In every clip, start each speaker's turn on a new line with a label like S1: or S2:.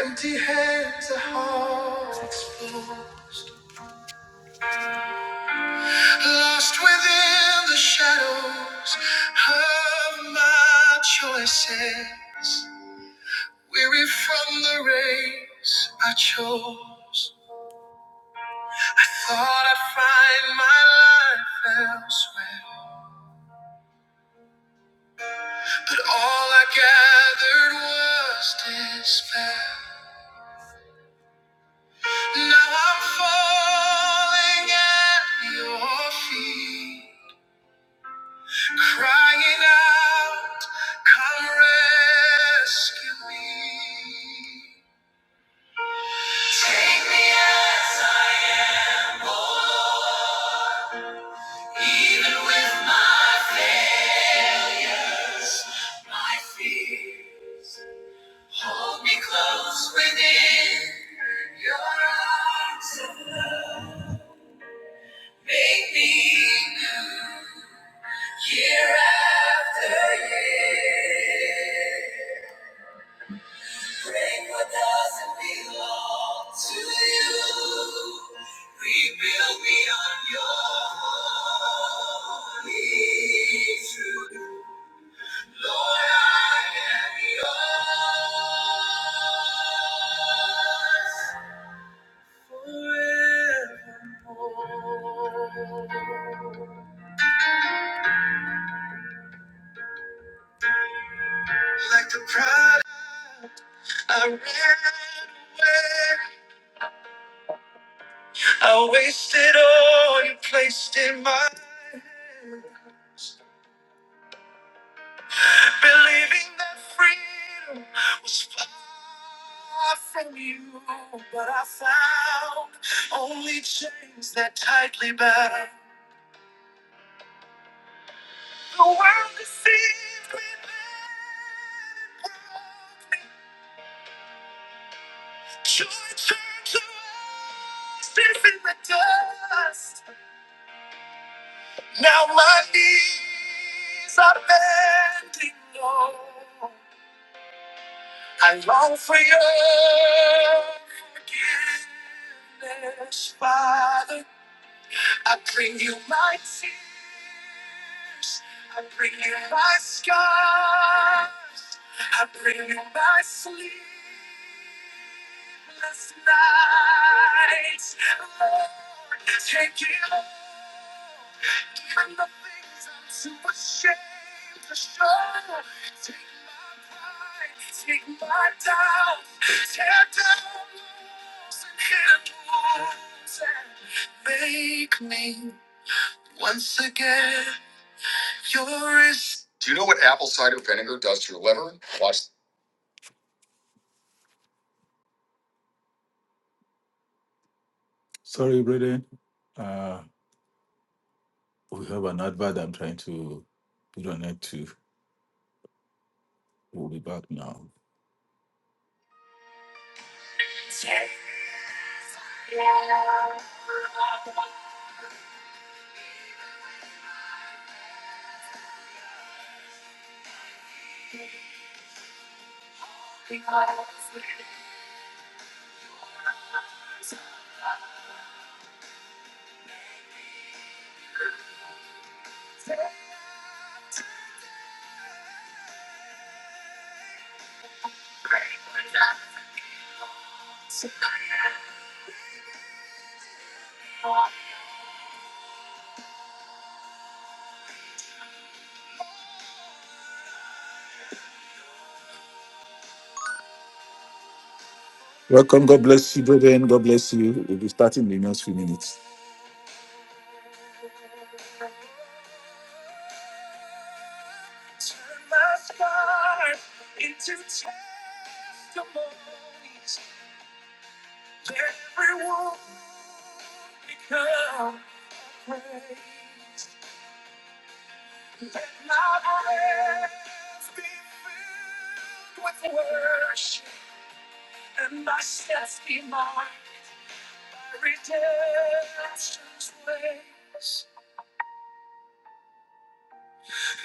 S1: Empty hands, a heart exposed. Lost within the shadows of my choices. Weary from the race I chose. Thought I'd find my life elsewhere. But all I gathered was despair. Now I'm falling at your feet. crying out, Come rescue me. Even with my failures, my fear, hold me close within your arms of love. Make me new year after year. Break what doesn't belong to you. Rebuild me on your holy truth. Lord, I am yours forevermore. Like the pride I ran away. I wasted all you placed in my hands, believing that freedom was far from you. But I found only chains that tightly bound. The world deceived me, then it broke me. Joy turned to ashes in the dust. Now my knees are bending low. I long for your forgiveness, Father. I bring you my tears. I bring you my scars. I bring you my sleepless nights. Lord, take it all. Even the things I'm too ashamed to show. Take my pride, take my doubt. Tear down walls and hidden wounds and Make me once again yours. Do you know what apple cider vinegar does to your liver? Watch. Sorry, Braden. Uh, we have an advert I'm trying to put on it too. We'll be back now. Welcome. God bless you, brethren. God bless you. We'll be starting in the next few minutes.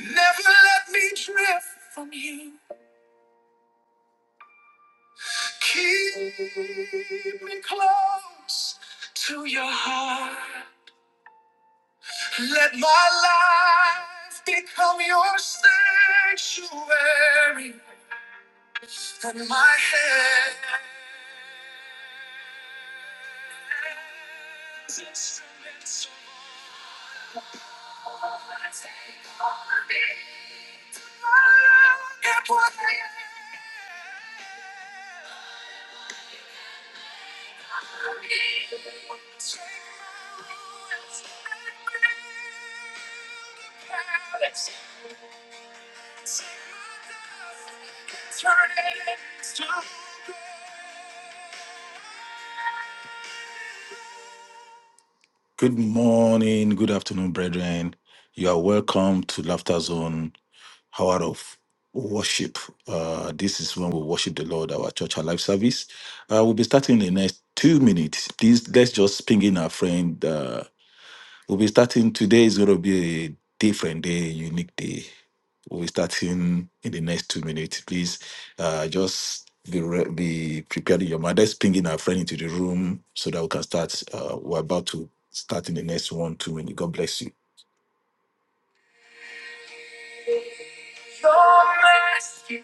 S1: Never let me drift from you. Keep me close to your heart. Let my life become your sanctuary and my hands instruments of Good morning, good afternoon, brethren. You are welcome to Laughter Zone hour of worship. Uh, this is when we worship the Lord, our church, our life service. Uh, we'll be starting in the next two minutes. Please, let's just ping in our friend. Uh, we'll be starting today. is going to be a different day, unique day. We'll be starting in the next two minutes. Please, uh, just be re- be prepared in your mind. Let's ping in our friend into the room so that we can start. Uh, we're about to start in the next one, two minutes. God bless you.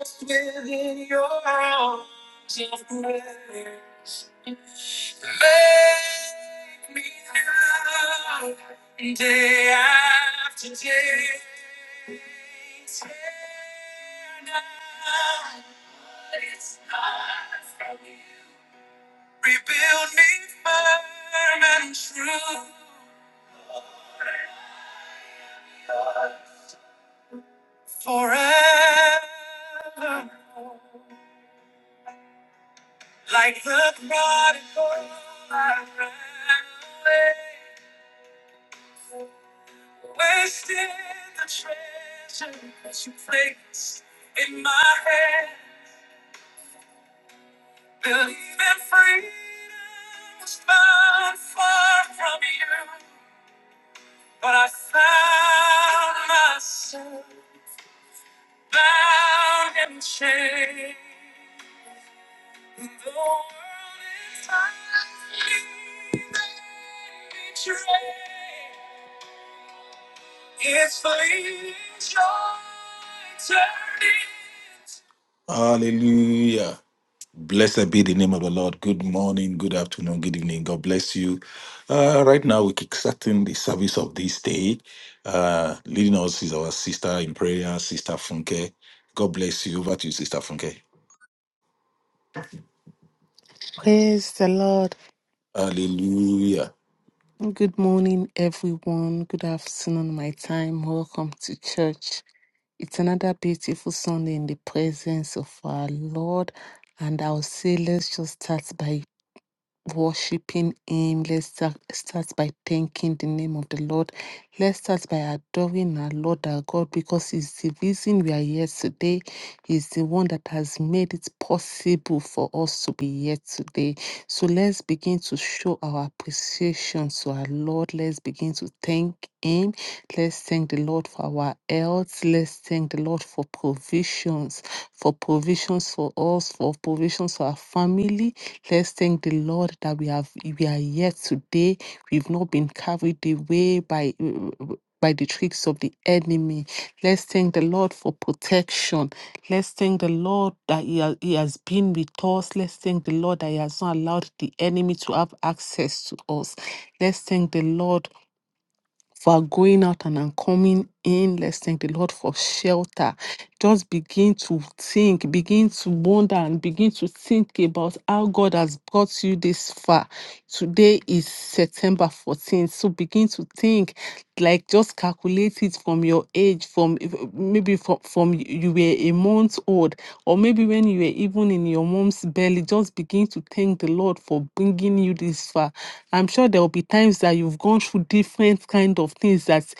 S1: Just within your arms of grace. Make me now, day after day. Tear down what is not from you. Rebuild me firm and true. Forever. Like the prodigal, I ran away. Wasted the treasure that you placed in my hand. Believing freedom was found far from you. But I found myself. bound and chained. The world is hiding and betrayed. It's fleeting joy turning. Hallelujah. Blessed be the name of the Lord. Good morning, good afternoon, good evening. God bless you. Uh, right now, we're kickstarting the service of this day. Uh, leading us is our sister in prayer, Sister Funke. God bless you. Over to you, Sister Funke.
S2: Praise the Lord.
S1: Hallelujah.
S2: Good morning, everyone. Good afternoon, my time. Welcome to church. It's another beautiful Sunday in the presence of our Lord. And I'll say, let's just start by worshiping Him. Let's start, start by thanking the name of the Lord. Let's start by adoring our Lord, our God, because He's the reason we are here today. He's the one that has made it possible for us to be here today. So let's begin to show our appreciation to our Lord. Let's begin to thank Him. Let's thank the Lord for our health. Let's thank the Lord for provisions, for provisions for us, for provisions for our family Let's thank the Lord that we have we are here today. We've not been carried away by by the tricks of the enemy. Let's thank the Lord for protection. Let's thank the Lord that he, ha- he has been with us. Let's thank the Lord that He has not allowed the enemy to have access to us. Let's thank the Lord for our going out and our coming in. Let's thank the Lord for shelter just begin to think, begin to wonder, and begin to think about how God has brought you this far. Today is September 14th. So begin to think, like just calculate it from your age, from if- maybe from, from you were a month old, or maybe when you were even in your mom's belly. Just begin to thank the Lord for bringing you this far. I'm sure there will be times that you've gone through different kind of things that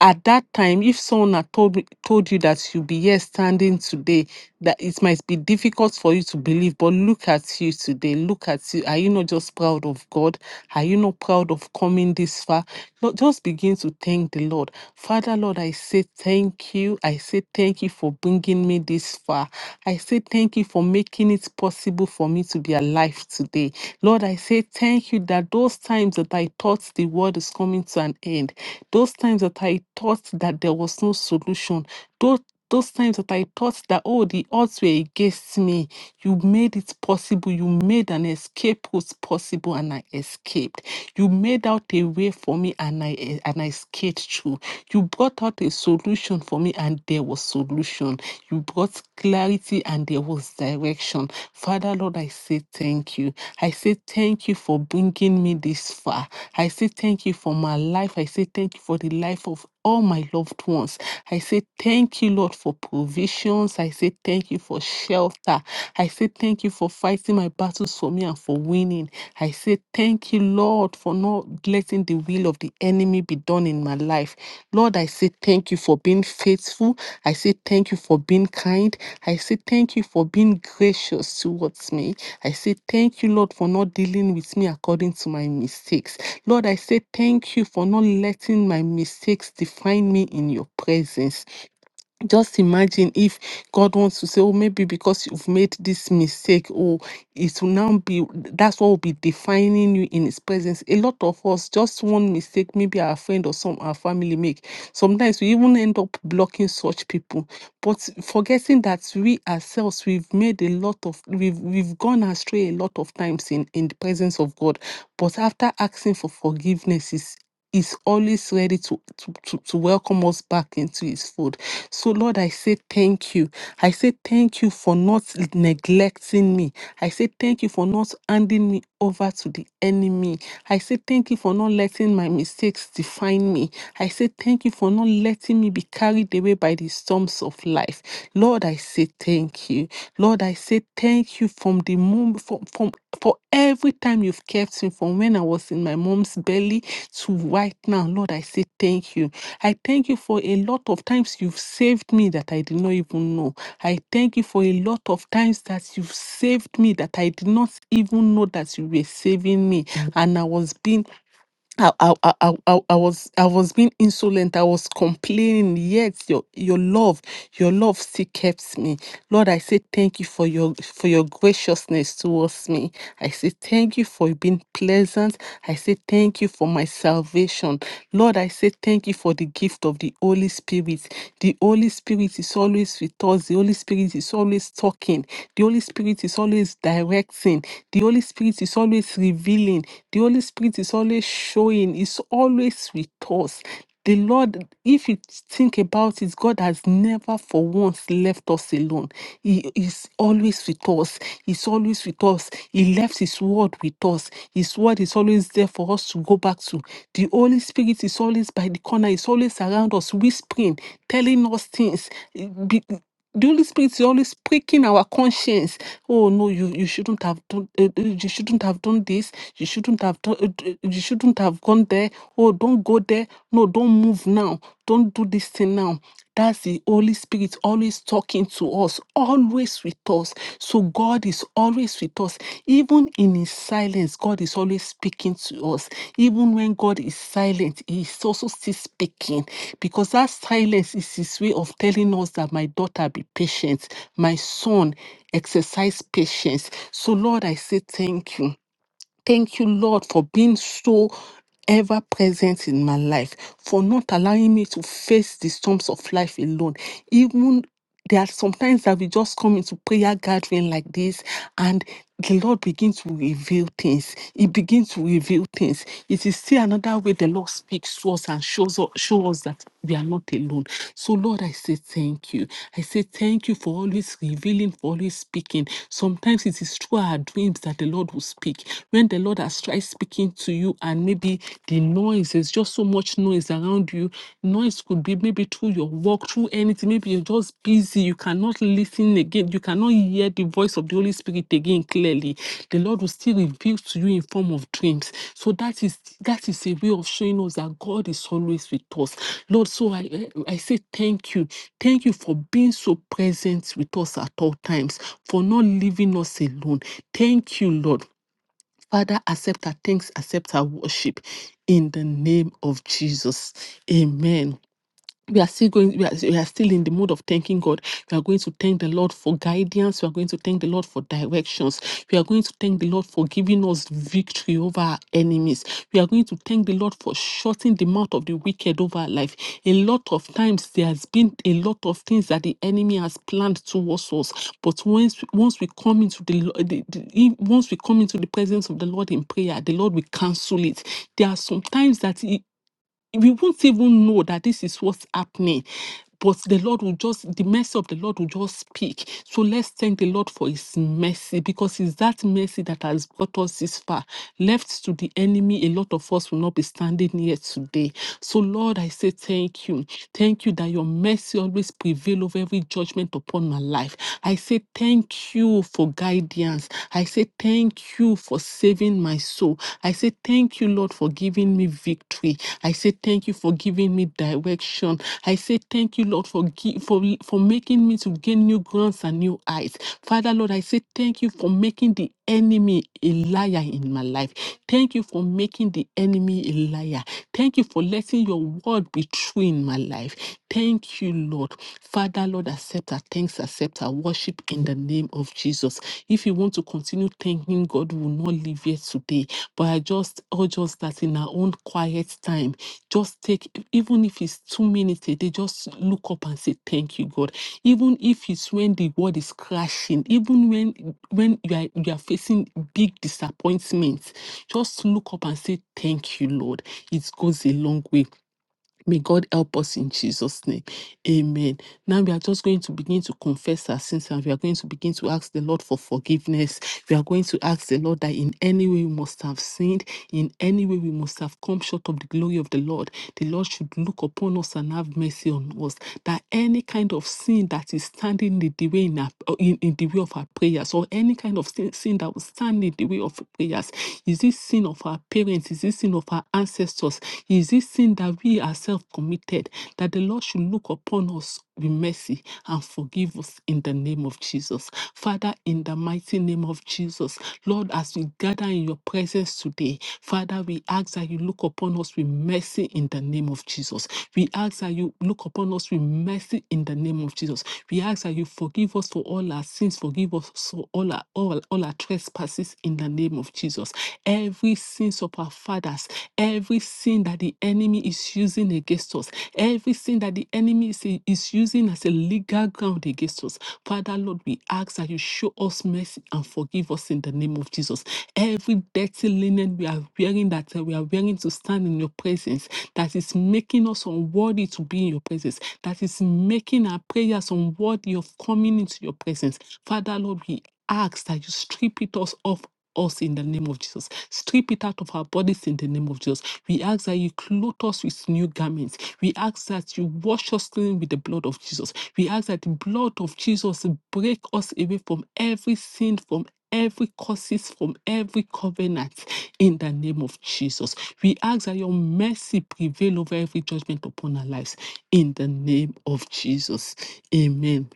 S2: at that time, if someone had told me, told you that you'll be here standing today, that it might be difficult for you to believe, but look at you today. Look at you. Are you not just proud of God? Are you not proud of coming this far? Lord, just begin to thank the Lord. Father, Lord, I say thank you. I say thank you for bringing me this far. I say thank you for making it possible for me to be alive today. Lord, I say thank you that those times that I thought the world is coming to an end, those times that i thought that there was no solution those those times that I thought that, oh, the odds were against me, you made it possible. You made an escape was possible, and I escaped. You made out a way for me, and I e- and I escaped through. You brought out a solution for me, and there was solution. You brought clarity, and there was direction. Father Lord, I say thank you. I say thank you for bringing me this far. I say thank you for my life. I say thank you for the life of all my loved ones. I say thank you, Lord, for provisions. I say thank you for shelter. I say thank you for fighting my battles for me and for winning. I say thank you, Lord, for not letting the will of the enemy be done in my life. Lord, I say thank you for being faithful. I say thank you for being kind. I say thank you for being gracious towards me. I say thank you, Lord, for not dealing with me according to my mistakes. Lord, I say thank you for not letting my mistakes define me in your presence. Just imagine if God wants to say, oh, maybe because you've made this mistake, oh, it will now be that's what will be defining you in his presence. A lot of us, just one mistake, maybe our friend or some our family make. Sometimes we even end up blocking such people but forgetting that we ourselves we've made a lot of we've we've gone astray a lot of times in in the presence of god but after asking for forgiveness is is always ready to, to, to, to welcome us back into his fold. So, Lord, I say thank you. I say thank you for not neglecting me. I say thank you for not handing me over to the enemy. I say thank you for not letting my mistakes define me. I say thank you for not letting me be carried away by the storms of life. Lord, I say thank you. Lord, I say thank you from the moment from, from for every time you've kept me from when I was in my mom's belly to right now. Lord, I say thank you. I thank you for a lot of times you've saved me that I did not even know. I thank you for a lot of times that you've saved me that I did not even know that you were saving me. Mm. And I was being I, I, I, I, I I was I was being insolent. I was complaining. Yet your your love, your love still kept me. Lord, I say thank you for your for your graciousness towards me. I say thank you for being pleasant. I say thank you for my salvation. Lord, I say thank you for the gift of the Holy Spirit. The Holy Spirit is always with us. The Holy Spirit is always talking. The Holy Spirit is always directing. The Holy Spirit is always revealing. The Holy Spirit is always showing, is always with us. The Lord, if you think about it, God has never for once left us alone. He is always with us. He's always with us. He left His word with us. His word is always there for us to go back to. The Holy Spirit is always by the corner, is always around us, whispering, telling us things. Eh, be- the Holy Spirit is always pricking our conscience oh no you you shouldn't have done uh, uh, you shouldn't have done this you shouldn't have done uh, uh, you shouldn't have gone there oh don't go there no don't move now don't do this thing now that's the Holy Spirit always talking to us, always with us. So God is always with us us. Even in his silence, God is always speaking to us. Even when God is silent, he is also still speaking because that silence is his way of telling us that my daughter be patient, my son exercise patience. So, Lord, I say thank you. Thank you, Lord, for being so ever present in my life, for not allowing me to face the storms of life alone. Even there are sometimes that we just come into prayer gathering like this and the Lord begins to reveal things. He begins to reveal things. It is still another way the Lord speaks to us and shows us, show us that we are not alone. So, Lord, I say thank you. I say thank you for always revealing, for always speaking. Sometimes it is through our dreams that the Lord will speak. When the Lord has tried speaking to you, and maybe the noise is just so much much noise around you. Noise could be maybe through your work, through anything. Maybe you're just busy. You cannot listen again. You cannot hear the voice of the Holy Spirit again clearly. The Lord will still reveal to you in form of dreams. So that is that is a way of showing us that God is always with us. Lord, so I I I say thank you. Thank you for being so present with us at all times, for not leaving us alone. Thank you, Lord. Father, accept our thanks, accept our worship in the name of Jesus. Amen we are still going we are, we are still in the mode of thanking god we are going to thank the lord for guidance we are going to thank the lord for directions we are going to thank the lord for giving us victory over our enemies we are going to thank the lord for shutting the mouth of the wicked over our life a lot of times there has been a lot of things that the enemy has planned towards us but once once we come into the, lo- the, the if- once we come into the presence of the lord in prayer the lord will cancel it there are some times that we won't even know that this is what's happening. But the Lord will just, the mercy of the Lord will just speak. So let's thank the Lord for his mercy because it's that mercy that has brought us this far. Left to the enemy, a lot of us will not be standing here today. So, Lord, I say thank you. Thank you that your mercy always prevail over every judgment upon my life. I say thank you for guidance. I say thank you you for saving my soul. I say thank you, Lord, for giving me victory. I say thank you for giving me direction. I say thank you, Lord, for gi- for for making me to gain new grounds and new eyes. Father, Lord, I say thank you for making the enemy a liar in my life. Thank you for making the enemy a liar. Thank you for letting your word be true in my life. Thank you, Lord. Father, Lord, accept our thanks accept our worship in the name of Jesus. If you want to continue thanking God, we will not leave here today. But I just urge us that in our own quiet time, just take, even if it's two minutes a day, just look up and say, Thank you, God. Even if it's when the world is crashing, even when when you are you are facing big disappointments, just look up and say, Thank you, Lord. It goes a long way May God help us in Jesus' name. Amen. Now we are just going to begin to confess our sins and we are going to begin to ask the Lord for forgiveness. We are going to ask the Lord that in any way we must have sinned, in any way we must have come short of the glory of the Lord. The Lord should look upon us and have mercy on us. That any kind of sin that is standing in the way in, our, in, in the way of our prayers, or any kind of sin, sin that will stand in the way of prayers, is this sin of our parents? Is this sin of sin of our ancestors? Is this sin that we ourselves committed that the Lord should look upon us with mercy and forgive us in the name of Jesus? Father, in the mighty name of Jesus, Lord, as we gather in your presence today, Father, we ask that you look upon us with mercy in the name of Jesus. We ask that you look upon us with mercy in the name of Jesus. We ask that you forgive us for all our sins, forgive us for all our all, all our trespasses in the name of of Jesus. Every sins of our fathers, every sin that the enemy is using against us, every sin that the enemy is, is using as a legal ground against us. Father, Lord, we ask that you show us mercy and forgive us in the name of Jesus. Every dirty linen we are wearing that uh, we are wearing to stand in your presence, that is making us unworthy to be in your presence, that is making our prayers unworthy of coming into your presence. Father, Lord, we ask that you strip it us off us in the name of Jesus. Strip it out of our bodies in the name of Jesus. We ask that you clothe us with new garments. We ask that you wash us clean with the blood of Jesus. We ask that the blood of Jesus break us away from every sin, from every curses from every covenant in the name of Jesus. We ask that your mercy prevail over every judgment upon our lives in the name of Jesus. Amen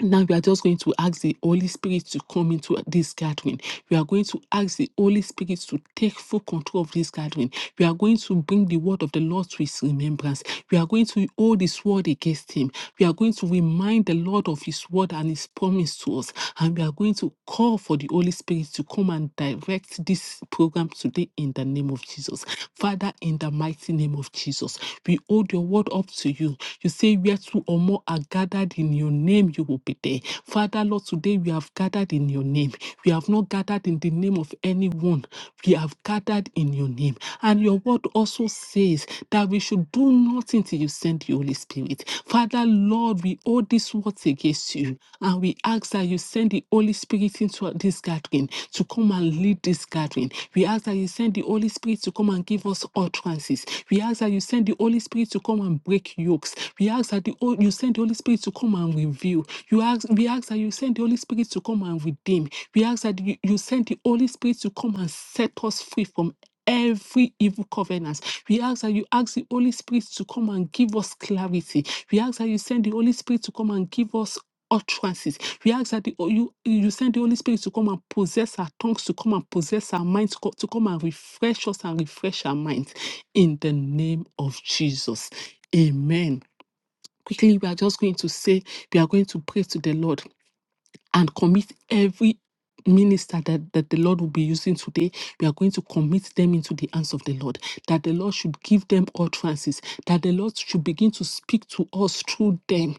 S2: now we are just going to ask the Holy Spirit to come into this gathering. We are going to ask the Holy Spirit to take full control of this gathering. We are going to bring the word of the Lord to his remembrance. We are going to hold his word against him. We are going to remind the Lord of his word and his promise to us. And we are going to call for the Holy Spirit to come and direct this program today in the name of Jesus. Father, in the mighty name of Jesus, we hold your word up to you. You say, Where two or more are gathered gathered in your name, you will be there. Father, Lord, today we have gathered in your name. We have not gathered in the name of anyone. We have gathered in your name. And your word also says that we should do nothing till you send the Holy Spirit. Father, Lord, we hold these words against you. And we ask that you send the Holy Spirit into this gathering to come and lead this gathering. We ask that you send the Holy Spirit to come and give us utterances. We ask that you send the Holy Spirit to come and break yokes. We ask that the, ho- you send the Holy Spirit to come and reveal. You ask, we ask that you send the Holy Spirit to come and redeem. We ask that you, you send the Holy Spirit to come and set us free from every evil covenant. We ask that you ask the Holy Spirit to come and give us clarity. We ask that you send the Holy Spirit to come and give us utterances. We ask that the, you you send the Holy Spirit to come and possess our tongues, to come and possess our minds, to co- to come and refresh us and refresh our minds. In the name of Jesus. Amen quickly we are just going to say we are going to pray to the lord and commit every minister that, that the Lord will be using today, we are going to commit them into the hands of the Lord. That the Lord should give them utterances, that the Lord should begin to speak to us through them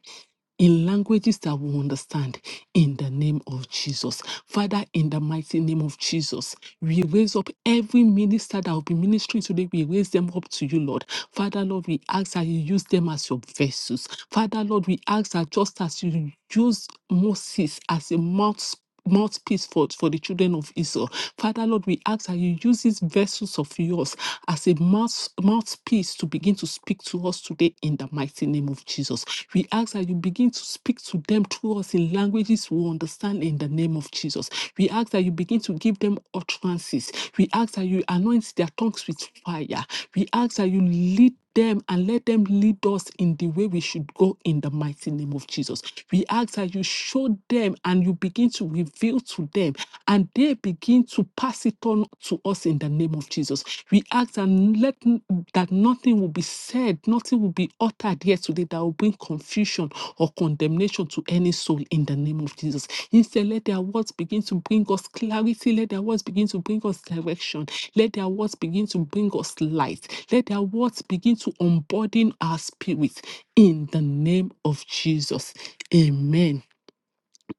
S2: in languages that we understand in the name of Jesus. Father, in the mighty name of Jesus, we raise up every minister that will be ministering today. We raise them up to you, Lord. Father, Lord, we ask that you use them as your vessels. Father, Lord, we ask that just as you use Moses as a mouth mouthpiece for, for the children of Israel. Father Lord, we ask that you use these vessels of yours as a mouth, mouthpiece to begin to speak to us today in the mighty name of Jesus. We ask that you begin to speak to them through us in languages we understand in the name of Jesus. We ask that you begin to give them utterances. We ask that you anoint their tongues with fire. We ask that you lead them and let them lead us in the way we should go in the mighty name of Jesus. We ask that you show them and you begin to reveal to them and they begin to pass it on to us in the name of Jesus. We ask and let n- that nothing will be said, nothing will be uttered here today that will bring confusion or condemnation to any soul in the name of Jesus. Instead, let their words begin to bring us clarity. Let their words begin to bring us direction. Let their words begin to bring us light. Let their words begin to unburden our spirit in the name of Jesus. Amen.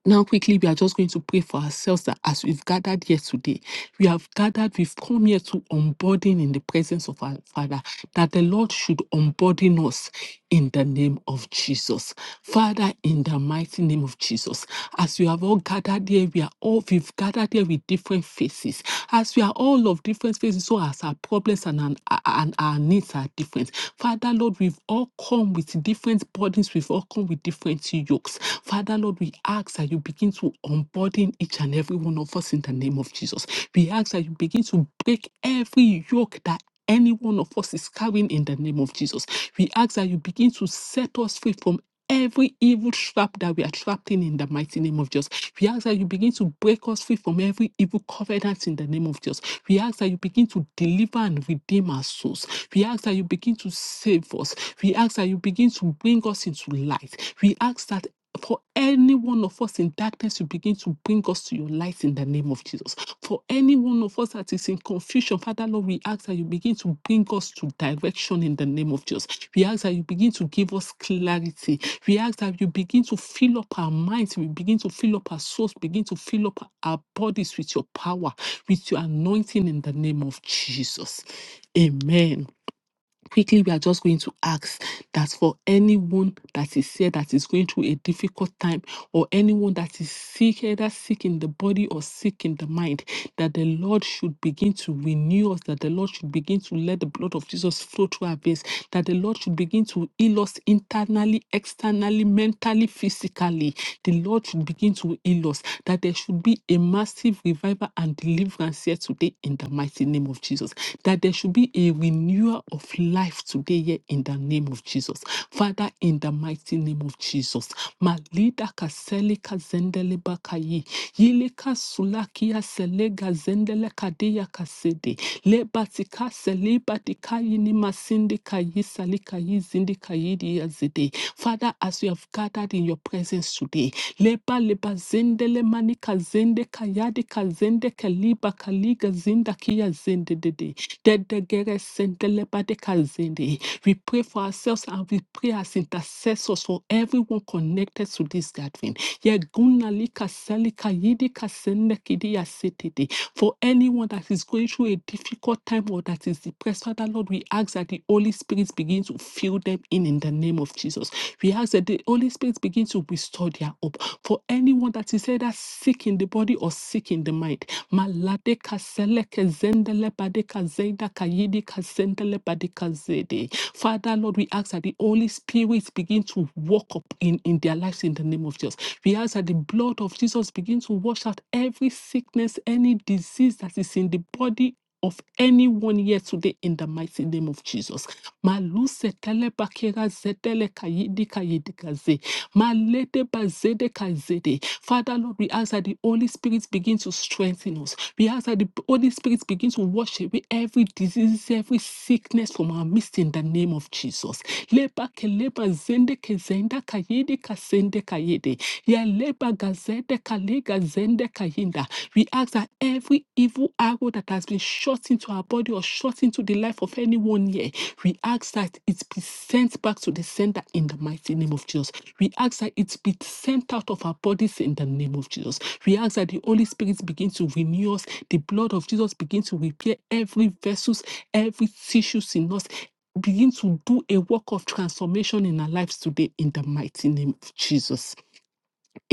S2: Now, quickly, we are just going to pray for ourselves that as we've gathered here today, we have gathered, we've come here to unburden in the presence of our Father, that the Lord should unburden us in the name of Jesus. Father, in the mighty name of Jesus, as we have all gathered here, we are all, we've gathered here with different faces. As we are all of different faces, so as our problems and, and, and our needs are different. Father, Lord, we've all come with different burdens, we've all come with different different yokes. Father, Lord, we ask that you begin to unburden each and every one of us in the name of Jesus. We ask that you begin to break every yoke that any one of us is carrying in the name of Jesus. We ask that you begin to set us free from every evil trap that we are trapped in in the mighty name of Jesus. We ask that you begin to break us free from every evil covenant in the name of Jesus. We ask that you begin to deliver and redeem our souls. We ask that you begin to save us. We ask we ask that you begin to bring us into light. We ask that for any one of us in darkness, you begin to bring us to your light in the name of Jesus. For any one of us that is in confusion, Father Lord, we ask that you begin to bring us to direction in the name of Jesus. We ask that you begin to give us clarity. We ask that you begin to fill up our minds, we begin to fill up our souls, begin to fill up our bodies with your power, with your anointing in the name of Jesus. Amen quickly we are just going to ask that for anyone that is here that is going through a difficult time or anyone that is sick either sick in the body or sick in the mind that the lord should begin to renew us that the lord should begin to let the blood of jesus flow through our veins that the lord should begin to heal us internally externally mentally physically the lord should begin to through in-laws, that there should be a massive revival and deliverance here today in the mighty name of Jesus, that there should be a renewal of life today here in the name of Jesus. Father, in the mighty name of Jesus, Malida Kaselika Zendele Kayi, Yilika Sulakia Selega Zendele Kadeya Kasede, Lebatika Seleba dikayi nima sindikayi salikayi zindikayi diyazide. Father, as we have gathered in your presence today, leba leba zende le manika zende kayadi kazende kaliba kaliga zinda kia zende dede. Dedegere gere sende leba de kazende. We pray for ourselves and we pray as intercessors for everyone connected to this gathering. Yeguna lika selika yidika senekidi yasetete. For anyone that is going through a difficult time or that is depressed, Father Lord, we ask that the Holy Spirit begin to fill them in in the name of Jesus. We ask that the Holy Spirit begin to restore their hope. For anyone that is either sick in the body or sick sick in the mind. Malade kasele kezendele badeka zeda kayidi kazendele badeka zede. Father, Lord, we ask that the Holy Spirit begin to walk up in, in their lives in the name of Jesus. We ask that the blood of Jesus begin to wash out every sickness, any disease that is in the body. Of anyone here today in the mighty name of Jesus. Maluse tele bakera zetele kayidi kayidi kaze. Malete bazede kazede. Father, Lord, we ask that the Holy Spirit begins to strengthen us. We ask that the Holy Spirit begins to wash away every disease, every sickness from our midst in the name of Jesus. Leba keleba zende kezenda kayede kasende kayede. Ya leba gazede kalega zende kayinda. We ask that every evil arrow that has been shot into our body or shot into the life of anyone here we ask that it be sent back to the sender in the mighty name of Jesus. We ask that it be sent out of our bodies in the name of Jesus. We ask that the Holy Spirit begin to renew us. The blood of Jesus begin to repair every vessels, every tissues in us. Begin to do a work of transformation in our lives today in the mighty name of Jesus.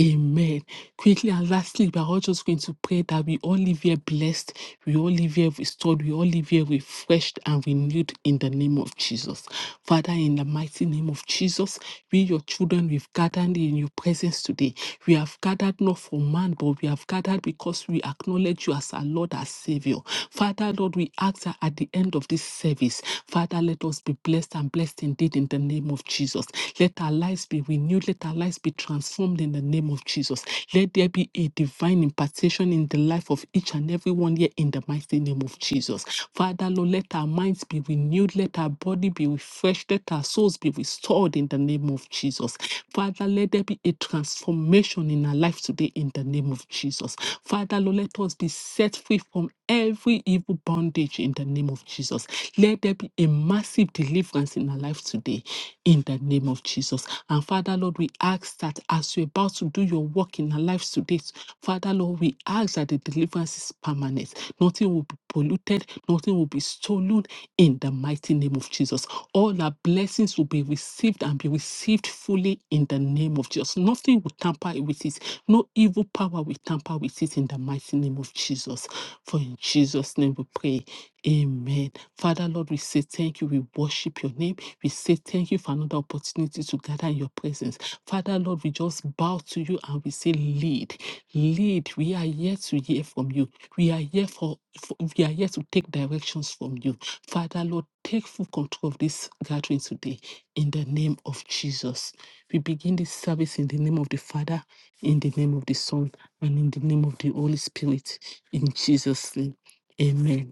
S2: Amen. Quickly and lastly, we are all just going to pray that we all live here blessed, we all live here restored, we all live here refreshed and renewed in the name of Jesus. Father, in the mighty name of Jesus, we, your children, we've gathered in your presence today. We have gathered not for man, but we have gathered because we acknowledge you as our Lord, our Savior. Father, Lord, we ask that at the end of this service, Father, let us be blessed and blessed indeed in the name of Jesus. Let let our lives be renewed, let our lives be transformed in the name of Jesus. Let there be a divine impartation in the life of each and every one here in the mighty name of Jesus. Father, Lord, let our minds be renewed, let our body be refreshed, let our souls be restored in the name of Jesus. Father, let there be a transformation in our life today in the name of Jesus. Father, Lord, let us be set free from every evil bondage in the name of Jesus. Let there be a massive deliverance in our life today in the name of Jesus. And Father, Lord, we ask that as you're about to do your work in our lives today, Father, Lord, we ask that the deliverance is permanent. Nothing will be polluted, nothing will be stolen in the mighty name of Jesus. All our blessings will be received and be received fully in the name of Jesus. Nothing will tamper with it, no evil power will tamper with it in the mighty name of Jesus. For in Jesus' name we pray. Amen. Father, Lord, we say thank you. We worship your name. We say thank you for another opportunity to gather in your presence. Father, Lord, we just bow to you and we say, lead, lead. We are here to hear from you. We are here for, for we are here to take directions from you. Father, Lord, take full control of this gathering today in the name of Jesus. We begin this service in the name of the Father, in the name of the Son, and in the name of the Holy Spirit. In Jesus' name. Amen.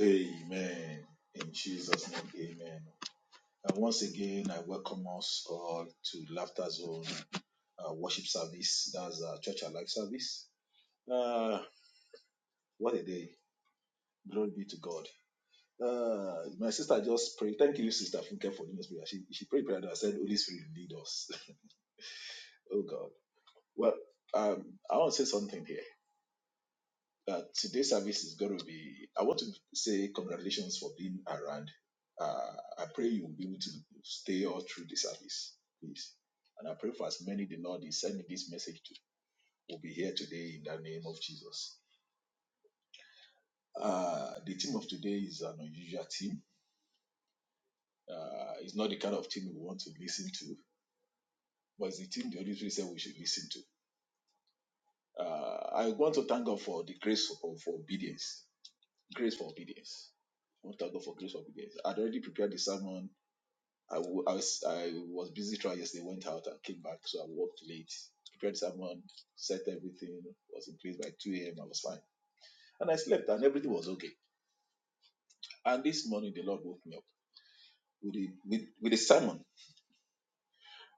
S3: Amen. In Jesus' name, amen. And once again, I welcome us all to Laughter Zone uh, worship service. That's our Church Alive service. Uh, what a day. Glory be to God. Uh, my sister just prayed. Thank you, Sister Funke, for leading us prayer. She, she prayed prayer and I said, Holy Spirit, lead us. oh, God. Well, um, I want to say something here. uh, today's service is going to be. I want to say congratulations for being around. Uh, I pray you will be able to stay all through the service, please. And I pray for as many the Lord is sending this message to will be here today in the name of Jesus. Uh, the team of today is an unusual team. Uh, it's not the kind of team we want to listen to, but it's the team the Holy Spirit said we should listen to. Uh, I want to thank God for the grace for, for obedience. Grace for obedience. I want to thank God for grace for obedience. I'd already prepared the sermon I w- I was I was busy trial yesterday, went out and came back, so I worked late. Prepared someone, set everything, was in place by 2 a.m. I was fine. And I slept and everything was okay. And this morning the Lord woke me up with a with, with a sermon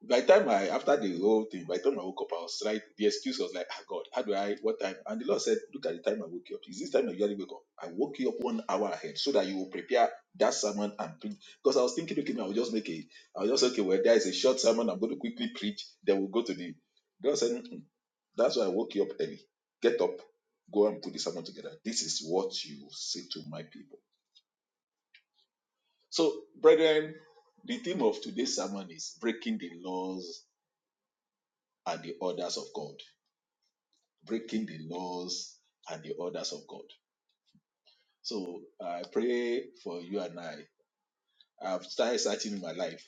S3: by the time I after the whole thing, by the time I woke up, I was right. The excuse was like, ah, God, how do I? What time? And the Lord said, Look at the time I woke you up. Is this time I usually wake up? I woke you up one hour ahead so that you will prepare that sermon and preach. Because I was thinking, okay, man, I'll just make a, I'll just okay, well, there is a short sermon. I'm going to quickly preach. Then we'll go to the. The Lord said, "Mm-mm. That's why I woke you up early. Get up, go and put the sermon together. This is what you say to my people. So, brethren, the theme of today's sermon is breaking the laws and the orders of God breaking the laws and the orders of God. So I pray for you and I. I've started searching my life,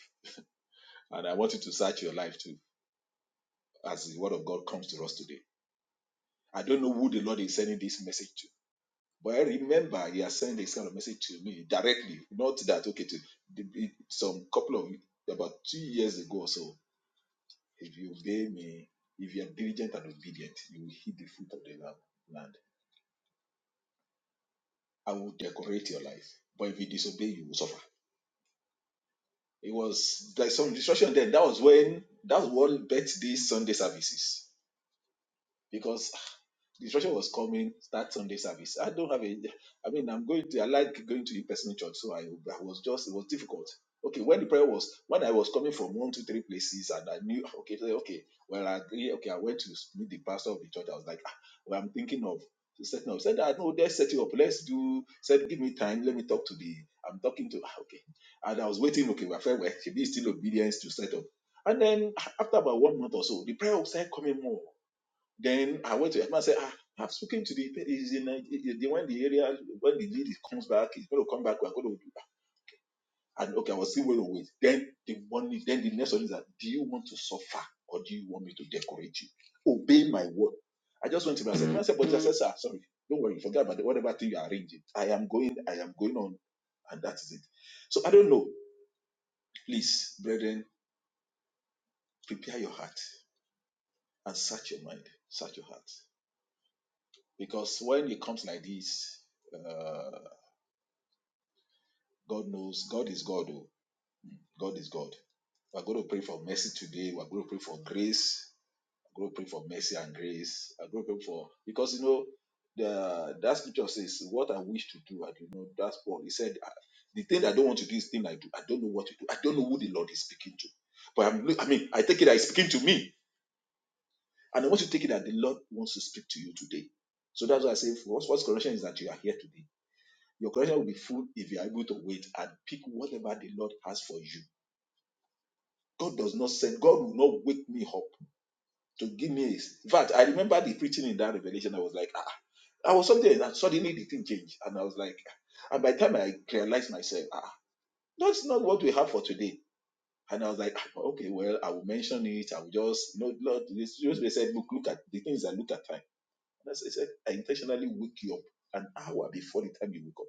S3: and I want you to search your life too as the word of God comes to us today. I don't know who the Lord is sending this message to, but I remember He has sent this kind of message to me directly. Not that, okay, to some couple of about two years ago or so. If you obey me, if you are diligent and obedient, you will hit the fruit of the land. land. I will decorate your life, but if you disobey, you will suffer. It was like some distraction there. That was when that was what birthed these Sunday services. Because the instruction was coming start Sunday service. I don't have a, I mean, I'm going to, I like going to in-person church, so I, I was just, it was difficult. Okay, when the prayer was, when I was coming from one, two, three places, and I knew, okay, so, okay, well, I agree, okay, I went to meet the pastor of the church. I was like, ah, well, I'm thinking of setting up. Said, ah, no, let's set you up. Let's do. Said, give me time. Let me talk to the. I'm talking to. ah, Okay, and I was waiting. Okay, we're fair. Well, she be still obedience to set up. And then ah, after about one month or so, the prayer started coming more. Then I went to him and said, ah, I've spoken to the is in Nige- he- he- when the area when the lady comes back, he's going to come back. We're going to do that. and okay, I was still going to wait. Then the one is then the next one is that do you want to suffer or do you want me to decorate you? Obey my word. I just went to him and said, "Man, I said, but I said, sir, sorry, don't worry, forget about it, whatever thing you are arranging. I am going, I am going on, and that is it. So I don't know. Please, brethren, prepare your heart and search your mind, search your heart, because when it comes like this. uh, God knows. God is God. Oh. God is God. We're going to pray for mercy today. We're going to pray for grace. We're going to pray for mercy and grace. We're going to pray for because you know the that scripture says, "What I wish to do, I do not." That's Paul. He said, "The thing I don't want to do is the thing I do. I don't know what to do. I don't know who the Lord is speaking to." But I'm, I mean, I take it that He's speaking to me, and I want to take it that the Lord wants to speak to you today. So that's why I say, first, first correction is that you are here today. Your correction will be full if you are able to wait and pick whatever the Lord has for you God does not send, God will not wake me up to give me his. In fact, I remember the preaching in that revelation. I was like, ah, I was something, and suddenly the thing changed. And I was like, ah. and by the time I realized myself, ah, that's not what we have for today. And I was like, ah, okay, well, I will mention it. I will just, no, Lord, just they said, look, look at the things I look at time. And I said, I intentionally wake you up an hour before the time you wake up.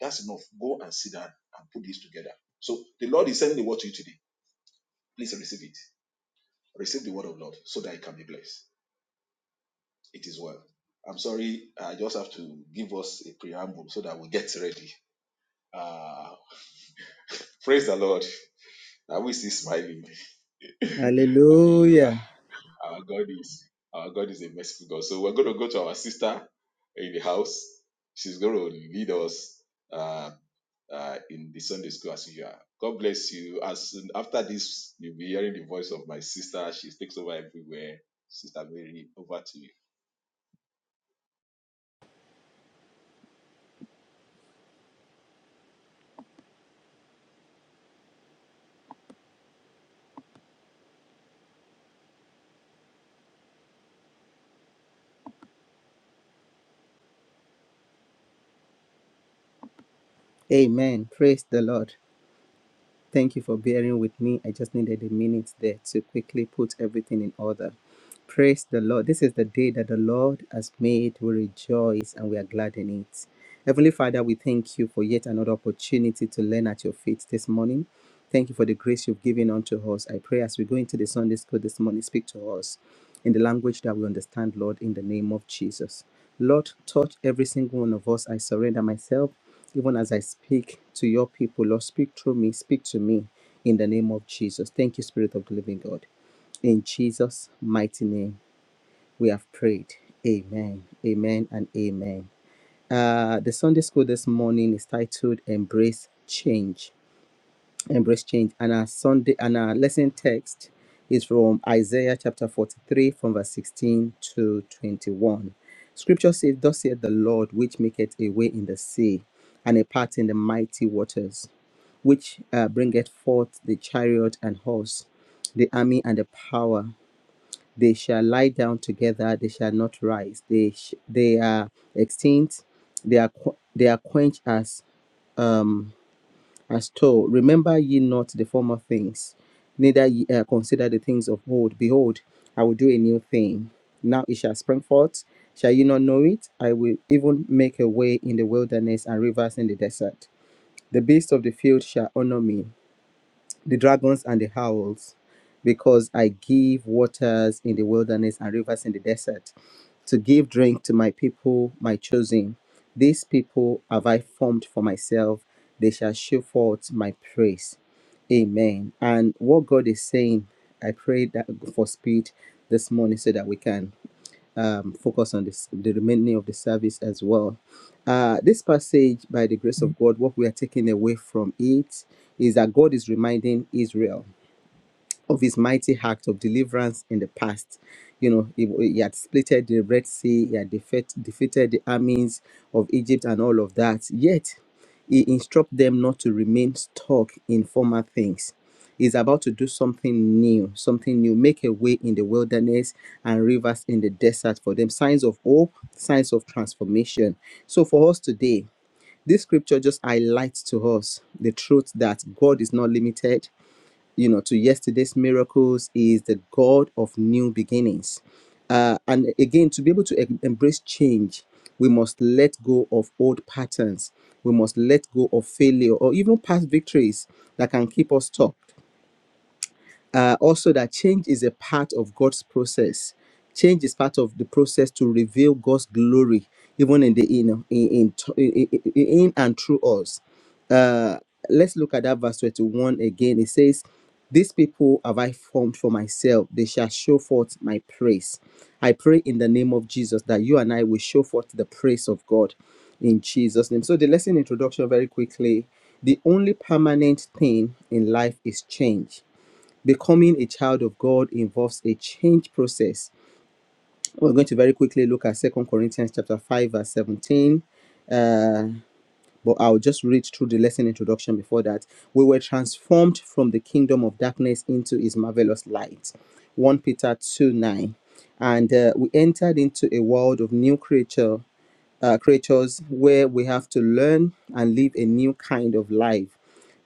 S3: That's enough. Go and sit down and put this together. So the Lord is sending the word to you today. Please receive it receive the word of Lord so that it can be blessed. It is well. I'm sorry, I just have to give us a preamble so that we get ready. Uh, praise the Lord. Are we still smiling? Hallelujah.
S4: Hallelujah.
S3: Our God is our God is a merciful God. So we're going to go to our sister in the house. She's going to lead us uh, uh, in the Sunday school as usual. God bless you. As soon, after this, you'll be hearing the voice of my sister. She takes over everywhere. Sister Mary, over to you.
S4: Amen. Praise the Lord. Thank you for bearing with me. I just needed a minute there to quickly put everything in order. Praise the Lord. This is the day that the Lord has made. We rejoice and we are glad in it. Heavenly Father, we thank you for yet another opportunity to learn at your feet this morning. Thank you for the grace you've given unto us. I pray as we go into the Sunday school this morning, speak to us in the language that we understand, Lord, in the name of Jesus. Lord, touch every single one of us. I surrender myself even as I speak to your people, Lord, speak through me, speak to me in the name of Jesus. Thank you, Spirit of the Living God. In Jesus' mighty name, we have prayed. Amen, amen, and amen. Uh, the Sunday school this morning is titled Embrace Change embrace change. And our Sunday and our lesson text is from Isaiah chapter 43, from verse 16 to 21. Scripture says, Thus saith the Lord, which maketh a way in the sea, and a path in the mighty waters, which uh, bringeth forth the chariot and horse, the army and the power. They shall lie down together; they shall not rise. They sh- they are extinct; they are qu- they are quenched as um as told, Remember ye not the former things, neither ye uh, consider the things of old. Behold, I will do a new thing. Now it shall spring forth. Shall ye not know it? I will even make a way in the wilderness and rivers in the desert. The beasts of the field shall honor me, the dragons and the howls, because I give waters in the wilderness and rivers in the desert to give drink to my people, my chosen. These people have I formed for myself, they shall show forth my praise. Amen. And what God is saying, I pray that for speed this morning so that we can um, focus on this, the remaining of the service as well. Uh, this passage, by the grace of God, what we are taking away from it is that God is reminding Israel of his mighty act of deliverance in the past. You know, he, he had split the Red Sea, he had defeat, defeated the armies of Egypt and all of that. Yet, he instructs them not to remain stuck in former things. He's about to do something new, something new, make a way in the wilderness and rivers in the desert for them. Signs of hope, signs of transformation. So, for us today, this scripture just highlights to us the truth that God is not limited you know, to yesterday's miracles is the God of new beginnings. Uh, and again, to be able to em- embrace change, we must let go of old patterns. We must let go of failure or even past victories that can keep us stuck uh, also that change is a part of God's process. Change is part of the process to reveal God's glory, even in the you know, in in, in in- in and through us. Uh, let's look at that verse twenty-one again. It says, "These people have I formed for myself; they shall show forth my praise." I pray in the name of Jesus that you and I will show forth the praise of God in Jesus' name. So the lesson introduction very quickly. The only permanent thing in life is change Becoming a child of God involves a change process. Well, We're going to very quickly look at Second Corinthians chapter 5 verse 17. Uh, but I'll just read through the lesson introduction before that. We were transformed from the kingdom of darkness into his marvelous light. 1 Peter 2 9. And uh, we entered into a world of new creature uh, creatures where we have to learn and live a new kind of life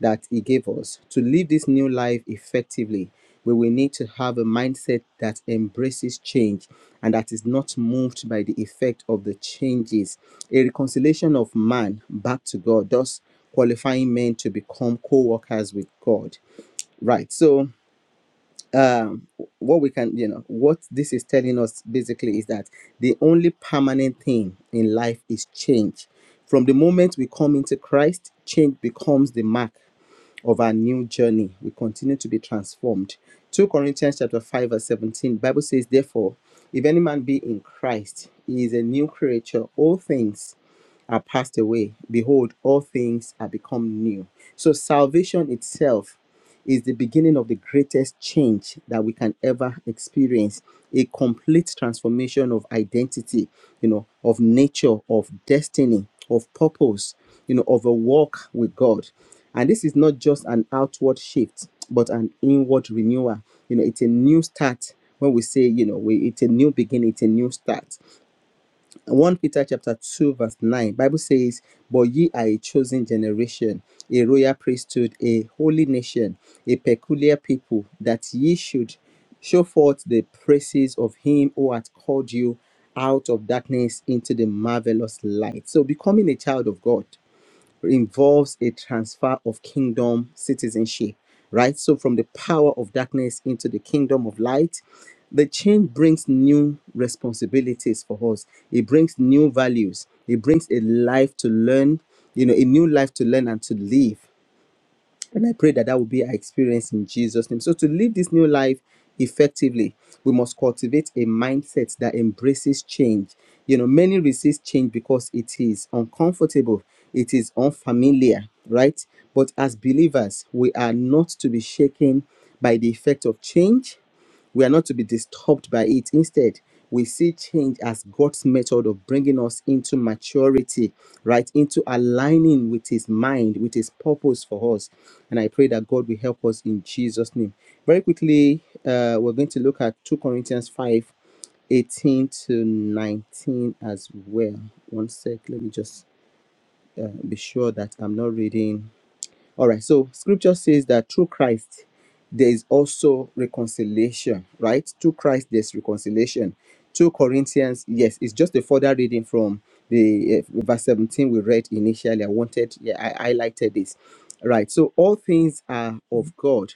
S4: that He gave us. To live this new life effectively, we will need to have a mindset that embraces change and that is not moved by the effect of the changes. A reconciliation of man back to God, thus qualifying men to become co workers with God. Right. So, um what we can you know what this is telling us basically is that the only permanent thing in life is change from the moment we come into christ change becomes the mark of our new journey we continue to be transformed 2 corinthians chapter 5 verse 17 bible says therefore if any man be in christ he is a new creature all things are passed away behold all things are become new so salvation itself is the beginning of the greatest change that we can ever experience a complete transformation of identity you know of nature of destiny of purpose you know of a walk with god and this is not just an outward shift but an inward renewal you know it's a new start when we say you know we, it's a new beginning it's a new start 1 Peter chapter 2 verse 9 Bible says but ye are a chosen generation a royal priesthood a holy nation a peculiar people that ye should show forth the praises of him who hath called you out of darkness into the marvelous light so becoming a child of God involves a transfer of kingdom citizenship, right? So from the power of darkness into the kingdom of light. The change brings new responsibilities for us. It brings new values. It brings a life to learn, you know, a new life to learn and to live and I pray that that will be our experience in Jesus' name. So, to live this new life effectively, we must cultivate a mindset that embraces change. You know, many resist change because it is uncomfortable, it is unfamiliar, right? But as believers, we are not to be shaken by the effect of change we are not to be disturbed by it. Instead, we see change as God's method of bringing us into maturity, right? Into aligning with His mind, with His purpose for us. And I pray that God will help us in Jesus' name. Very quickly, uh, we're going to look at 2 Corinthians 5, 18 to 19 as well. One sec, let me just uh, be sure that I'm not reading all right. So scripture says that through Christ, there is also reconciliation, right? Through Christ, there's reconciliation. 2 Corinthians, yes, it's just a further reading from the uh, verse 17 we read initially. I wanted, yeah, I highlighted this. Right. So all things are of God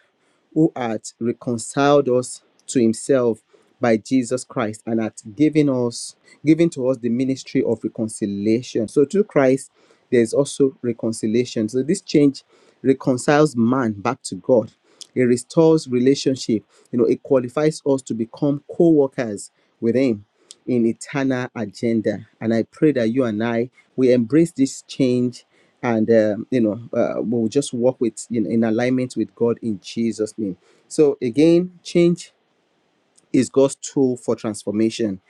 S4: who hath reconciled us to himself by Jesus Christ and hath given us given to us the ministry of reconciliation. So through Christ there is also reconciliation. So this change reconciles man back to God. It restores relationship. You know, it qualifies us to become co-workers with him in eternal agenda. And I pray that you and I we embrace this change, and um, you know uh, we'll just walk with in, in alignment with God in Jesus' name. So again, change is God's tool for transformation.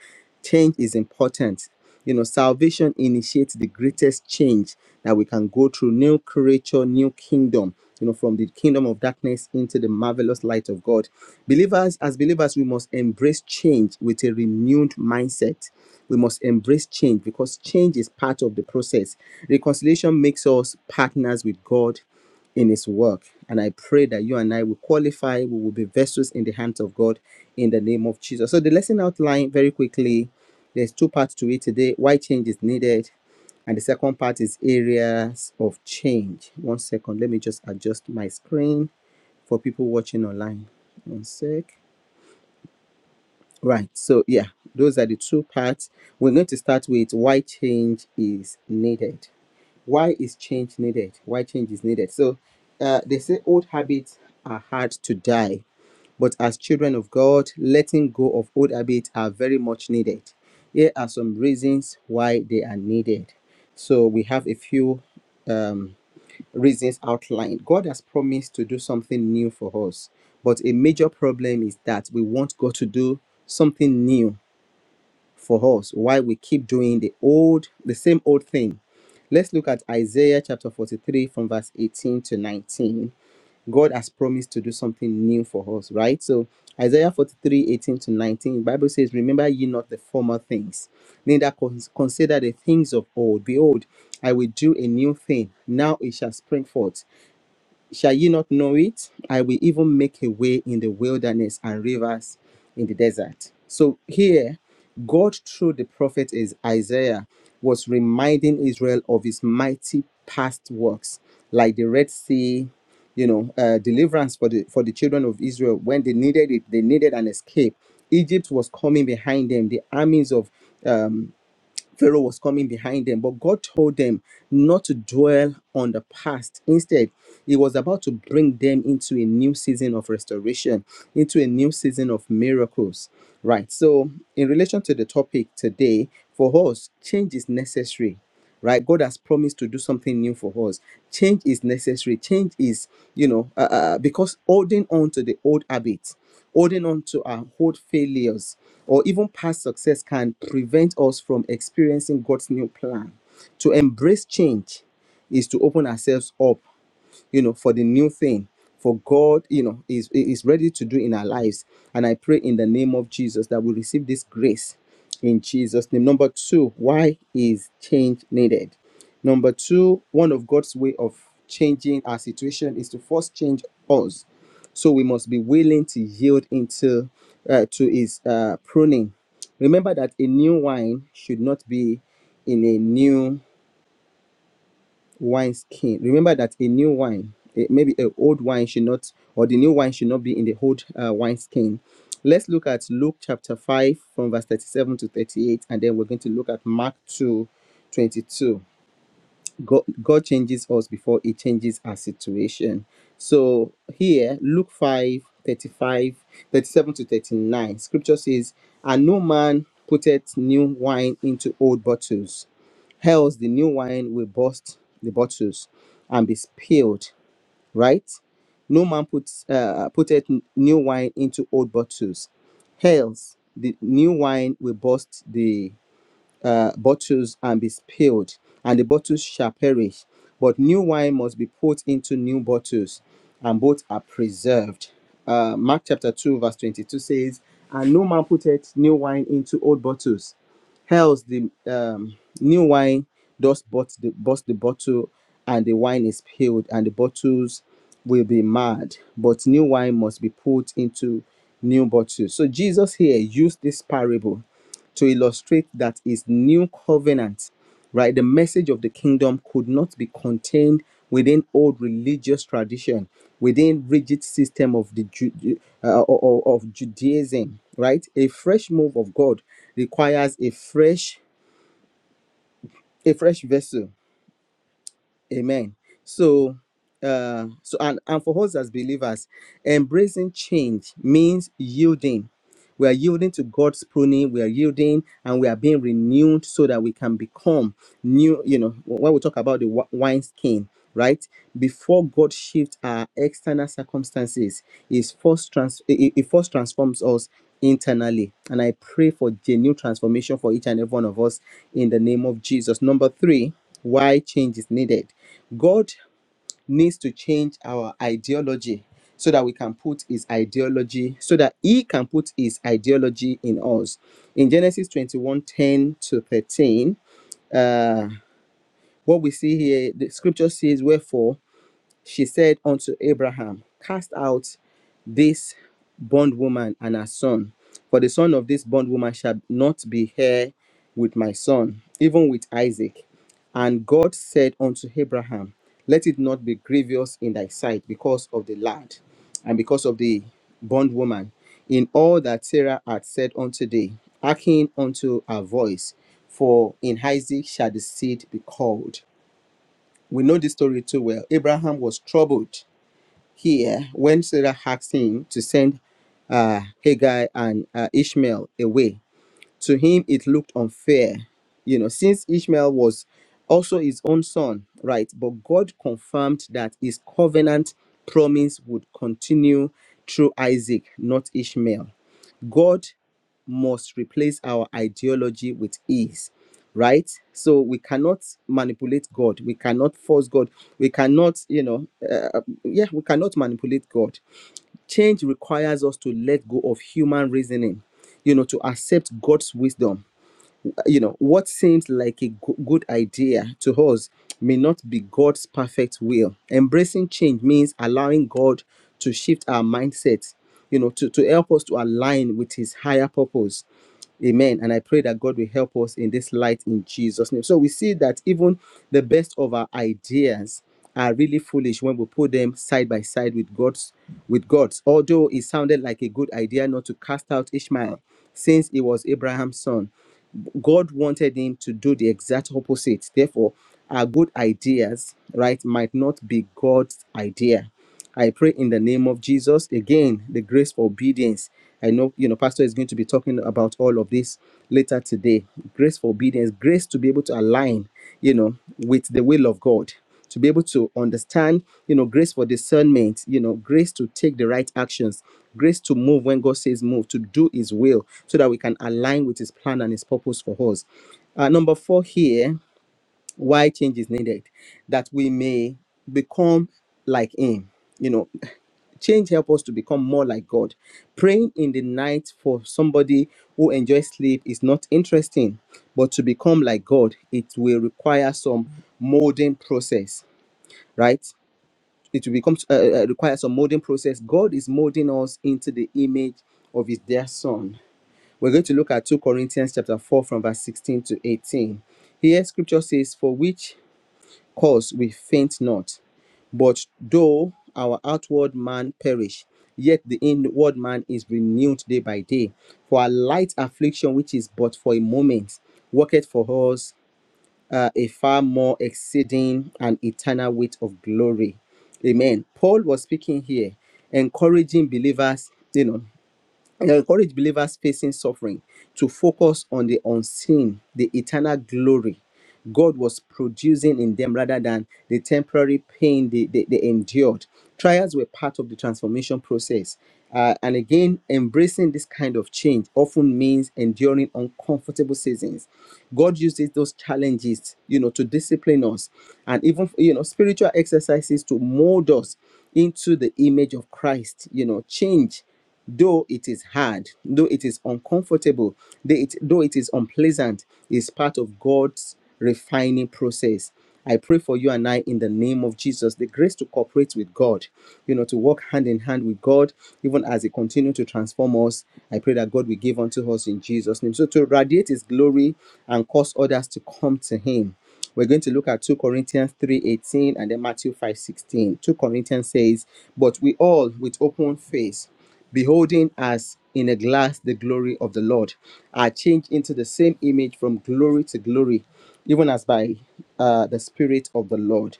S4: Change is important. You know, salvation initiates the greatest change that we can go through new creature, new kingdom, you know, from the kingdom of darkness into the marvelous light of God. Believers, as believers, we must embrace change with a renewed mindset. We must embrace change because change is part of the process. Reconciliation makes us partners with God in his work. And I pray that you and I will qualify, we will be vessels in the hands of God in the name of Jesus. So the lesson outline very quickly. There's two parts to it today. Why change is needed. And the second part is areas of change. One second, let me just adjust my screen for people watching online. One sec. Right. So yeah, those are the two parts. We're going to start with why change is needed why is change needed why change is needed so uh, they say old habits are hard to die but as children of god letting go of old habits are very much needed here are some reasons why they are needed so we have a few um, reasons outlined god has promised to do something new for us but a major problem is that we want god to do something new for us why we keep doing the old the same old thing let's look at isaiah chapter 43 from verse 18 to 19 god has promised to do something new for us right so isaiah 43 18 to 19 the bible says remember ye not the former things neither cons- consider the things of old behold i will do a new thing now it shall spring forth Shall ye not know it? I will even make a way in the wilderness and rivers in the desert. So here, God through the prophet is Isaiah was reminding Israel of his mighty past works, like the Red Sea, you know, uh, deliverance for the for the children of Israel when they needed it, they needed an escape. Egypt was coming behind them. The armies of um, Pharaoh was coming behind them, but God told them not to dwell on the past. Instead, He was about to bring them into a new season of restoration, into a new season of miracles. Right. So, in relation to the topic today, for us, change is necessary right god has promised to do something new for us change is necessary change is you know uh, uh, uh, because holding on to the old habits holding on to our old failures or even past success can prevent us from experiencing god's new plan to embrace change is to open ourselves up you know, for the new thing. For God, you know, is is ready to do in our lives. And I pray in the name of Jesus that we receive this grace in Jesus' name. Number two, why is change needed? Number two, one of God's way of changing our situation is to first change us. So we must be willing to yield into uh, to His uh, pruning. Remember that a new wine should not be in a new wine skin remember that a new wine eh, maybe a old wine should not or the new wine should not be in the old uh, wine skin let's look at luke chapter 5 from verse 37 to 38 and then we're going to look at mark 2, 22. God, God changes us before He changes our situation. So here, Luke 5 35 37 to 39, scripture says, And no man putteth new wine into old bottles, else the new wine will burst the bottles and be spilled, right? No man puts uh, putteth new wine into old bottles, else the new wine will burst the uh, bottles and be spilled, and the bottles shall perish. But new wine must be put into new bottles, and both are preserved. Uh, Mark chapter 2, verse 22 says, And no man putteth new wine into old bottles, else the um, new wine does but the, burst the bottle, and the wine is spilled, and the bottles will be marred. But new wine must be put into new bottles. So Jesus here used this parable to illustrate that his new covenant, right, the message of the kingdom could not be contained within old religious tradition, within rigid system of the Ju- uh, o- of Judaism, right? A fresh move of God requires a fresh a fresh vessel Amen. So, uh, so and, and for us as believers, embracing change means yielding. We are yielding to God's pruning, we are yielding and we are being renewed so that we can become new you know when we talk about the wi- wine skin right before god shifts our external circumstances is first trans it, it first transforms us internally and i pray for genuine transformation for each and every one of us in the name of jesus number three why change is needed god needs to change our ideology so that we can put his ideology so that he can put his ideology in us in genesis 21 10 to 13 uh, what we see here, the scripture says, Wherefore she said unto Abraham, Cast out this bondwoman and her son, for the son of this bondwoman shall not be heir with my son, even with Isaac. And God said unto Abraham, Let it not be grievous in thy sight because of the lad and because of the bondwoman, in all that Sarah had said unto thee, hearken unto her voice, for in Isaac shall the seed be called. We know this story too well. Abraham was troubled here when Sarah asked him to send uh, Hagar and uh, Ishmael away to him, it looked unfair, you know, since Ishmael was also his own son, right? But God confirmed that his covenant promise would continue through Isaac, not Ishmael. God must replace our ideology with ease, right? So we cannot manipulate God. We cannot force God. We cannot, you know, uh, yeah, we cannot manipulate God. Change requires us to let go of human reasoning, you know, to accept God's wisdom you know what seems like a go- good idea to us may not be god's perfect will embracing change means allowing god to shift our mindset you know to, to help us to align with his higher purpose amen and i pray that god will help us in this light in jesus name so we see that even the best of our ideas are really foolish when we put them side by side with god's with god's although it sounded like a good idea not to cast out ishmael since he was abraham's son God wanted him to do the exact opposite. Therefore, our good ideas, right, might not be God's idea. I pray in the name of Jesus again, the grace for obedience. I know, you know, Pastor is going to be talking about all of this later today. Grace for obedience, grace to be able to align, you know, with the will of God to be able to understand, you know, grace for discernment, you know, grace to take the right actions, grace to move when God says move, to do His will, so that we can align with His plan and His purpose for us. Uh, number four here, why change is needed, that we may become like Him. You know, change help us to become more like God. Praying in the night for somebody who enjoys sleep is not interesting, but to become like God, it will require some molding process right? It will become uh, uh, require some molding process. God is molding us into the image of His dear Son. We're going to look at 2 Corinthians chapter 4 from verse 16 to 18. Here scripture says, For which cause we faint not, but though our outward man perish, yet the inward man is renewed day by day. For our light affliction, which is but for a moment, worketh for us uh, a far more exceeding and eternal weight of glory. Amen. Paul was speaking here, encouraging believers. You know, and I encourage believers facing suffering to focus on the unseen, the eternal glory God was producing in them rather than the temporary pain they, they, they endured. Trials were part of the transformation process. Uh, and again, embracing this kind of change often means enduring uncomfortable seasons. God uses those challenges, you know, to discipline us and even, you know, spiritual exercises to mold us into the image of Christ, you know, change Though it is hard, though it is uncomfortable, though it, though it is unpleasant, is part of God's refining process. I pray for you and I in the name of Jesus, the grace to cooperate with God, you know, to walk hand in hand with God, even as He continues to transform us. I pray that God will give unto us in Jesus' name. So to radiate His glory and cause others to come to Him. We're going to look at 2 Corinthians 3:18 and then Matthew 5:16. 2 Corinthians says, "But we all with open face beholding as in a glass the glory of the Lord, are changed into the same image from glory to glory, even as by uh, the Spirit of the Lord.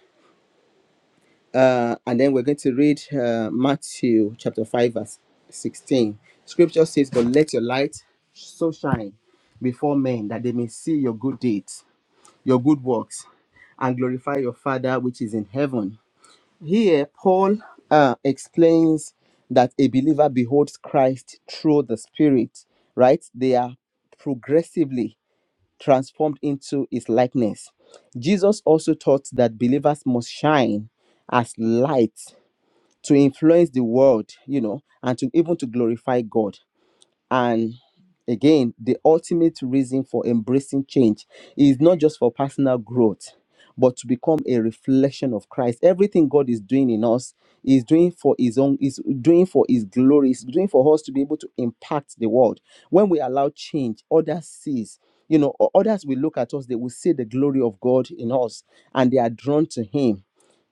S4: Uh, and then we're going to read uh, Matthew chapter 5, verse 16. Scripture says, But let your light so shine before men that they may see your good deeds, your good works, and glorify your Father which is in heaven. Here, Paul uh, explains that a believer beholds Christ through the Spirit, right? They are progressively transformed into his likeness. Jesus also taught that believers must shine as lights to influence the world, you know, and to even to glorify God. And again, the ultimate reason for embracing change is not just for personal growth, but to become a reflection of Christ. Everything God is doing in us is doing for His own, is doing for His glory, is doing for us to be able to impact the world. When we allow change, others sees. You know, o- others will look at us, they will see the glory of God in us and they are drawn to Him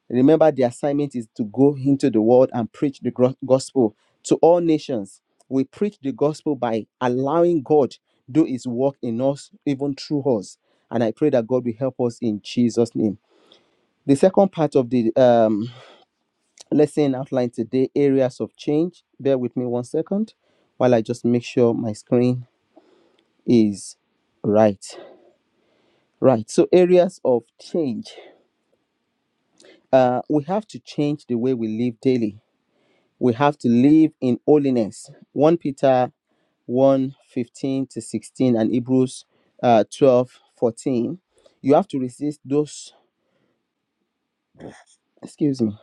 S4: Remember, the assignment is to go into the world and preach the gro- gospel to all nations. We preach the gospel by allowing God do his work in us, even through us. And I pray that God will help us in Jesus' name. The second part of the um, lesson outlined today, areas of change. Bear with me one second while I just make sure my screen is right. Right. So, areas of change. Uh, we have to change the way we live daily we have to live in holiness 1 peter one 15 to 16 and hebrews uh, 12 fourteen. you have to resist those excuse me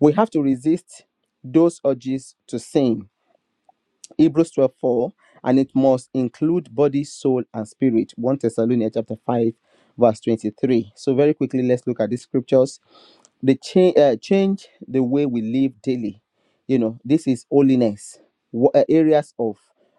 S4: we have to resist those urges to sin hebrews 12 4 and it must include body soul and spirit 1 thessalonians chapter 5 verse 23 so very quickly let's look at these scriptures they change uh, change the way we live daily you know this is holiness Wha- uh, areas of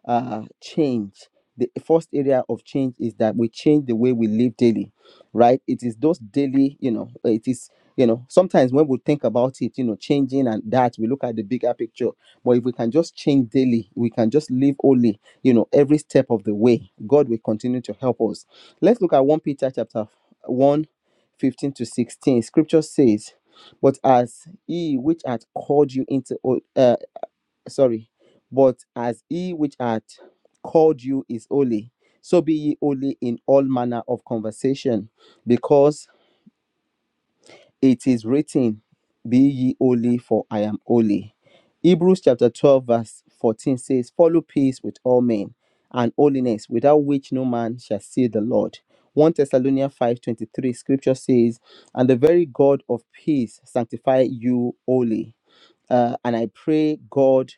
S4: uh change the first area of change is that we change the way we live daily right it is those daily you know uh, it is you know sometimes when we think about it you know changing and that we look at the bigger picture but if we can just change daily we can just live only you know every step of the way god will continue to help us let's look at 1 peter chapter one, 15 to 16 scripture says but as he which hath called you into ho- uh, sorry but as he which hath called you is holy so be ye holy in all manner of conversation because it is written be ye holy for i am holy hebrews chapter 12 verse 14 says follow peace with all men and holiness without which no man shall see the lord 1 thessalonians 5.23 scripture says and the very god of peace sanctify you wholly uh, and I pray, God,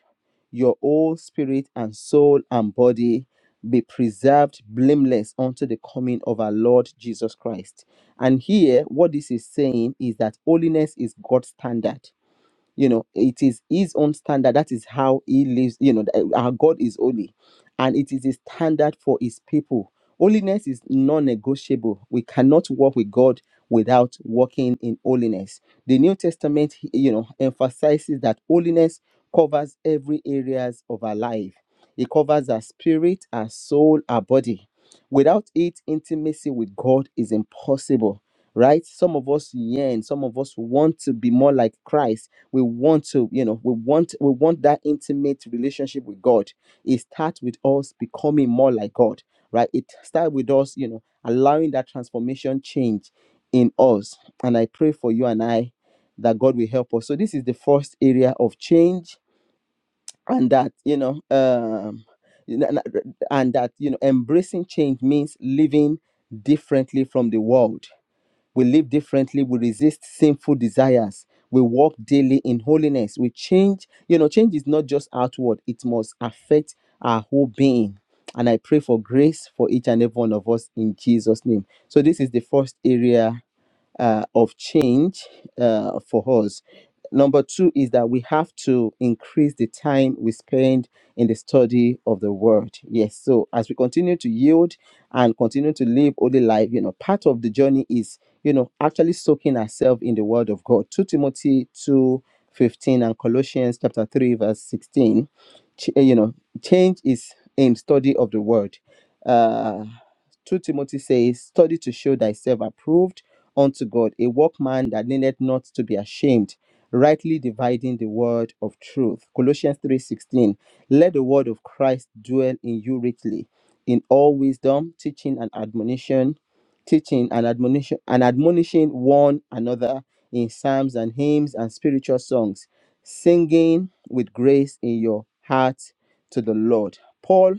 S4: your whole spirit and soul and body be preserved blameless unto the coming of our Lord Jesus Christ. And here, what this is saying is that holiness is God's standard you know it is his own standard that is how he lives you know th- our god is holy and it is a standard for his people holiness is non-negotiable we cannot walk with god without walking in holiness the new testament you know emphasizes that holiness covers every areas of our life it covers our spirit our soul our body without it intimacy with god is impossible right some of us yearn some of us want to be more like christ we want to you know we want we want that intimate relationship with god it starts with us becoming more like god right it starts with us you know allowing that transformation change in us and i pray for you and i that god will help us so this is the first area of change and that you know um you know, and and that you know embracing change means living differently from the world we live differently. We resist sinful desires. We walk daily in holiness. We change. You know, change is not just outward, it must affect our whole being. And I pray for grace for each and every one of us in Jesus' name. So, this is the first area uh, of change uh, for us. Number two is that we have to increase the time we spend in the study of the word. Yes, so as we continue to yield and continue to live holy life, you know, part of the journey is, you know, actually soaking ourselves in the word of God. 2 Timothy 2 15 and Colossians chapter 3, verse 16. Ch- eh, you know, change is in study of the word. Uh, 2 Timothy says, Study to show thyself approved unto God, a workman that needed not to be ashamed, rightly dividing the word of truth. Colossians 3:16. Let the word of Christ dwell in you richly, in all wisdom, teaching and admonition, teaching and admonition and admonishing one another in psalms and hymns and spiritual songs, singing with grace in your heart to the Lord. Paul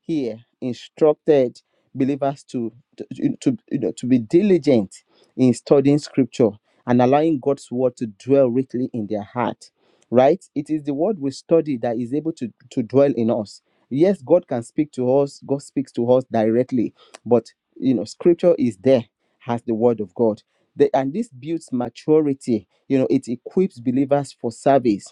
S4: here instructed believers to to, to, you know, to be diligent in studying scripture and allowing God's word to dwell richly in their heart, right? It is the word we study that is able to, to dwell in us. Yes, God can speak to us, God speaks to us directly, but you know, scripture is there as the word of God. The- and this builds maturity, you know, it equips believers for service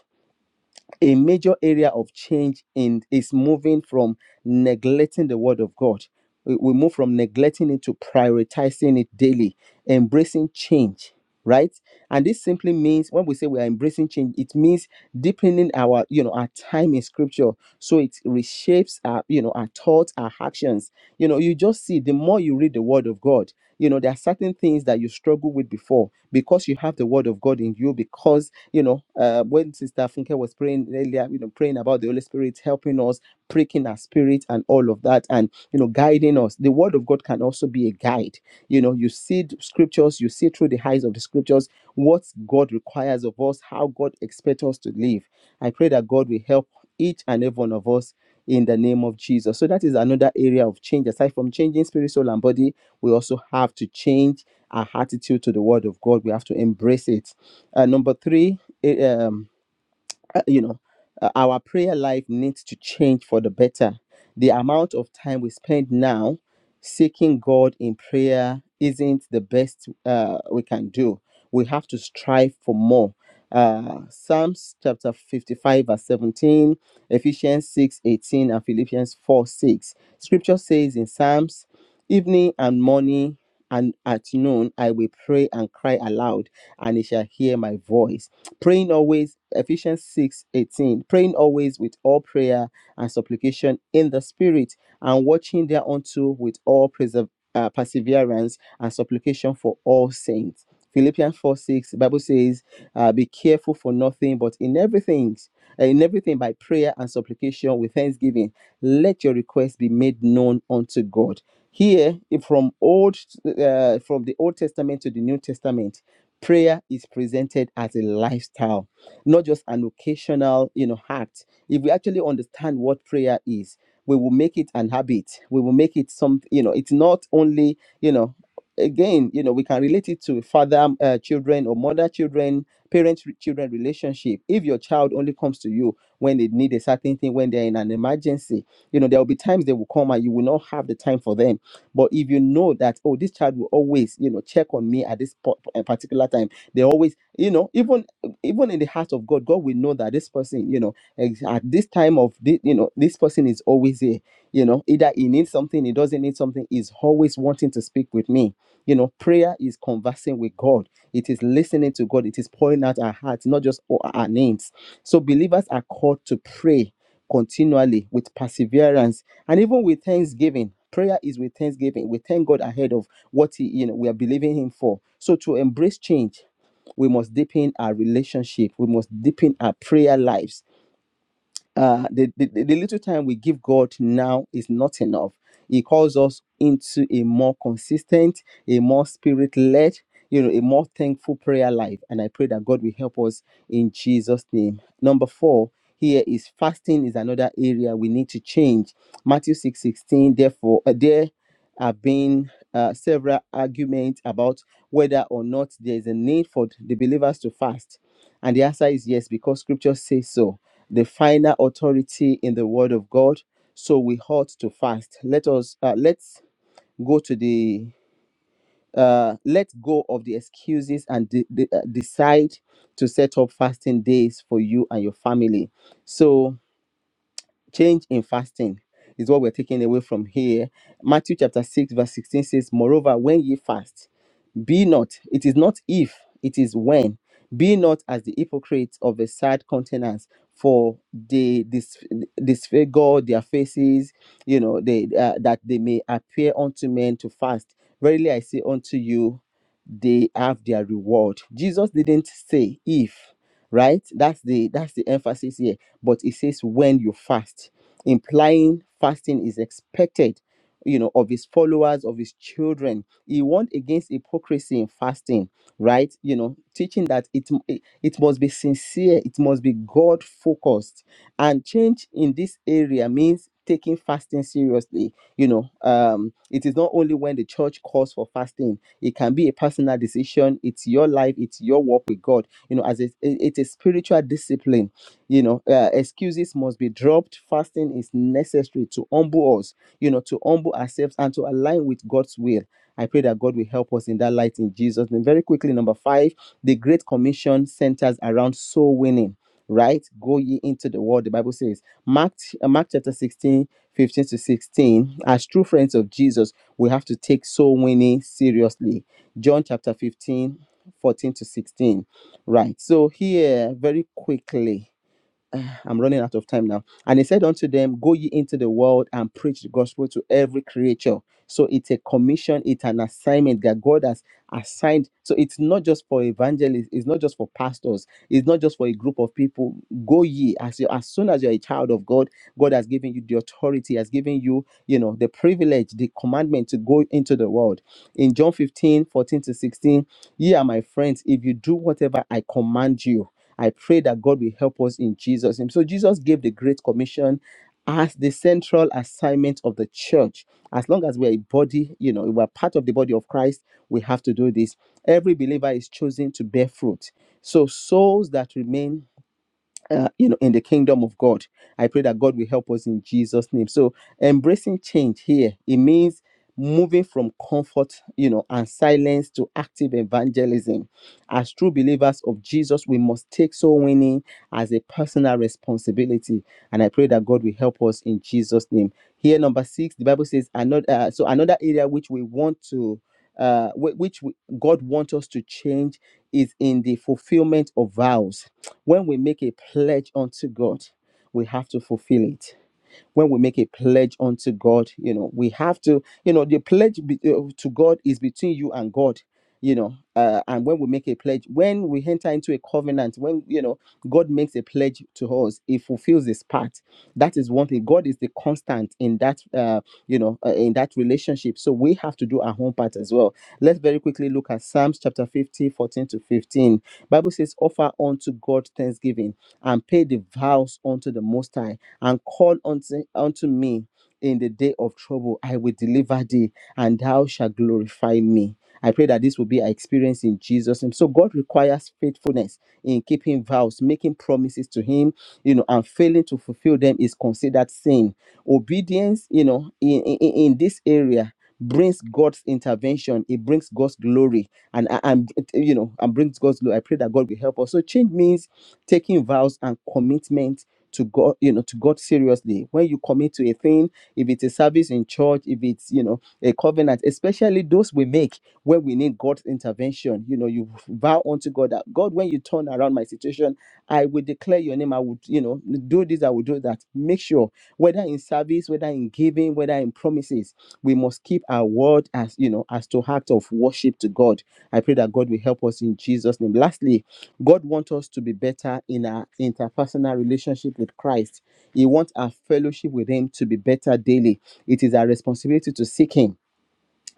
S4: a major area of change in is moving from neglecting the word of god we, we move from neglecting it to prioritizing it daily embracing change right and this simply means when we say we are embracing change it means deepening our you know our time in scripture so it reshapes our you know our thoughts our actions you know you just see the more you read the word of god you know there are certain things that you struggle with before because you have the word of god in you because you know, uh, when Sister Funke was praying earlier, you know, praying about the Holy Spirit helping us, pricking our spirit, and all of that, and you know, guiding us. The Word of God can also be a guide. You know, you see the scriptures, you see through the eyes of the scriptures what God requires of us, how God expects us to live. I pray that God will help each and every one of us in the name of Jesus. So that is another area of change. Aside from changing spirit, soul, and body, we also have to change our attitude to the word of God. We have to embrace it. Uh, number three, it, um, uh, you know, uh, our prayer life needs to change for the better. The amount of time we spend now seeking God in prayer isn't the best uh, we can do. We have to strive for more. Uh, Psalms chapter 55, verse 17, Ephesians 6 18, and Philippians 4, 6. Scripture says in Psalms, Evening and morning and at noon I will pray and cry aloud, and he shall hear my voice praying always ephesians 6 18. praying always with all prayer and supplication in the spirit and watching thereunto with all preserve, uh, perseverance and supplication for all saints philippians 4 6 the bible says uh, be careful for nothing but in everything uh, in everything by prayer and supplication with thanksgiving let your requests be made known unto god here if from old uh, from the old testament to the new testament prayer is presented as a lifestyle not just an occasional you know act if we actually understand what prayer is we will make it an habit we will make it some you know it's not only you know again you know we can relate it to father uh, children or mother children parent children relationship if your child only comes to you when they need a certain thing when they're in an emergency you know there will be times they will come and you will not have the time for them but if you know that, oh, this child will always, you know, check on me at this po- uh, particular time, they always, you know, even even in the heart of God, God will know that this person, you know, ex- at this time of this, you know, this person is always here. You know, either he needs something, he doesn't need something, he's always wanting to speak with me. You know, prayer is conversing with God. It is listening to God. It is pouring out our hearts, not just our our needs. So believers are called to pray continually with perseverance and even with thanksgiving prayer is with thanksgiving we thank god ahead of what he, you know we are believing him for so to embrace change we must deepen our relationship we must deepen our prayer lives uh the, the, the little time we give god now is not enough he calls us into a more consistent a more spirit-led you know a more thankful prayer life and i pray that god will help us in jesus name number four here is fasting is another area we need to change matthew six sixteen. therefore uh, there have been uh, several arguments about whether or not there is a need for the believers to fast and the answer is yes, because scripture says so. The final authority in the word of God. So we ought to fast. Let us uh, let's go to the uh, let go of the excuses and de- de- uh, decide to set up fasting days for you and your family. So change in fasting is what we're taking away from here. Matthew chapter 6, verse 16 says, Moreover, when ye fast, be not, it is not if, it is when. Be not as the hypocrites of a sad countenance, for they dis- disfigure their faces, you know, they uh, that they may appear unto men to fast. Verily I say unto you, they have their reward. Jesus didn't say if, right? That's the that's the emphasis here. But it says when you fast, implying fasting is expected you know of his followers of his children he warned against hypocrisy in fasting right you know teaching that it it it must be sincere it must be god focused and change in this area means taking fasting seriously you know um it is not only when the church calls for fasting it can be a personal decision it's your life it's your walk with god you know as it, it- it's a spiritual discipline you know uh, excuses must be dropped fasting is necessary to humble us you know, to humble ourselves and to align with God's will. I pray that God will help us in that light in Jesus. name. very quickly, number five, the Great Commission centers around soul winning. Right, go ye into the world. The Bible says, Mark, uh, Mark chapter 16, 15 to 16. As true friends of Jesus, we have to take soul winning seriously. John chapter 15, 14 to 16. Right, so here, very quickly I'm running out of time now. And he said unto them, Go ye into the world and preach the gospel to every creature. So it's a commission, it's an assignment that God has assigned. So it's not just for evangelists, it's not just for pastors, it's not just for a group of people. Go ye as you as soon as you're a child of God, God has given you the authority, has given you, you know, the privilege, the commandment to go into the world. In John 15:14 to 16, ye are my friends if you do whatever I command you. I pray that God will help us in Jesus' name. So Jesus gave the Great Commission as the central assignment of the church. As long as we're a body, you know, we're part of the body of Christ, we have to do this. Every believer is chosen to bear fruit. So souls that remain uh, you know in the kingdom of god i pray that god will help us in jesus name so embracing change here it means moving from comfort you know and silence to active evangelism as true believers of jesus we must take soul winning as a personal responsibility and i pray that god will help us in jesus name here number six the bible says another uh, so another area which we want to uh, whi- which we, god wants us to change is in the fulfillment of vows when we make a pledge unto God, we have to fulfill it when we make a pledge unto God, you know, we have to, you know, the pledge be, uh, to God is between you and God, you know, uh, and when we make a pledge, when we enter into a covenant, when, you know, God makes a pledge to us, He fulfills His part. That is one thing. God is the constant in that, uh, you know, uh, in that relationship. So we have to do our own part as well. Let's very quickly look at Psalms chapter 50 14 to 15. Bible says, offer unto God thanksgiving and pay the vows unto the Most High and call unto, unto me in the day of trouble. I will deliver thee, and thou shalt glorify me. I pray that this will be our experience in Jesus' name. So God requires faithfulness in keeping vows, making promises to Him, you know, and failing to fulfill them is considered sin. Obedience, you know, in, in, in this area brings God's intervention. It brings God's glory, and and and, you know, and brings God's glory. I pray that God will help us. So change means taking vows and commitment to God, you know, to God seriously. When you commit to a thing, if it's a service in church, if it's, you know, a covenant, especially those we make where we need God's intervention, you know, you vow unto God that God, when you turn around my situation, I will declare your name. I would, you know, do this, I will do that. Make sure whether in service, whether in giving, whether in promises, we must keep our word as, you know, as to act of worship to God. I pray that God will help us in Jesus' name. Lastly, God wants us to be better in our interpersonal relationship with Christ. He wants our fellowship with Him to be better daily. It is our responsibility to seek Him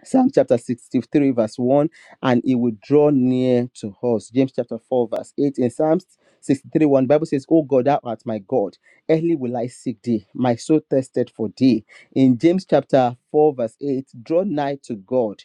S4: Psalm chapter 63, verse 1, and it will draw near to us. James chapter 4, verse 8. In Psalm 63, 1, Bible says, Oh God, thou art my God. Early will I seek thee. My soul thirsted for thee. In James chapter 4, verse 8, draw nigh to God,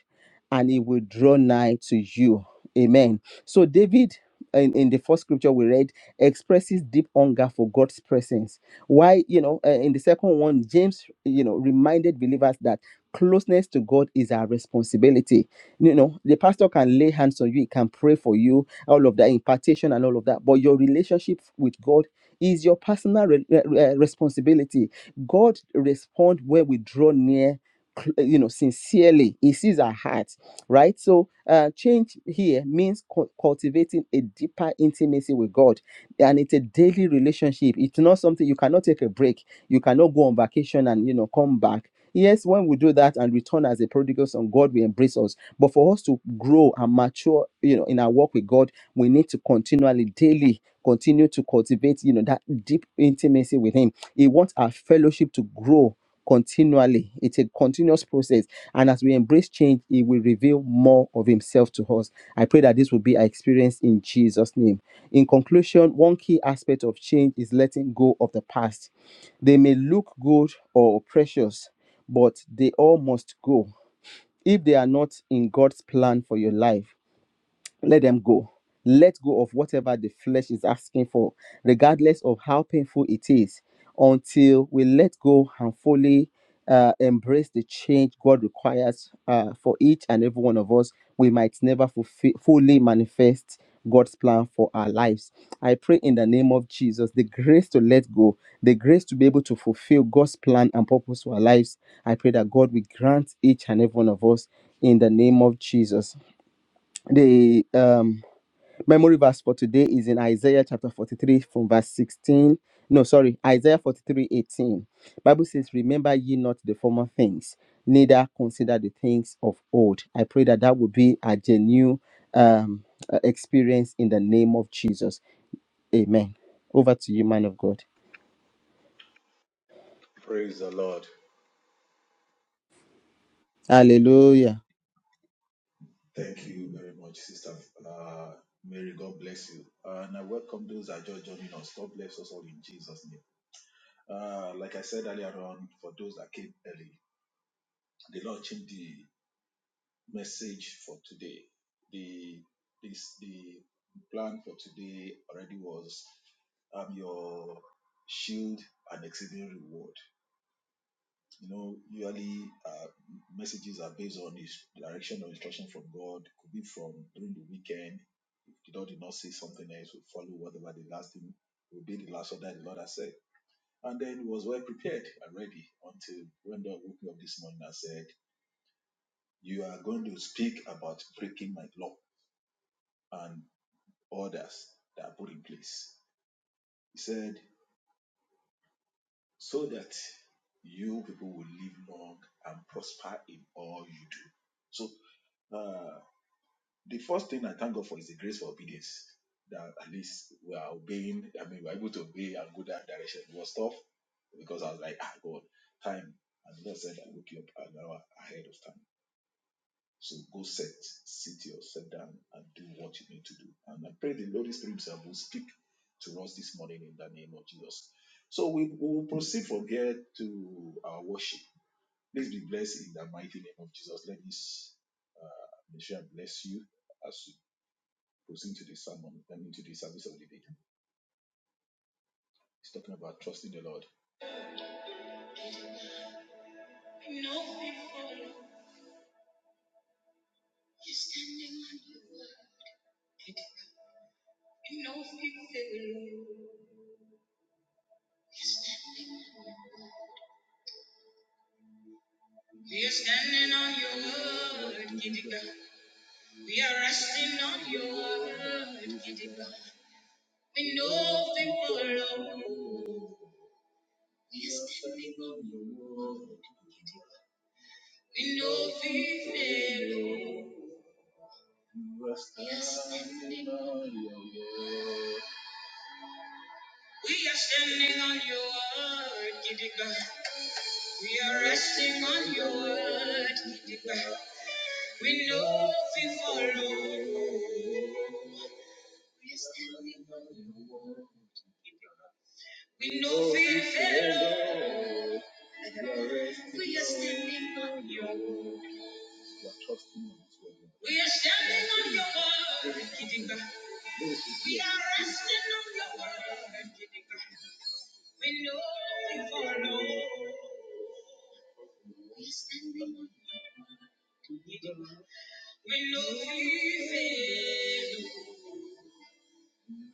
S4: and he will draw nigh to you. Amen. So David. In, in the first scripture we read expresses deep hunger for god's presence why you know uh, in the second one james you know reminded believers that closeness to God is our responsibility. You know, the pastor can lay hands on you, he can pray for you, all of that impartation and all of that. But your relationship with God is your personal re- uh, uh, responsibility. God respond when we draw near cl- uh, you know sincerely he sees our heart right so uh change here means cu- cultivating a deeper intimacy with god and it's a daily relationship it's not something you cannot take a break you cannot go on vacation and you know come back Yes, when we do that and return as a prodigal son, God will embrace us. But for us to grow and mature, you know, in our walk with God, we need to continually, daily, continue to cultivate, you know, that deep intimacy with Him. He wants our fellowship to grow continually. It's a continuous process. And as we embrace change, He will reveal more of Himself to us. I pray that this will be our experience in Jesus' name. In conclusion, one key aspect of change is letting go of the past. They may look good or precious, but they all must go if they are not in God's plan for your life let them go. Let go of whatever the flesh is asking for, regardless of how painful it is, until we let go and fully uh, embrace the change God requires uh, for each and every one of us. We might never fulfill, fully manifest God's plan for our lives. I pray in the name of Jesus the grace to let go, the grace to be able to fulfill God's plan and purpose for our lives. I pray that God will grant each and every one of us in the name of Jesus. The um Memory verse for today is in Isaiah chapter 43 from verse 16. No, sorry, Isaiah 43 18. Bible says, Remember ye not the former things, neither consider the things of old. I pray that that will be a genuine um, uh, experience in the name of Jesus. Amen. Over to you, man of God.
S3: Praise the Lord.
S4: Hallelujah.
S3: Thank you very much, Sister uh, Mary. God bless you. Uh, and I welcome those that are just joining us. God bless us all in Jesus' name. Uh, like I said earlier on, for those that came early, the Lord changed the message for today. The this the plan for today already was um your shield and exceeding reward. you know, usually uh, messages are based on his direction or instruction from God. Could be from during the weekend. If the Lord did not say something else, we follow whatever the last thing we did, the last order the Lord has said. And then he was well prepared and ready until when God woke me up this morning and said, You are going to speak about breaking my law and orders that are put in place. He said, So that you people will live long and prosper in all you do. So uh, The first thing I thank God for is the grace for obedience. That at least we are obeying. I mean, we are able to obey and go that direction. It was tough because I was like, ah, God, time. And the Lord said, I woke you up an hour ahead of time. So go set, sit yourself down and do what you need to do. And I pray the Holy Spirit Himself will speak to us this morning in the name of Jesus. So we we will proceed from here to our worship. Please be blessed in the mighty name of Jesus. Let this uh, mission bless you as you proceed to the sermon, I mean, to the service of the day. He's talking about trusting the Lord. And no fear standing on your word. And no We are standing on your word, mighty We are resting on your word, mighty We know things We are standing on your word. We know things We are standing on your word. We are standing on your word, Giddy God. We are resting on your word, Giddy God. We know we follow. We know we follow. We are standing on your word, Giddy God. We are resting on your word, Giddy God. We know we follow. We know we fail.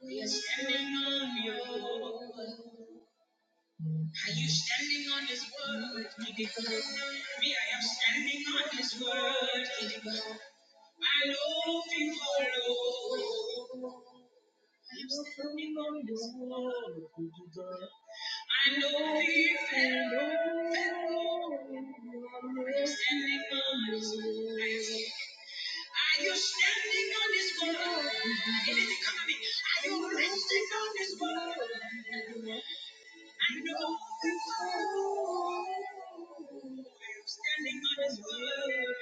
S3: We are standing on your. word. Are you standing on His word? Me, I am standing on His word. I know you follow. I'm standing on His word. I know we fail. I'm standing on His word. Are you standing on His word? It is coming. Are you resting on His word? I know. Are you standing on His word.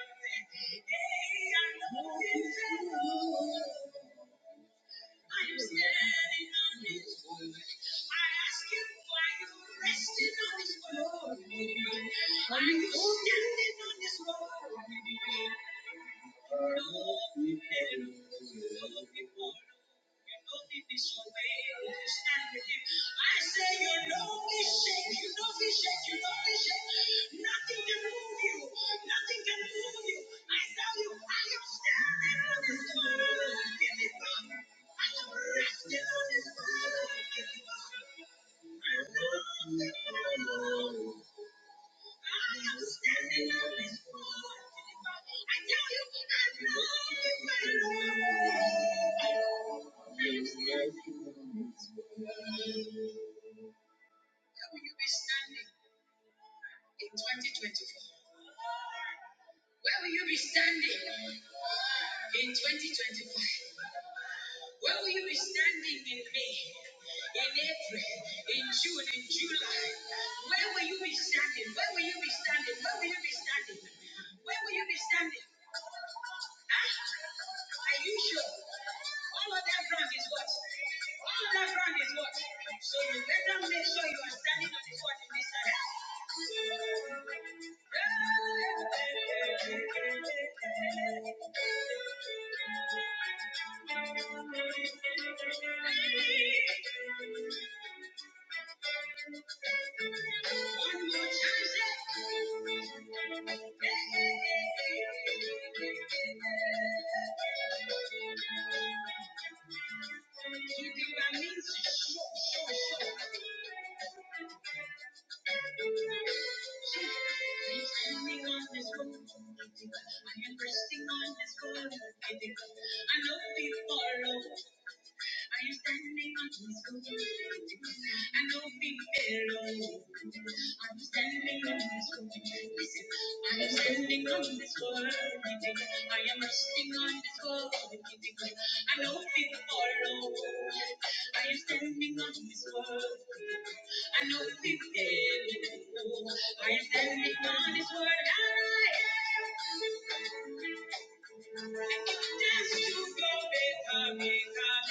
S3: Keeping my means. I'm standing on His word. I am resting on His word. I know people are low. Are you standing on Jesus? I know feet below. I'm standing on His gold. Listen, I am standing on this gold. I am resting on this gold. I know feet follow. I am standing on this gold. I know feet below. I am standing on this word. I am.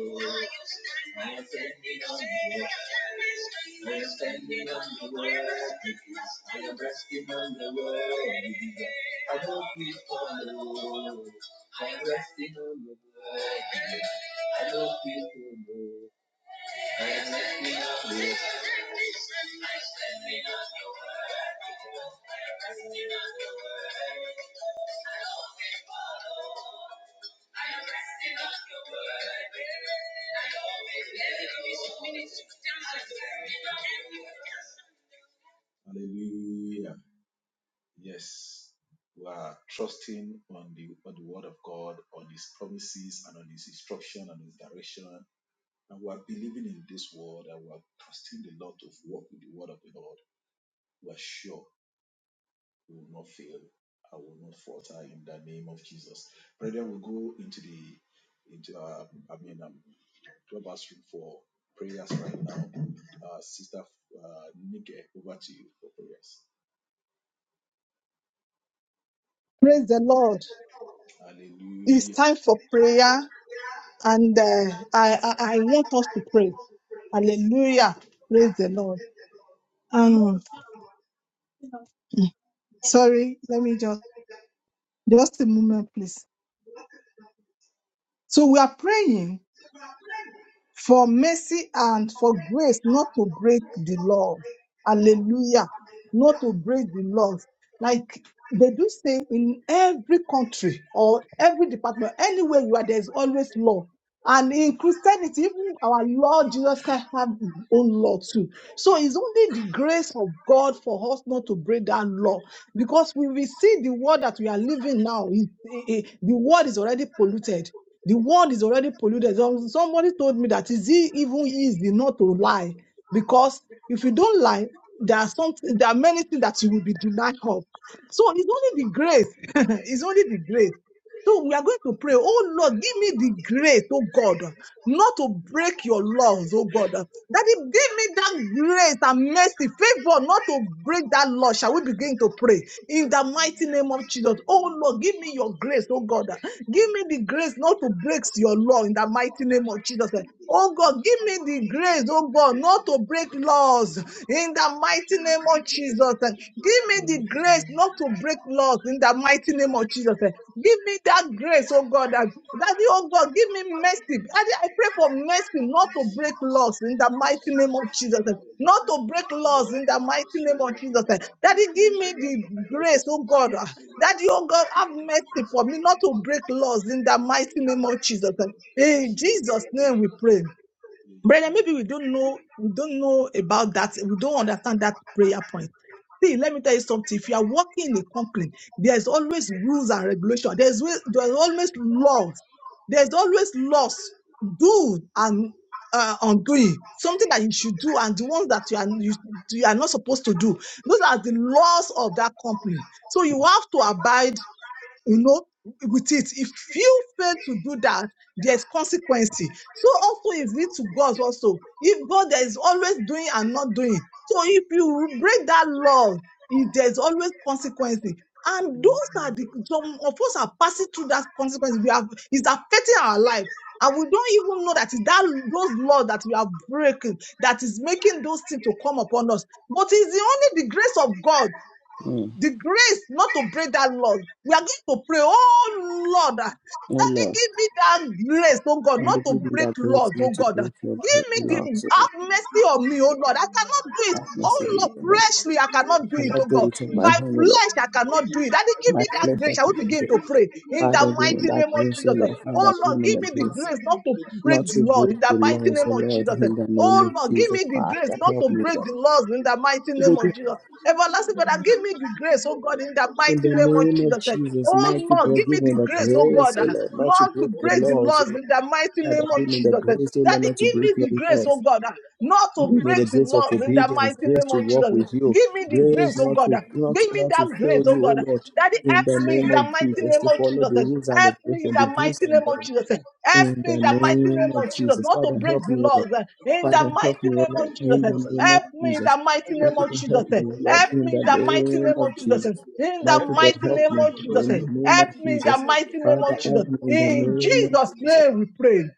S3: I am standing on the world. I am standing on the world. I am resting on the world. I don't feel alone. I am resting on the world. I don't feel alone. Yes. We are trusting on the, on the word of God, on his promises and on his instruction and his direction and we are believing in this word and we are trusting the Lord to work with the word of the Lord, we are sure we will not fail I will not falter in the name of Jesus. Brethren, we'll go into the into our I mean um, clubhouse room for prayers right now. Uh, Sister uh, Nike, over to you for prayers.
S5: Praise the Lord. It's
S3: Hallelujah.
S5: time for prayer, and uh, I, I I want us to pray. Hallelujah. Praise the Lord. Um, sorry, let me just just a moment, please. So we are praying for mercy and for grace not to break the law. Hallelujah. Not to break the laws. Like They do say in every country or every department, anywhere you are, there's always law. And in Christianity, even our Lord Jesus Christ have his own law too. So it's only the grace of God for us not to break that law. Because we will see the world that we are living now, is eh, eh, the world is already polluted. The world is already polluted. Some- Somebody told me that is it even easy not to lie? Because if you don't lie, there are something, there are many things that you will be denied of. So it's only the grace. it's only the grace. So we are going to pray, oh Lord, give me the grace, oh God not to break your laws, oh God. Daddy, give me that grace and mercy, favor not to break that law. Shall we begin to pray in the mighty name of Jesus? Oh Lord, give me your grace, oh God. Give me the grace not to break your law in the mighty name of Jesus. Oh God, give me the grace, oh God, not to break laws in the mighty name of Jesus. Give me the grace not to break laws in the mighty name of Jesus. Give me that grace, oh God. Daddy, oh God, give me mercy. Daddy, I pray for mercy not to break laws in the mighty name of Jesus. Not to break laws in the mighty name of Jesus. Daddy, give me the
S3: my
S5: grace, oh
S3: righteousness.
S5: God. Daddy, oh God, have mercy for me not to break laws in the mighty name of Jesus. In Jesus' name we pray. Brother,
S3: Amen.
S5: maybe we don't know, we don't know about that. We don't understand that prayer point. See, let me tell you something. If you are working in a company, there's always rules and regulation. There's wa- there's always laws. There's always laws, do and uh, undoing. Something that you should do and the ones that you are you, you are not supposed to do. Those are the laws of that company. So you have to abide you know, with it. If you fail to do that, there's consequence. So also is it to God also. If God is always doing and not doing. So if you break that law, it- there's always consequence. And those are the, some of us are passing through that consequence. We have, it's affecting our life. And we don't even know that it's that those laws that we are breaking that is making those things to come upon us. But it's the only the grace of God
S4: Mm.
S5: the grace not to break that Lord. We are going to pray, oh Lord, ah,
S4: Oh
S5: Daddy,
S4: Lord,
S5: give me that grace, oh God,
S4: I
S5: not
S4: will
S5: to
S4: give you
S5: break
S4: that grace
S5: laws, oh
S4: not to
S5: God. ah.
S4: break your great
S5: Give me the
S4: laws, O Lord.
S5: have mercy on me, oh Lord. I cannot do it.
S4: Have
S5: Oh
S4: mercy on me,
S5: Lord,
S4: O Lord.
S5: fleshly, I cannot
S4: I
S5: do it,
S4: cannot
S5: oh
S4: do
S5: God.
S4: it on my
S3: Righteous
S5: By
S4: own,
S3: are we
S4: O
S3: made
S4: Lord.
S5: flesh, I cannot do it. Daddy, give
S4: My
S5: me that
S4: flesh
S3: to
S5: grace.
S4: I
S5: I will
S4: cannot do
S3: to
S5: begin
S3: you
S5: to
S3: for
S5: pray
S3: giving
S5: in
S4: Father,
S5: the
S4: give me
S5: mighty
S4: that
S5: name of
S4: grace, O
S5: Jesus. eh.
S4: Lord. Father,
S5: Oh
S4: give
S5: Lord,
S4: me
S5: give
S4: the
S5: me the
S4: grace
S5: grace not to
S4: not
S5: break the
S4: to
S5: law
S4: break
S5: in the
S4: the
S5: mighty
S4: laws,
S5: name
S4: O
S5: of
S4: Lord,
S5: Jesus. eh.
S4: in the name
S5: Oh
S4: of
S5: Lord, give
S4: Jesus.
S5: me the grace
S4: Father,
S5: not
S4: help
S5: to
S4: me,
S5: break the laws in the mighty name
S4: Lord.
S5: of Jesus. Everlasting Father, give me the grace, oh God, in the
S4: In
S5: mighty
S4: the
S5: name of
S4: name of
S5: Jesus. Eh,
S4: Jesus,
S5: Oh
S4: mighty
S5: Lord, give
S4: God,
S5: me
S4: give me
S5: the
S4: the
S5: grace, oh
S4: grace,
S5: God,
S4: O
S5: ah,
S4: Lord, not to
S5: not to
S4: break the
S5: break the
S4: laws, O
S5: laws
S4: Lord.
S5: in the mighty
S4: Father,
S5: name of
S4: give me the
S5: Jesus. Eh,
S4: grace, O Lord,
S5: Daddy,
S4: not to
S5: give
S4: break
S5: me
S4: your
S5: the grace, oh
S4: laws.
S5: God, ah, not
S4: Give
S5: to
S4: me
S5: break
S4: the
S5: the
S4: grace of
S5: laws in the
S4: obedience,
S5: mighty
S4: grace
S5: name
S4: to
S5: of
S4: walk
S5: Jesus.
S4: with you,
S5: Give me the
S4: grace
S5: grace, oh
S4: not
S5: God.
S4: to
S5: ah.
S4: not to,
S5: Give me
S4: not to
S5: that
S4: fail
S5: grace, oh
S4: you, O
S5: God.
S4: Lord.
S5: Daddy,
S4: In
S5: help
S4: the
S5: me in
S4: name
S5: the
S4: of
S5: mighty
S4: Jesus,
S5: name
S4: to
S5: of
S4: follow
S5: Jesus.
S4: the rules and
S5: Help me in
S4: regulations,
S5: the
S4: the
S5: mighty
S4: do's and
S5: name of
S4: don'ts.
S5: Jesus. Help
S4: In
S5: me in
S4: the
S5: the mighty
S4: name
S5: name
S4: of
S5: of Jesus.
S4: Jesus,
S5: Not to
S4: Father,
S5: break
S4: help
S5: the
S4: me, O Lord.
S5: laws. In the
S4: Father,
S5: mighty
S4: help me, O
S5: name
S4: Lord,
S5: of Jesus.
S4: in the name of
S5: Help me in
S4: Jesus.
S5: the mighty name
S4: Father,
S5: of Jesus.
S4: help me, O Lord,
S5: Help
S4: in
S5: me
S4: the
S5: in the mighty
S4: name
S5: name
S4: of
S5: of Jesus.
S4: Jesus.
S5: In the
S4: Mighty
S3: Amen.
S4: God,
S5: mighty
S4: help
S5: name
S4: me
S5: of Jesus.
S4: in the name of
S5: Help me in the
S4: Jesus.
S5: mighty name
S4: Father,
S5: of Jesus.
S4: help me in the
S5: In
S4: name of
S5: Jesus'
S4: Jesus.
S5: name we pray.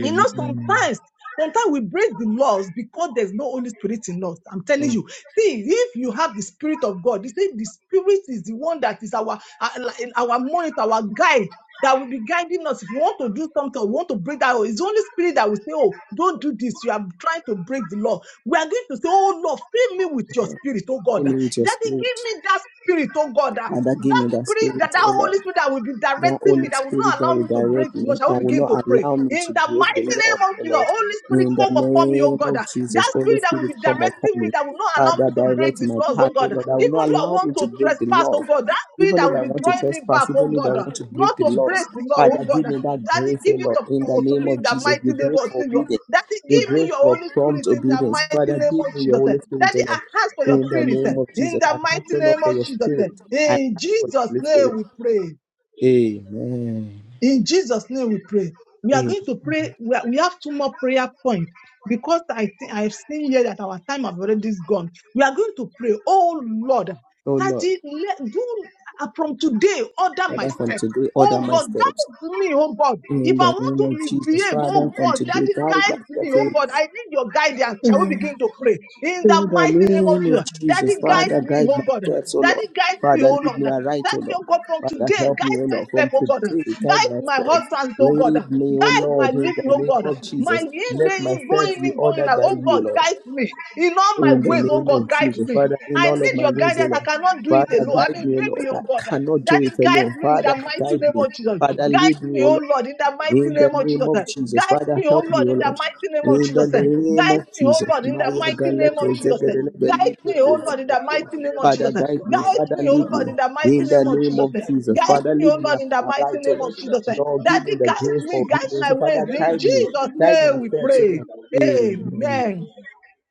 S5: You know, sometimes, sometimes we break the laws because there's no Holy Spirit in us. I'm telling
S4: Thank you,
S5: you. See, if you have the Spirit of God, you see, the Spirit is the one that is our our, our monitor, our guide. That will be guiding us. If you want to do something, or want to break that, law, it's the Holy Spirit that will say, "Oh, don't do this. You are trying to break the law." We are going to say, "Oh Lord, fill me with Your
S4: Lord.
S5: Spirit, oh God.
S4: Give me with your
S5: Daddy, give
S4: spirit.
S5: me that Spirit, oh God. ah,
S4: Father, give
S5: That
S4: me that
S5: Spirit, that
S4: spirit,
S5: that
S4: O Lord.
S5: Holy Spirit that will be
S4: that
S5: directing me,
S4: Holy
S5: that will
S4: Spirit
S5: not
S4: that
S5: allow
S4: will
S5: me to
S4: direct
S5: break the law."
S4: me,
S5: Shall
S4: that
S5: we
S4: will
S5: begin to
S4: not
S5: pray?
S4: allow me to
S5: In the mighty
S4: break the law,
S5: name of
S4: O
S5: Jesus,
S4: Lord.
S5: Holy Spirit,
S4: In the
S5: come upon me, oh
S4: name
S5: God.
S4: of Jesus,
S5: That
S4: Holy
S5: spirit that will
S4: Spirit,
S5: be
S4: come upon
S5: directing me,
S4: me.
S5: that will not allow
S4: Father,
S5: me to break
S4: direct
S5: the
S4: my
S5: laws,
S4: path,
S5: oh
S4: O
S5: God.
S4: Lord. That will
S5: Even
S4: not
S5: though I
S4: allow
S5: want
S4: me to
S5: to
S4: break the
S5: trespass,
S4: laws.
S5: oh God, that spirit
S4: Even
S5: that
S4: if
S5: will
S4: I
S5: be
S4: want to
S5: drawing me back,
S4: trespass,
S5: oh
S4: even if I
S5: God,
S4: want to break
S5: not
S4: the
S5: to
S4: laws,
S5: break the law,
S4: Father,
S5: oh God.
S4: give me that
S5: Daddy,
S4: grace, O
S5: give it
S4: Lord.
S5: up
S4: In the
S5: oh, to
S4: name
S5: me in
S4: of
S5: the
S4: Jesus, the
S5: mighty name
S4: grace
S5: of
S4: for
S5: Jesus.
S4: obedience,
S5: Daddy,
S4: the
S5: give me
S4: grace
S5: your
S4: for
S5: Holy
S4: prompt
S5: Spirit in the
S4: obedience.
S5: mighty
S4: Father,
S5: name
S4: give
S5: of
S4: me your
S5: Jesus.
S4: Holy Spirit, O
S5: Daddy, I
S4: Lord.
S5: ask for your
S4: In the
S5: spirit eh,
S4: name of
S5: in
S4: Jesus, I
S5: the
S4: ask,
S5: mighty
S4: O Lord,
S5: name
S4: for
S5: of
S4: your
S5: Jesus. eh.
S4: spirit. I ask
S5: In
S4: for your
S5: Jesus'
S4: Holy Spirit.
S5: name we pray.
S3: Amen.
S4: Amen.
S5: In Jesus' name we pray. We are
S4: Amen.
S5: going to pray. We, are- we have two more prayer points because I think I've seen here that our time has already gone. We are going to pray, oh Lord,
S4: Oh
S5: that
S4: Lord,
S5: it, let, do uh, from today order my
S4: Father, from
S5: step.
S4: today, order
S5: Oh
S4: my
S5: God,
S4: steps.
S5: to me, oh God. If
S4: In
S5: I
S4: the
S5: want
S4: name
S5: to
S4: of Jesus,
S5: misbehave,
S4: Father,
S5: oh
S4: from
S5: God,
S4: today,
S5: Daddy,
S4: guide my
S5: guide me,
S4: steps, O
S5: oh
S4: Lord.
S5: God. I need your guidance. Shall we begin to pray? In
S4: In
S5: the
S4: the
S5: mighty name of
S4: name of
S5: Jesus. Daddy,
S4: Jesus,
S5: guide
S4: Father,
S5: me,
S4: guide
S5: oh
S4: my
S5: God.
S4: steps, O Lord.
S5: Daddy, guide me,
S4: Father,
S5: oh
S4: lead
S5: Lord.
S4: me aright, O
S5: That
S4: Lord.
S5: your God from
S4: Father,
S5: today,
S4: help me, O
S5: guide my
S4: Lord,
S5: step,
S4: from
S5: oh God.
S4: today, guide
S5: Guide
S4: my
S5: my
S4: steps.
S5: husband, oh God.
S4: Lead me, O
S5: Guide my
S4: Lord, in
S5: living,
S4: the
S5: oh
S4: name
S5: God.
S4: of
S5: My
S4: Jesus.
S5: in
S4: Let
S5: day
S4: my
S5: in
S4: steps
S5: going
S4: be
S5: in, going
S4: ordered
S5: out,
S4: by
S5: oh
S4: you,
S5: God,
S4: Lord.
S5: guide me. In all my
S4: In the
S5: ways, oh
S4: name of
S5: God, guide
S4: Jesus,
S5: me.
S4: Father, in
S5: I
S4: all of
S5: need
S4: my
S5: your
S4: ways, O
S5: guidance. I
S4: Lord.
S5: cannot do it
S4: Father,
S5: alone. I'm
S4: guide
S5: a
S4: me, O Lord.
S5: baby,
S4: I
S5: oh God.
S4: cannot do
S5: Daddy,
S4: it
S5: guide
S4: alone.
S5: me in
S4: Father,
S5: the mighty
S4: guide
S5: name
S4: me.
S5: of Jesus.
S4: Father,
S5: Guide
S4: lead me,
S5: me,
S4: O
S5: oh
S4: Lord.
S5: Lord, in the mighty
S4: In the
S5: name of
S4: name
S5: Jesus.
S4: of Jesus,
S5: Guide
S4: Father,
S5: me, oh
S4: help me,
S5: Lord,
S4: O
S5: in the
S4: Lord.
S5: mighty name of
S4: In the
S5: Jesus.
S4: name of
S5: Guide me, oh
S4: Jesus,
S3: And
S5: Lord,
S3: to
S5: in
S3: be
S5: the
S4: Maya
S5: mighty
S3: honest, I will not
S5: name of
S3: walk
S4: Galete
S3: away
S5: Jesus.
S3: from your
S4: Zegedele
S5: Guide
S3: so
S4: Belipo
S5: me,
S3: that
S5: oh
S3: God will
S5: Lord, in the
S3: apply to
S4: Kozidaya.
S5: mighty
S3: that
S5: name
S3: will,
S5: of
S3: not
S4: Father,
S5: Jesus.
S3: be so
S4: guide
S3: that
S4: me.
S3: God
S5: Guide
S4: Father,
S5: me,
S3: make
S5: oh
S4: lead
S3: that
S5: Lord,
S4: me.
S5: in
S3: Lord,
S5: the
S3: I will
S5: mighty
S3: not
S4: In the
S5: name
S3: sin
S5: of
S3: against
S4: name
S3: you.
S5: Jesus.
S4: of
S3: That will
S4: Jesus,
S5: Guide
S4: Father,
S3: help
S5: me,
S3: me
S4: lead
S5: oh
S3: help
S4: me
S5: Lord,
S3: us
S5: in
S3: in
S5: the
S3: you.
S5: mighty
S4: aright, O
S3: That
S5: name
S3: will
S4: Lord.
S5: of
S3: say that
S5: Jesus.
S3: you, I
S4: Lord, give
S3: will
S4: me
S5: Daddy,
S4: the
S3: not be
S5: guide
S4: grace
S3: to
S5: me,
S4: for
S3: sin
S5: guide
S3: against
S4: obedience.
S3: you.
S5: my
S4: So,
S5: ways.
S4: Father,
S3: That
S5: In
S3: will
S4: guide me.
S3: destroy the
S5: Jesus'
S3: way
S4: Guide
S3: for
S4: my
S5: name
S3: you,
S5: we
S4: steps, O
S3: everything
S5: pray.
S4: Lord.
S3: that will be in breach your
S4: Amen.
S3: will.
S5: Amen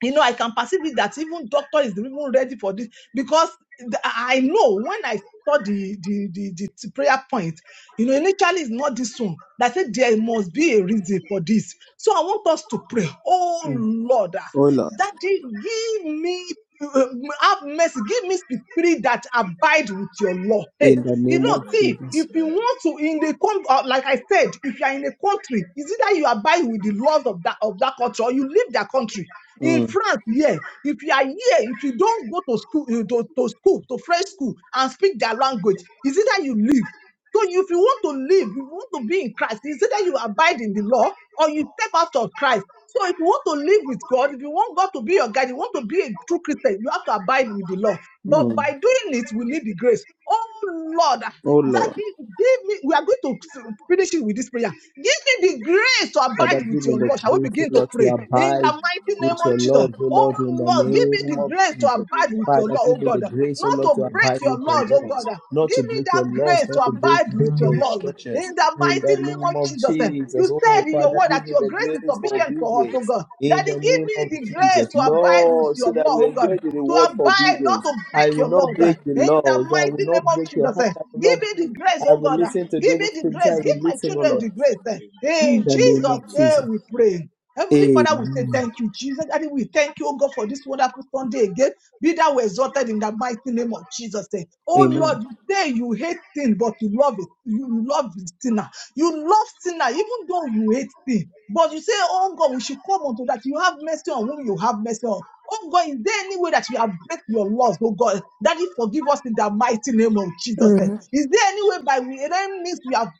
S5: you know, I can perceive it that even doctor is even ready for this because the- I know when I saw the the, the the t- prayer point, you know, initially it's not this one. That said, there must be a reason for this. So I want us to pray. Oh
S4: Mm.
S5: Lord, ah,
S4: O Lord.
S5: Daddy, give me uh, have mercy. Give me the spirit that abide with your law. Hey,
S4: in the
S5: you
S4: name
S5: know,
S4: of
S5: see,
S4: Jesus.
S5: if you want to in the con- uh, like I said, if you are in a country, is it that you abide with the laws of that of that culture, or you leave that country? In
S4: Mm,
S5: France, yeah. If you are here, if you don't go to school, uh, to, to school, to French school, and speak their language, is it that you leave? So if you want to live, if you want to be in Christ, is it that you abide in the law or you step out of Christ. So if you want to live with God, if you want God to be your guide, you want to be a true Christian, you have to abide with the law. But
S4: mm.
S5: by doing it, we need the grace. Oh Lord, that
S4: Oh Lord.
S5: gi- give me. We are going to s- finish it with this prayer. Give me the grace to
S4: Father,
S5: abide with
S4: give me
S5: your
S4: the
S5: law. Shall we
S4: grace, O
S5: begin to
S4: Lord, to
S5: pray in the
S4: abide
S5: mighty name
S4: with your
S5: of Jesus?
S4: Lord, O
S5: Oh
S4: Lord, in the
S5: Lord, give me
S4: name
S5: the
S4: of
S5: grace to
S4: Jesus.
S5: abide with your
S4: Father,
S5: law,
S4: give
S5: oh
S4: me the
S5: God.
S4: grace, O
S5: Not
S4: Lord,
S5: to
S4: to abide
S5: break your
S4: with your
S5: laws, oh God.
S4: laws, not
S5: Give
S4: to
S5: me
S4: break
S5: that
S4: your laws,
S5: grace to
S4: not to break,
S5: abide with
S4: break
S5: your
S4: your
S5: love
S4: instructions.
S5: in the
S4: In
S5: mighty
S4: the
S5: name
S4: name
S5: of
S4: of
S5: Jesus. Eh, You
S4: Jesus. Oh,
S5: said in your
S4: Father,
S5: word
S4: give
S5: that
S4: me
S5: your
S4: the
S5: grace is
S4: grace for
S5: sufficient for us, oh
S4: obedience.
S5: God.
S4: In
S5: Daddy,
S4: the
S5: give
S4: name
S5: me
S4: of
S5: the grace
S4: Jesus.
S5: to abide with
S4: Lord,
S5: your
S4: so that
S5: love,
S4: we
S5: oh God.
S4: enjoy the
S5: To
S4: reward for
S5: abide, not
S4: obedience.
S5: to
S4: I
S5: break
S4: will
S5: your
S4: not
S5: love. eh,
S4: break the
S5: In the
S4: laws. I will
S5: mighty name
S4: not
S5: of
S4: break your
S5: Jesus.
S4: heart.
S5: Eh,
S4: I will
S5: Give
S4: not
S5: me
S4: break.
S5: the grace,
S4: I
S5: oh
S4: will
S5: God. eh.
S4: listen to the
S5: Give
S4: Holy
S5: me the
S4: Spirit.
S5: grace.
S4: I
S5: Give
S4: will
S5: my
S4: listen, O
S5: children
S4: Lord.
S5: the grace. eh.
S4: In
S5: In
S4: the name
S5: Jesus'
S4: of Jesus.
S5: name we pray. Heavenly Father, we say
S4: Amen.
S5: thank you, Jesus. Daddy, we thank you, oh God, for this wonderful Sunday again. Be thou exalted in the mighty name of Jesus. eh. Oh
S4: Amen.
S5: Lord, you say you hate sin, but you love it. You love the sinner. You love sinner, even though you hate sin. But you say, Oh God, we should come unto that. You have mercy on whom you have mercy on. Oh God, is there any way that we have break your laws, oh God? That you forgive us in the mighty name of Jesus. eh. Is there any way by we any means we have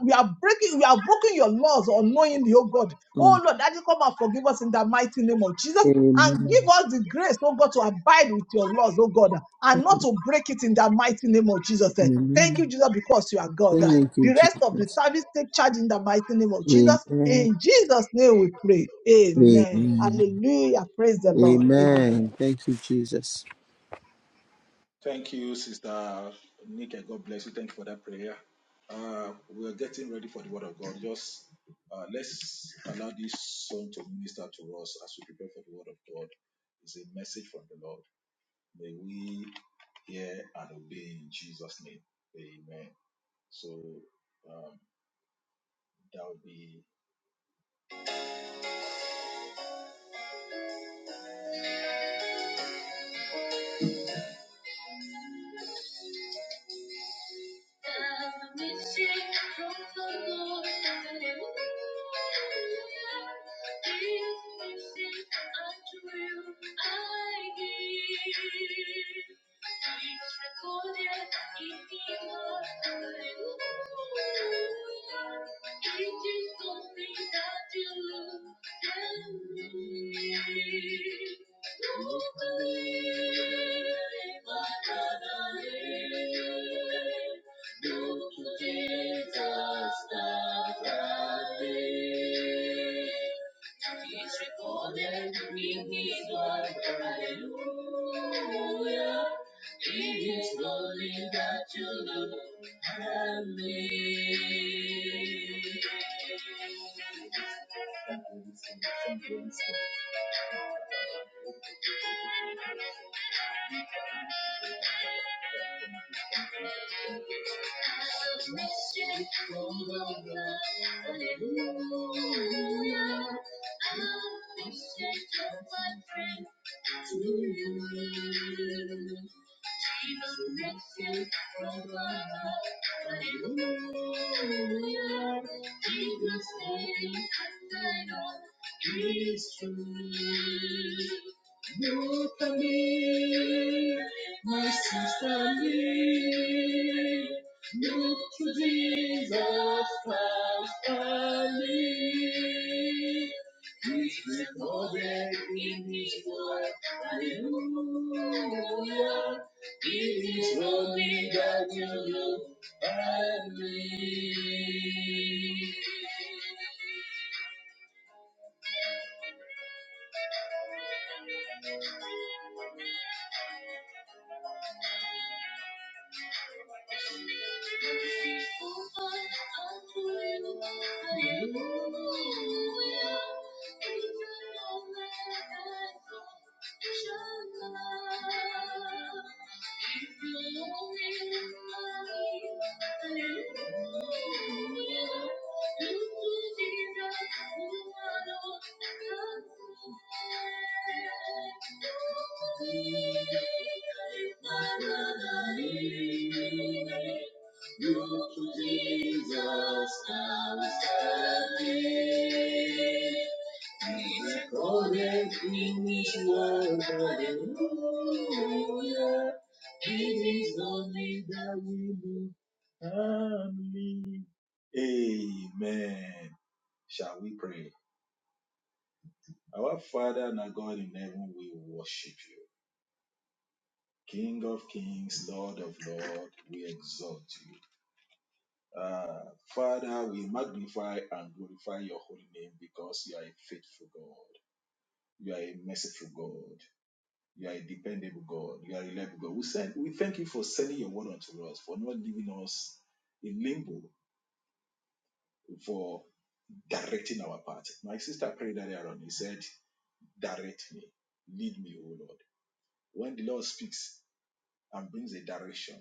S5: we are breaking, we are broken your laws unknowingly, oh God.
S4: Mm.
S5: Oh Lord, that you come and forgive us in the mighty name of Jesus and give
S4: Amen.
S5: us the grace, oh God, to abide with your laws, oh God, and not to break it in the mighty name of Jesus. Eh, Thank you,
S4: Amen.
S5: Jesus, because you are God. Eh,
S4: Thank you,
S5: The rest of the
S4: Jesus.
S5: service take charge in the mighty name of Jesus.
S4: Amen.
S5: In Jesus' name we pray. Amen.
S4: Amen.
S5: Hallelujah. Praise the Lord. Amen.
S4: Amen. Thank you, Jesus.
S3: Thank you, Sister Nika. God bless you. Thank you for that prayer. Uh, we're getting ready for the Word of God. Just uh, let's allow this song to minister to us as we prepare for the Word of God. It's a message from the Lord. May we hear and obey in Jesus' name. Amen. So um, that will be I'm missing from the lonely. It's missing after you. I hear it's recorded in my heart. It's something that you lose and you don't believe. Thank you, Jesus, the Yahweh. He's recorded in His word, hallelujah. It is holy that you look at me. I'm missing all of it without you. I'm missing all my friends too. She's missing all of us, but it's not you. Take my hand, I don't trust you. Me gusta me, my sister me. look to Jesus Christ only. Recorded in His word, Hallelujah. It is only that you look at me. Thank you. Jesus, I was happy. Recorded in this world, Hallelujah. It is only that we look family. Amen. Shall we pray? Our Father and our God in heaven, we worship you. King of kings, Lord of lords, we exalt you. Uh, Father, we magnify and glorify your holy name because you are a faithful God. You are a merciful God. You are a dependable God. You are a reliable God. We, send, we thank you for sending your word unto us, for not leaving us in limbo, for directing our path. My sister prayed earlier on. He said, Direct me, lead me, O Lord. When the Lord speaks and brings a direction,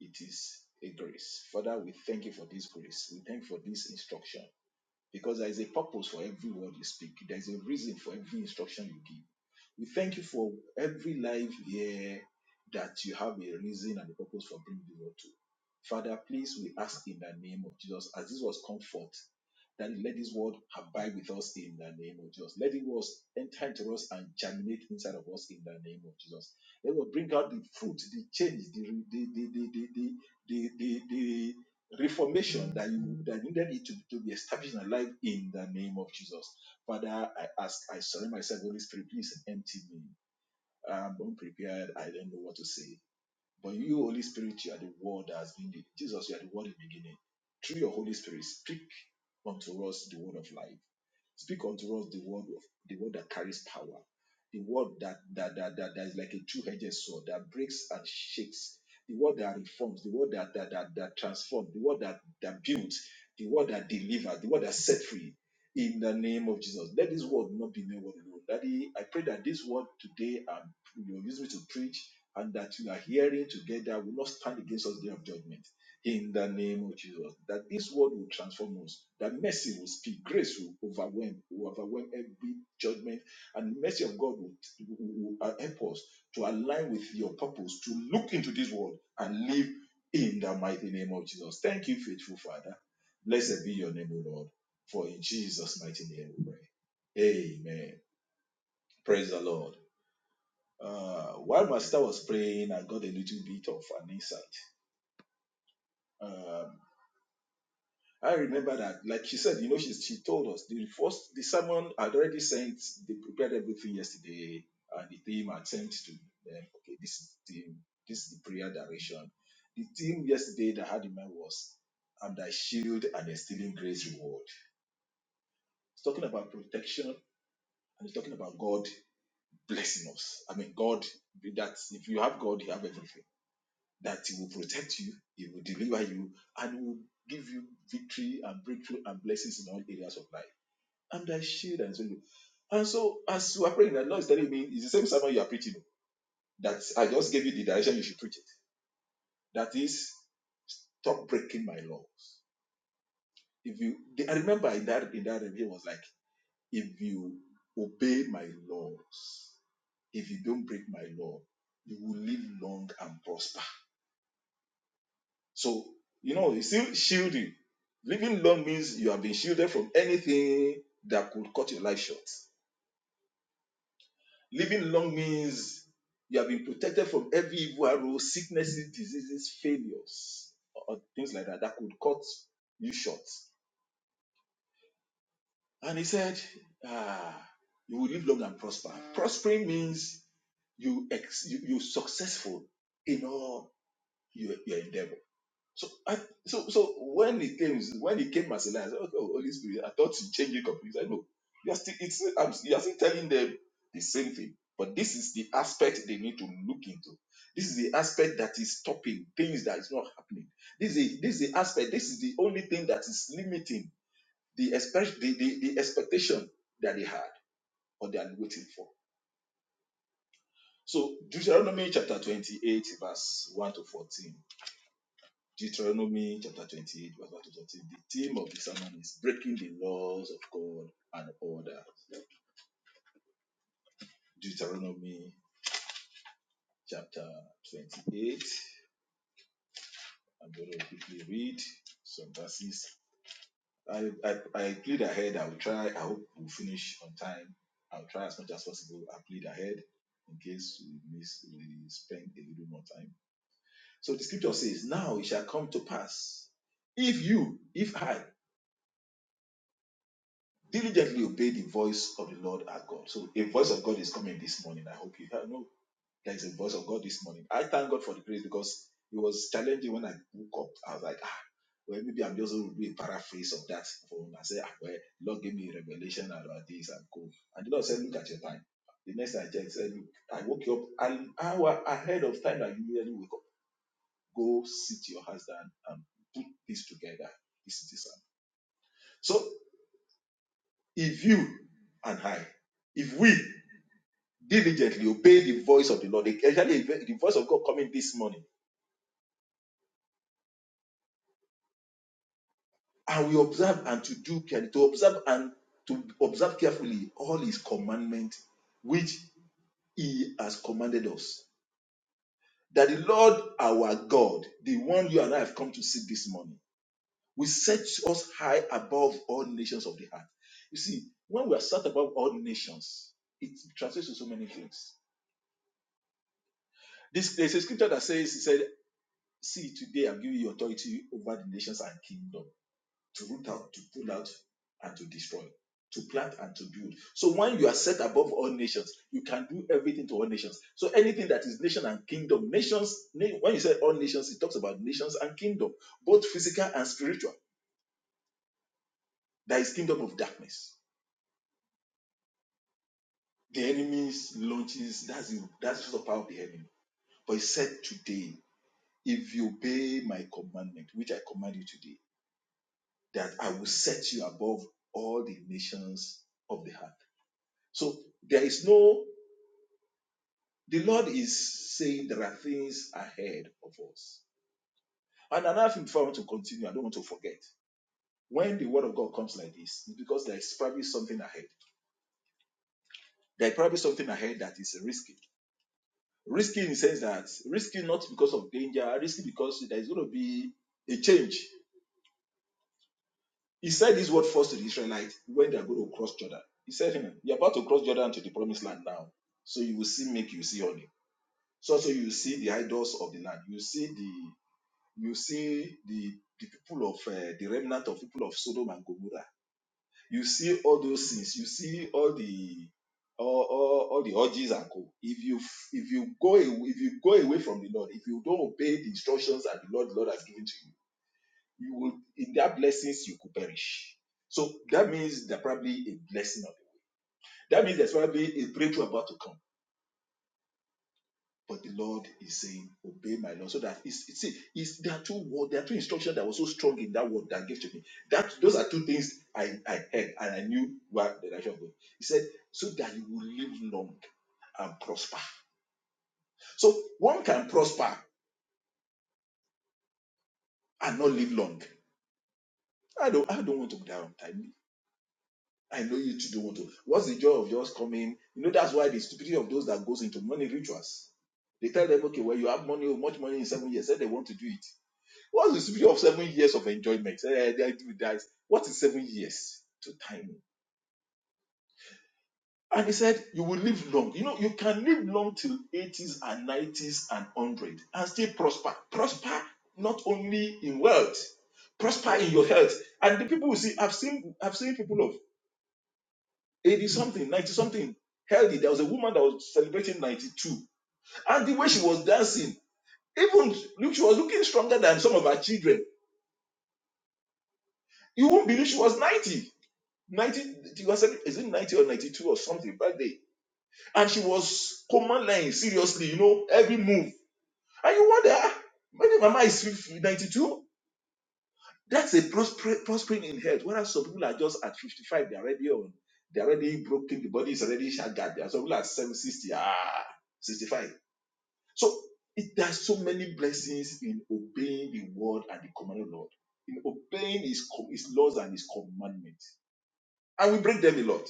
S3: it is a grace. Father, we thank you for this grace. We thank you for this instruction. because there is a purpose for every word you speak. There is a reason for every instruction you give. We thank you for every life here that you have a reason and a purpose for bringing the world to. Father, please, we ask in the name of Jesus, as this was comfort that let this word abide with us in the name of Jesus. Let it was enter into us and germinate inside of us in the name of Jesus. Let will bring out the fruit, the change, the the the the the the, the, the, the reformation that you that needed it to, to be established in our life in the name of Jesus. Father, I ask, I surrender myself, Holy Spirit, please empty me. I'm unprepared. I don't know what to say. But you, Holy Spirit, you are the word that has been the, Jesus, you are the word in the beginning. Through your Holy Spirit, speak unto us the word of life. Speak unto us the word of the word that carries power. The word that that that, that, that is like a two-edged sword that breaks and shakes. The word that reforms, the word that that, that, that transforms, the word that, that builds, the word that delivers, the word that set free. In the name of Jesus. Let this word not be made word alone. Daddy, I pray that this word today um, you use me to preach and that you are hearing together will not stand against us day of judgment. In the name of Jesus, that this word will transform us, that mercy will speak, grace will overwhelm, will overwhelm every judgment, and the mercy of God will, will, will help us to align with your purpose, to look into this world and live in the mighty name of Jesus. Thank you, faithful Father. Blessed be your name, O Lord, for in Jesus' mighty name we pray. Amen. Praise the Lord. Uh, while my sister was praying, I got a little bit of an insight. Um, I remember that, like she said, you know, she, she told us the first, the sermon had already sent, they prepared everything yesterday, and the team had sent to them, okay, this is the this is the prayer direction. The theme yesterday that I had in mind was, I'm thy shield and the stealing grace reward. It's talking about protection and it's talking about God blessing us. I mean, God, that if you have God, you have everything that He will protect you, He will deliver you, and He will give you victory and breakthrough and blessings in all areas of life. I'm thy shield and so and so as you are praying, the Lord is telling me it's the same sermon you are preaching. That I just gave you the direction you should preach it. That is, stop breaking my laws. If you, I remember in that in that review was like, if you obey my laws, if you don't break my law, you will live long and prosper. So, you know, it's still shielding. Living long means you have been shielded from anything that could cut your life short. Living long means you have been protected from every evil arrow, sicknesses, diseases, failures, or things like that that could cut you short. And he said, ah, you will live long and prosper. Prospering means you ex- you you successful in all your, your endeavors. So I so so when it came when it came as a lie, I said, okay, oh, Holy Spirit, I thought you changed it completely. I know you're still it's I'm, you're still telling them the same thing, but this is the aspect they need to look into. This is the aspect that is stopping things that is not happening. This is this is the aspect. This is the only thing that is limiting the expect the, the, the expectation that they had or they are waiting for. So Deuteronomy chapter 28, verse 1 to 14 Deuteronomy chapter 28, verse 1 to 13. The theme of the sermon is breaking the laws of God and order. Deuteronomy chapter 28. I'm going to quickly read some verses. I, I, I plead ahead. I will try. I hope we'll finish on time. I'll try as much as possible. I plead ahead in case we miss, we spend a little more time. So the scripture says, Now it shall come to pass if you, if I Diligently obey the voice of the Lord our God. So a voice of God is coming this morning. I hope you know there is a voice of God this morning. I thank God for the grace because it was challenging when I woke up. I was like, ah, well, maybe I'm just going to do a paraphrase of that phone. I said, ah, well, Lord gave me a revelation about this and go. And the Lord said, look at your time. The next time I checked, said, look, I woke you up an hour ahead of time that you usually wake up. Go sit your husband and put this together. This is this. one." So if you and I, if we diligently obey the voice of the Lord, especially the voice of God coming this morning, and we observe and to do care- to observe and to observe carefully all His commandments which He has commanded us, that the Lord our God, the one you and I have come to seek this morning, will set us high above all nations of the earth. You see, when we are set above all nations, it translates to so many things. This there's a scripture that says, "He said." See, today I'm giving you authority over the nations and kingdom to root out, to pull out, and to destroy, to plant and to build. So when you are set above all nations, you can do everything to all nations. So anything that is nation and kingdom, nations, when you say all nations, it talks about nations and kingdom, both physical and spiritual. There is kingdom of darkness. The enemy's launches, that's the, that's the power of the enemy. But he said today, if you obey my commandment, which I command you today, that I will set you above all the nations of the earth. So there is no, the Lord is saying there are things ahead of us. And another thing before I want to continue, I don't want to forget. When the word of God comes like this, it's because there is probably something ahead. There is probably something ahead that is risky. Risky in the sense that risky not because of danger, risky because there is going to be a change. He said this word first to the Israelites when they are going to cross Jordan. He said, hmm, You're about to cross Jordan to the promised land now. So you will see make you see honey. So also you will see the idols of the land. You see the you see the the people of uh, the remnant of people of Sodom and Gomorrah. You see all those things. You see all the all, all, all the orgies and co. If you if you go away, if you go away from the Lord, if you don't obey the instructions that the Lord the Lord has given to you you will in that blessings you could perish. So that means there's probably a blessing of it. That means there's probably a breakthrough about to come. But the Lord is saying, "Obey my law." So that it's, it's, it's there are two words, there are two instructions that were so strong in that word that I gave to me. That those are two things I, I heard and I knew where the direction was going. He said, "So that you will live long and prosper." So one can prosper and not live long. I don't I don't want to die on time. I know you today want to. What's the joy of just coming? You know, that's why the stupidity of those that goes into money rituals. They tell them, okay, well, you have money, oh, much money in seven years. Say they want to do it. What's the stupidity of seven years of enjoyment? Say, eh, they do that. What is seven years to time? And he said, you will live long. You know, you can live long till 80s and 90s and 100 and still prosper. Prosper not only in wealth, prosper in your health. And the people will see, I've seen, I've seen people of 80 something, 90 something, healthy. There was a woman that was celebrating 92. And the way she was dancing, even look, she was looking stronger than some of her children. You won't believe she was 90. 90, it was- is it 90 or 92 or something back day? And she was command line, seriously, you know, every move. And you wonder, "Ah, maybe mama is 92. That's a prospering in health. Whereas some people are just at 55, they're already on, they're already broken, the body is already shattered. There are some people at 760, ah, 65 So it, there are so many blessings in obeying the word and the command of the Lord, in obeying his, com- his laws and his commandments. And we break them a lot.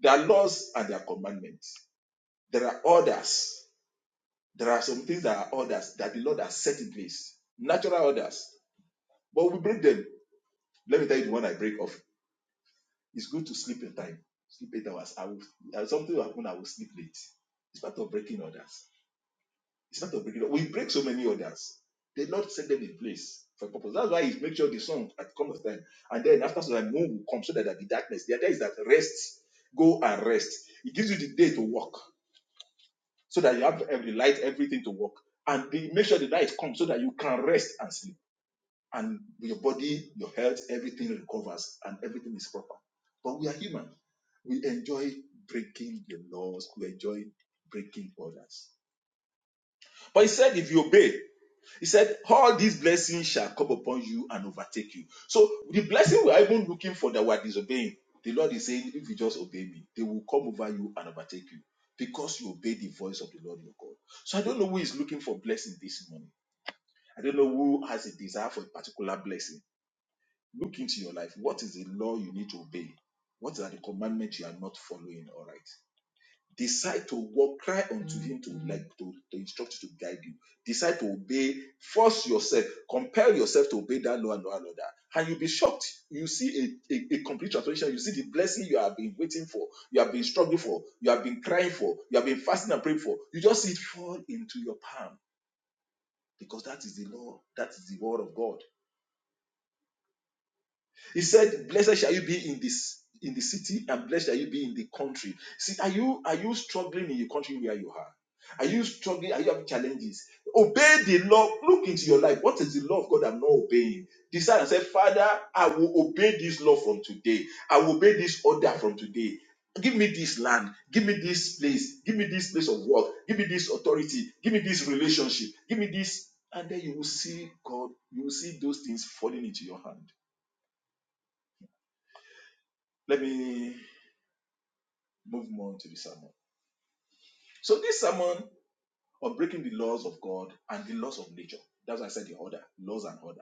S3: There are laws and there are commandments. There are orders. There are some things that are orders that the Lord has set in place, natural orders. But we break them. Let me tell you the one I break off. It's good to sleep in time. Sleep eight hours. I will, uh, something will happen, I will sleep late. It's part of breaking orders. It's not a breaking up. We break so many others. The Lord set them in place for a purpose. That's why He makes sure the sun at come of time. And then after some time, moon will come so that at the darkness. The idea is that rest, go and rest. It gives you the day to work so that you have every light, everything to work. And the, make sure the night comes so that you can rest and sleep. And your body, your health, everything recovers and everything is proper. But we are human. We enjoy breaking the laws. We enjoy breaking orders. But he said, if you obey, He said, All these blessings shall come upon you and overtake you. So the blessing we are even looking for that we are disobeying, the Lord is saying, If you just obey me, they will come over you and overtake you because you obey the voice of the Lord your God. So I don't know who is looking for blessing this morning. I don't know who has a desire for a particular blessing. Look into your life. What is the law you need to obey? What are the commandments you are not following? All right decide to walk cry unto him to Mm. like to, to instruct you to guide you decide to obey force yourself compel yourself to obey that law and law and order and you'll be shocked you see a, a, a complete transformation you see the blessing you have been waiting for you have been struggling for you have been crying for you have been fasting and praying for you just see it fall into your palm because that is the law that is the word of god He said, Blessed shall you be in this in the city, and blessed shall you be in the country. See, are you are you struggling in your country where you are? Are you struggling? Are you having challenges? Obey the law. Look into your life. What is the law of God I'm not obeying? Decide and say, Father, I will obey this law from today. I will obey this order from today. Give me this land. Give me this place. Give me this place of work. Give me this authority. Give me this relationship. Give me this. And then you will see God. You will see those things falling into your hand let me move on to the sermon. So this sermon on breaking the laws of God and the laws of nature, that's why I said the order, laws and order.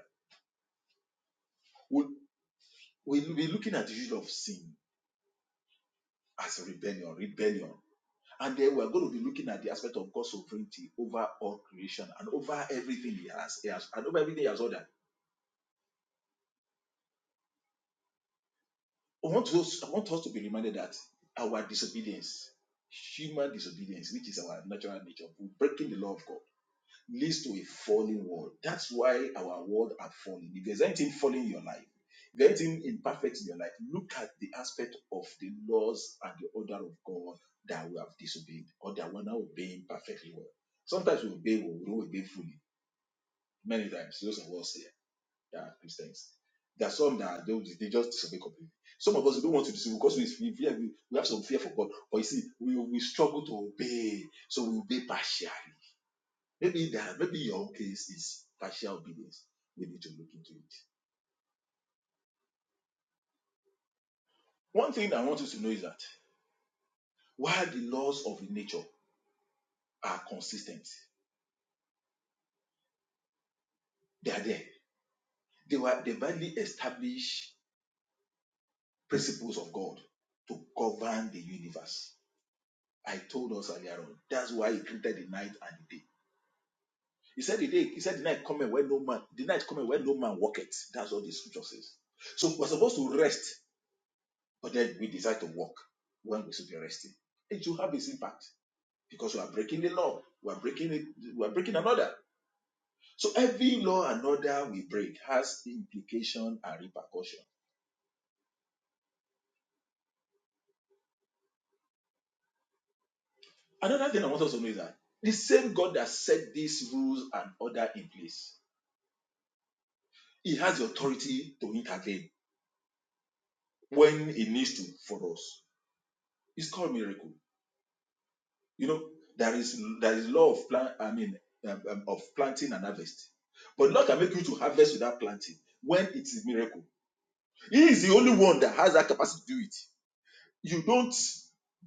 S3: We'll, we'll be looking at the issue of sin as rebellion, rebellion. And then we're going to be looking at the aspect of God's sovereignty over all creation and over everything He has, he has and over everything He has ordered. I want, us, I want us to be reminded that our disobedience, human disobedience, which is our natural nature, we're breaking the law of God leads to a falling world. That's why our world are falling. If there's anything falling in your life, if there's anything imperfect in your life, look at the aspect of the laws and the order of God that we have disobeyed or that we're now obeying perfectly well. Sometimes we obey, we don't obey fully. Many times, those of us here that are Christians. There are some that don't, they just disobey completely. Some of us we don't want to disobey because we, we, fear- we have some fear for God. But you see, we, we struggle to obey, so we obey partially Maybe there, maybe your case is partial obedience. We need to look into it. One thing I want you to know is that while the laws of nature are consistent, they are there. They were the badly established principles of God to govern the universe. I told us earlier on. That's why He created the night and the day. He said the day. He said the night coming where no man. The night coming where no man walketh. That's what the scripture says. So we're supposed to rest, but then we decide to walk when we should be resting. It should have its impact. because we are breaking the law. We are breaking it. We are breaking another. So every law and order we break has implication and repercussion. Another thing I want us to know is that the same God that set these rules and order in place, He has the authority to intervene when He needs to for us. It's called miracle. You know there is there is law of plant. I mean um, um, of planting and harvest, but Lord can make you to harvest without planting when it is miracle. He is the only one that has that capacity to do it. You don't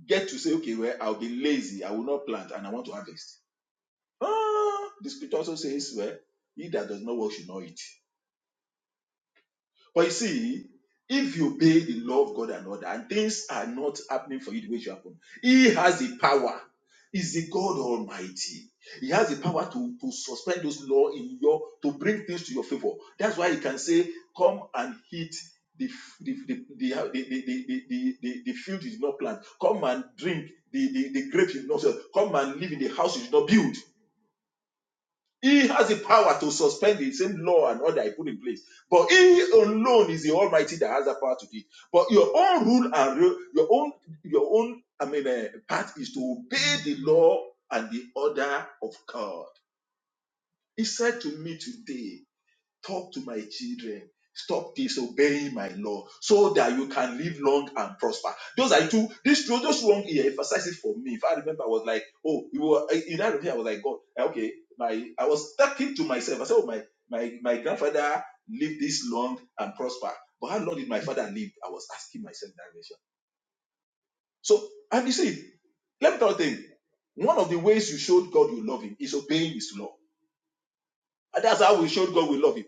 S3: get to say, okay, well, I'll be lazy, I will not plant, and I want to harvest. Ah, the scripture also says, well, he that does not work should not eat. But you see, if you obey the law of God and order, and things are not happening for you the way it should happen, He has the power. He's the God Almighty. He has the power to, to suspend those law in your to bring things to your favor. That's why he can say, "Come and hit the f- the the the the the, the, the, the, the- the field is not planted. Come and drink the the, the grape is not sell. Come and live in the house is not built." He has the power to suspend the same law and order I put in place. But he alone is the Almighty that has the power to do it. But your own rule and re- your own your own I mean uh, part is to obey the law and the order of God. He said to me today. Talk to my children. Stop disobeying my law so that you can live long and prosper. Those are two. This those one here emphasizes for me. If I remember, I was like, oh, you were eh, in that room here. I was like, God, eh, okay. My I was talking to myself. I said, oh, my my my grandfather lived this long and prosper. But how long did my father live? I was asking myself that question. So, and you see, let me tell you thing. One of the ways you showed God you love Him is obeying His law. And that's how we showed God we love Him.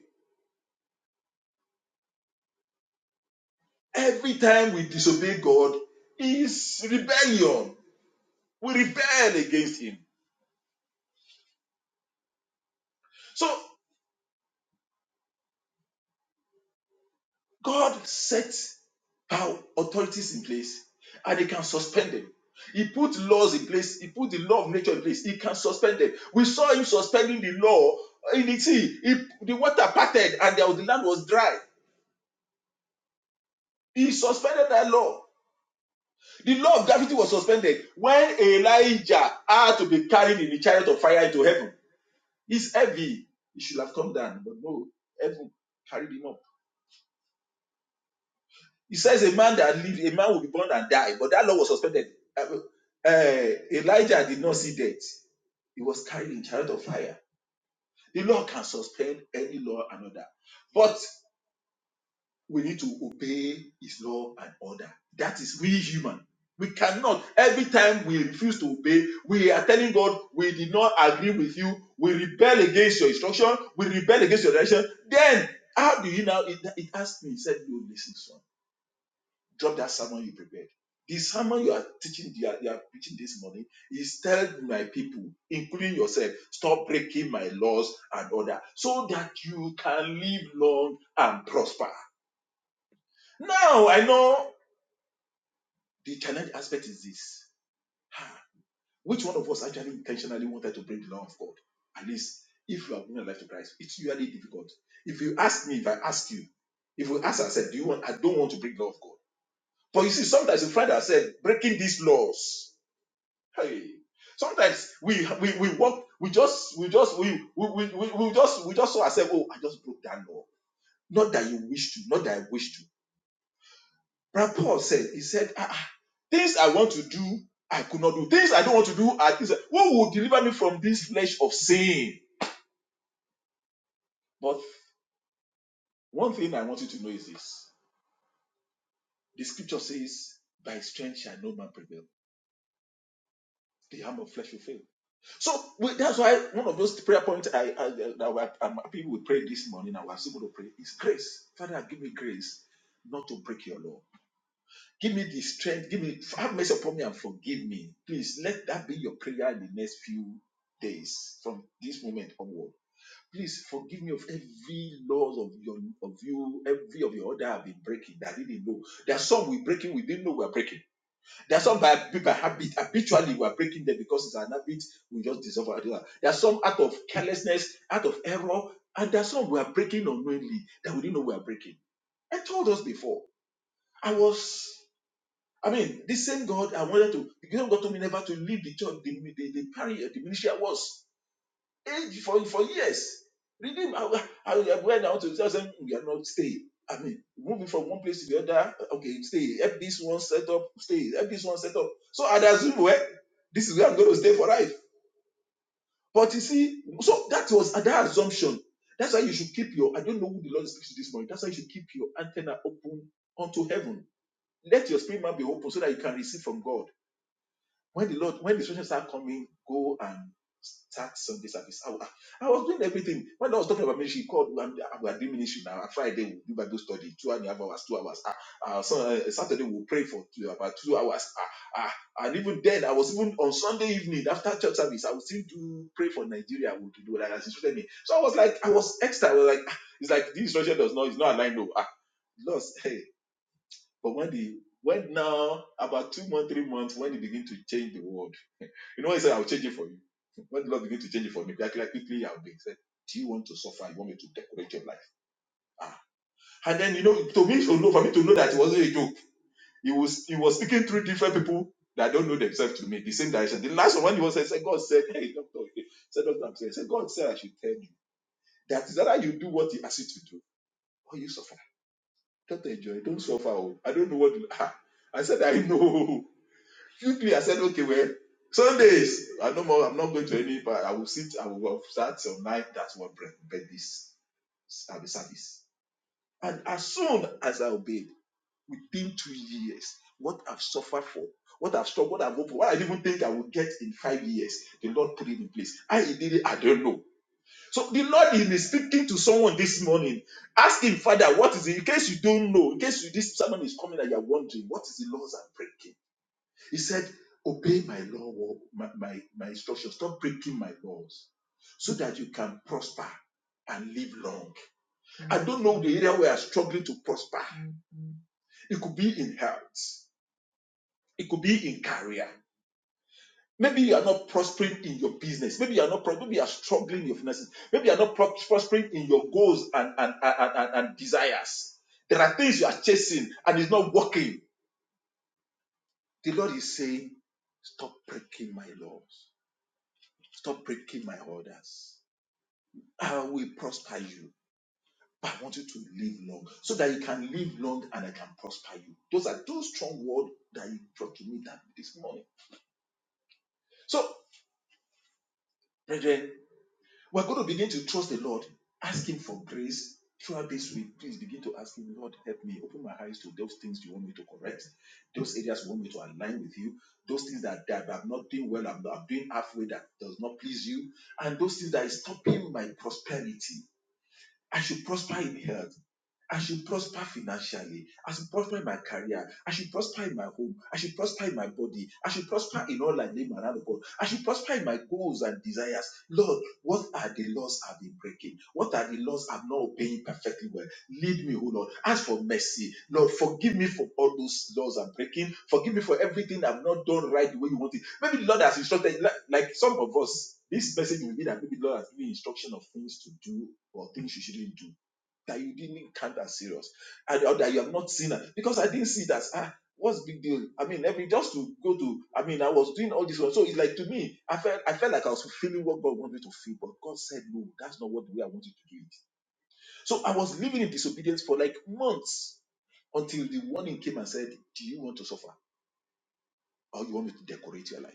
S3: Every time we disobey God is rebellion. We rebel against Him. So God sets power authorities in place and He can suspend them. He put laws in place. He put the law of nature in place. He can suspend them. We saw Him suspending the law in the sea. He- the water parted and there was, the land was dry. He suspended that law. The law of gravity was suspended when Elijah had to be carried in the chariot of fire into heaven It's heavy. It should have come down, but no, heaven carried him up. He says a man that lived, a man will be born and die, but that law was suspended. Uh, uh, Elijah did not see death. He was carried in chariot of fire. The law can suspend any law another. But. we need to obey his law and order. That is we human. We cannot. Every time we refuse to obey, we are telling God, we did not agree with you. We rebel against your instruction. We rebel against your direction. Then, how do you now? It, it asked me, he said, you listen, son. Drop that sermon you prepared. The sermon you are teaching, you are, you are preaching this morning is tell my people, including yourself, stop breaking my laws and order so that you can live long and prosper. Now I know the challenge aspect is this. Ah, Which one of us actually intentionally wanted to bring the law of God? At least if you are giving your life to Christ, it's really difficult. If you ask me, if I ask you, if we ask ourselves, do you want I don't want to break the law of God? But you see, sometimes you find ourselves breaking these laws. Hey. Sometimes we we we walk, we just we just we we, we, we we just we just saw ourselves, oh, I just broke that law. Not that you wish to, not that I wish to Brother Paul said, he said, ah, ah, things I want to do, I could not do. Things I don't want to do, I things, what will deliver me from this flesh of sin? But one thing I want you to know is this. The scripture says, by strength shall no man prevail. The arm of flesh will fail. So we- that's why one of those prayer points I, I that I- I'm happy we this morning, I was able to pray, is grace. Father, give me grace not to break your law. Give me the strength. Give me have mercy upon me and forgive me. Please let that be your prayer in the next few days from this moment onward. Please forgive me of every laws of your of you, every of your order I've been breaking that I didn't know. There are some we breaking, we didn't know we are breaking. There are some by, by habit, habitually we are breaking them because it's an habit, we just dissolve our idea. There are some out of carelessness, out of error, and there are some we are breaking unknowingly that we didn't know we are breaking. I told us before. I was I mean, this same God I wanted to, the same God told me never to leave the church, the, the, the parish, the ministry I was age for, for years. Redeem, I, I, I went out to tell them, we are not staying. I mean, moving from one place to the other, okay, stay, help this one set up, stay, help this one set up. So I'd assume, well, this is where I'm going to stay for life. But you see, so that was that assumption. That's why you should keep your, I don't know who the Lord speaks to this morning, that's why you should keep your antenna open unto heaven. Let your spirit man be open so that you can receive from God when the Lord, when the instructions start coming, go and start Sunday service. I, wa- I was doing everything. When I was talking about ministry, called and we are doing ministry now. On Friday we'll do Bible study, two and a half hours, two hours. Ah, ah, so, uh, Saturday we'll pray for two, about two hours. Ah, ah, and even then, I was even on Sunday evening after church service, I would still do pray for Nigeria. I would do that as instructed me. So I was like, I was extra. I was like, ah, it's like this instruction does not, it's not aligned. No, ah, lost. Hey, but when the when now about two months, three months, when they begin to change the world. You know, when he said, I'll change it for you. When the Lord began to change it for me, quickly, quickly I'll be. He said, Do you want to suffer? You want me to decorate your life? Ah. And then, you know, to me, to know, for me to know that it wasn't a joke, he was, he was speaking through different people that don't know themselves to me, the same direction. The last one, when he was saying, God said, Hey, doctor, okay." he said, Doctor, I'm saying, said, God said, I should tell you that is that you do what he asks you to do or you suffer. Don't enjoy, don't suffer. oh. I don't know what to, ah. I said, I know. quickly I said, okay, well, Sundays, I no more, I'm not going to any part. I will sit, I will start till night. That's what break, break this at the service. And as soon as I obeyed, within two years, what I've suffered for, what I've struggled, what I've hoped for, what I didn't even think I would get in five years, the Lord put it in place. How He did it, I don't know. So the Lord is speaking to someone this morning. Ask him, Father, what is it? In case you don't know, in case you, this sermon is coming and you're wondering, what is the laws I'm breaking? He said, Obey my law, my, my, my instructions. Stop breaking my laws so that you can prosper and live long. Mm-hmm. I don't know the area where we are struggling to prosper. Mm-hmm. It could be in health, it could be in career. Maybe you are not prospering in your business. Maybe you are not maybe you are struggling in your finances. Maybe you are not prospering in your goals and, and, and, and, and desires. There are things you are chasing and it's not working. The Lord is saying, Stop breaking my laws. Stop breaking my orders. I will prosper you. But I want you to live long so that you can live long and I can prosper you. Those are two strong words that you brought to me that this morning. So, brethren, we're going to begin to trust the Lord, ask Him for grace throughout this week. Please begin to ask Him, Lord, help me, open my eyes to those things you want me to correct, those areas you want me to align with you, those things that, that I'm not doing well, I'm, I'm doing halfway that does not please you, and those things that is stopping my prosperity. I should prosper in health. I should prosper financially. I should prosper in my career. I should prosper in my home. I should prosper in my body. I should prosper in all I name around the God. I should prosper in my goals and desires. Lord, what are the laws I've been breaking? What are the laws I'm not obeying perfectly well? Lead me, O Lord. Ask for mercy. Lord, forgive me for all those laws I'm breaking. Forgive me for everything I've not done right the way you want it. Maybe the Lord has instructed, like like some of us, this message will be that maybe the Lord has given instruction of things to do or things you shouldn't do that you didn't count as serious and or that you have not seen it because I didn't see it as ah what's the big deal I mean every just to go to I mean I was doing all this one, so it's like to me I felt I felt like I was fulfilling what God wanted me to feel but God said no that's not what the way I want you to do it so I was living in disobedience for like months until the warning came and said, Do you want to suffer or you want me to decorate your life?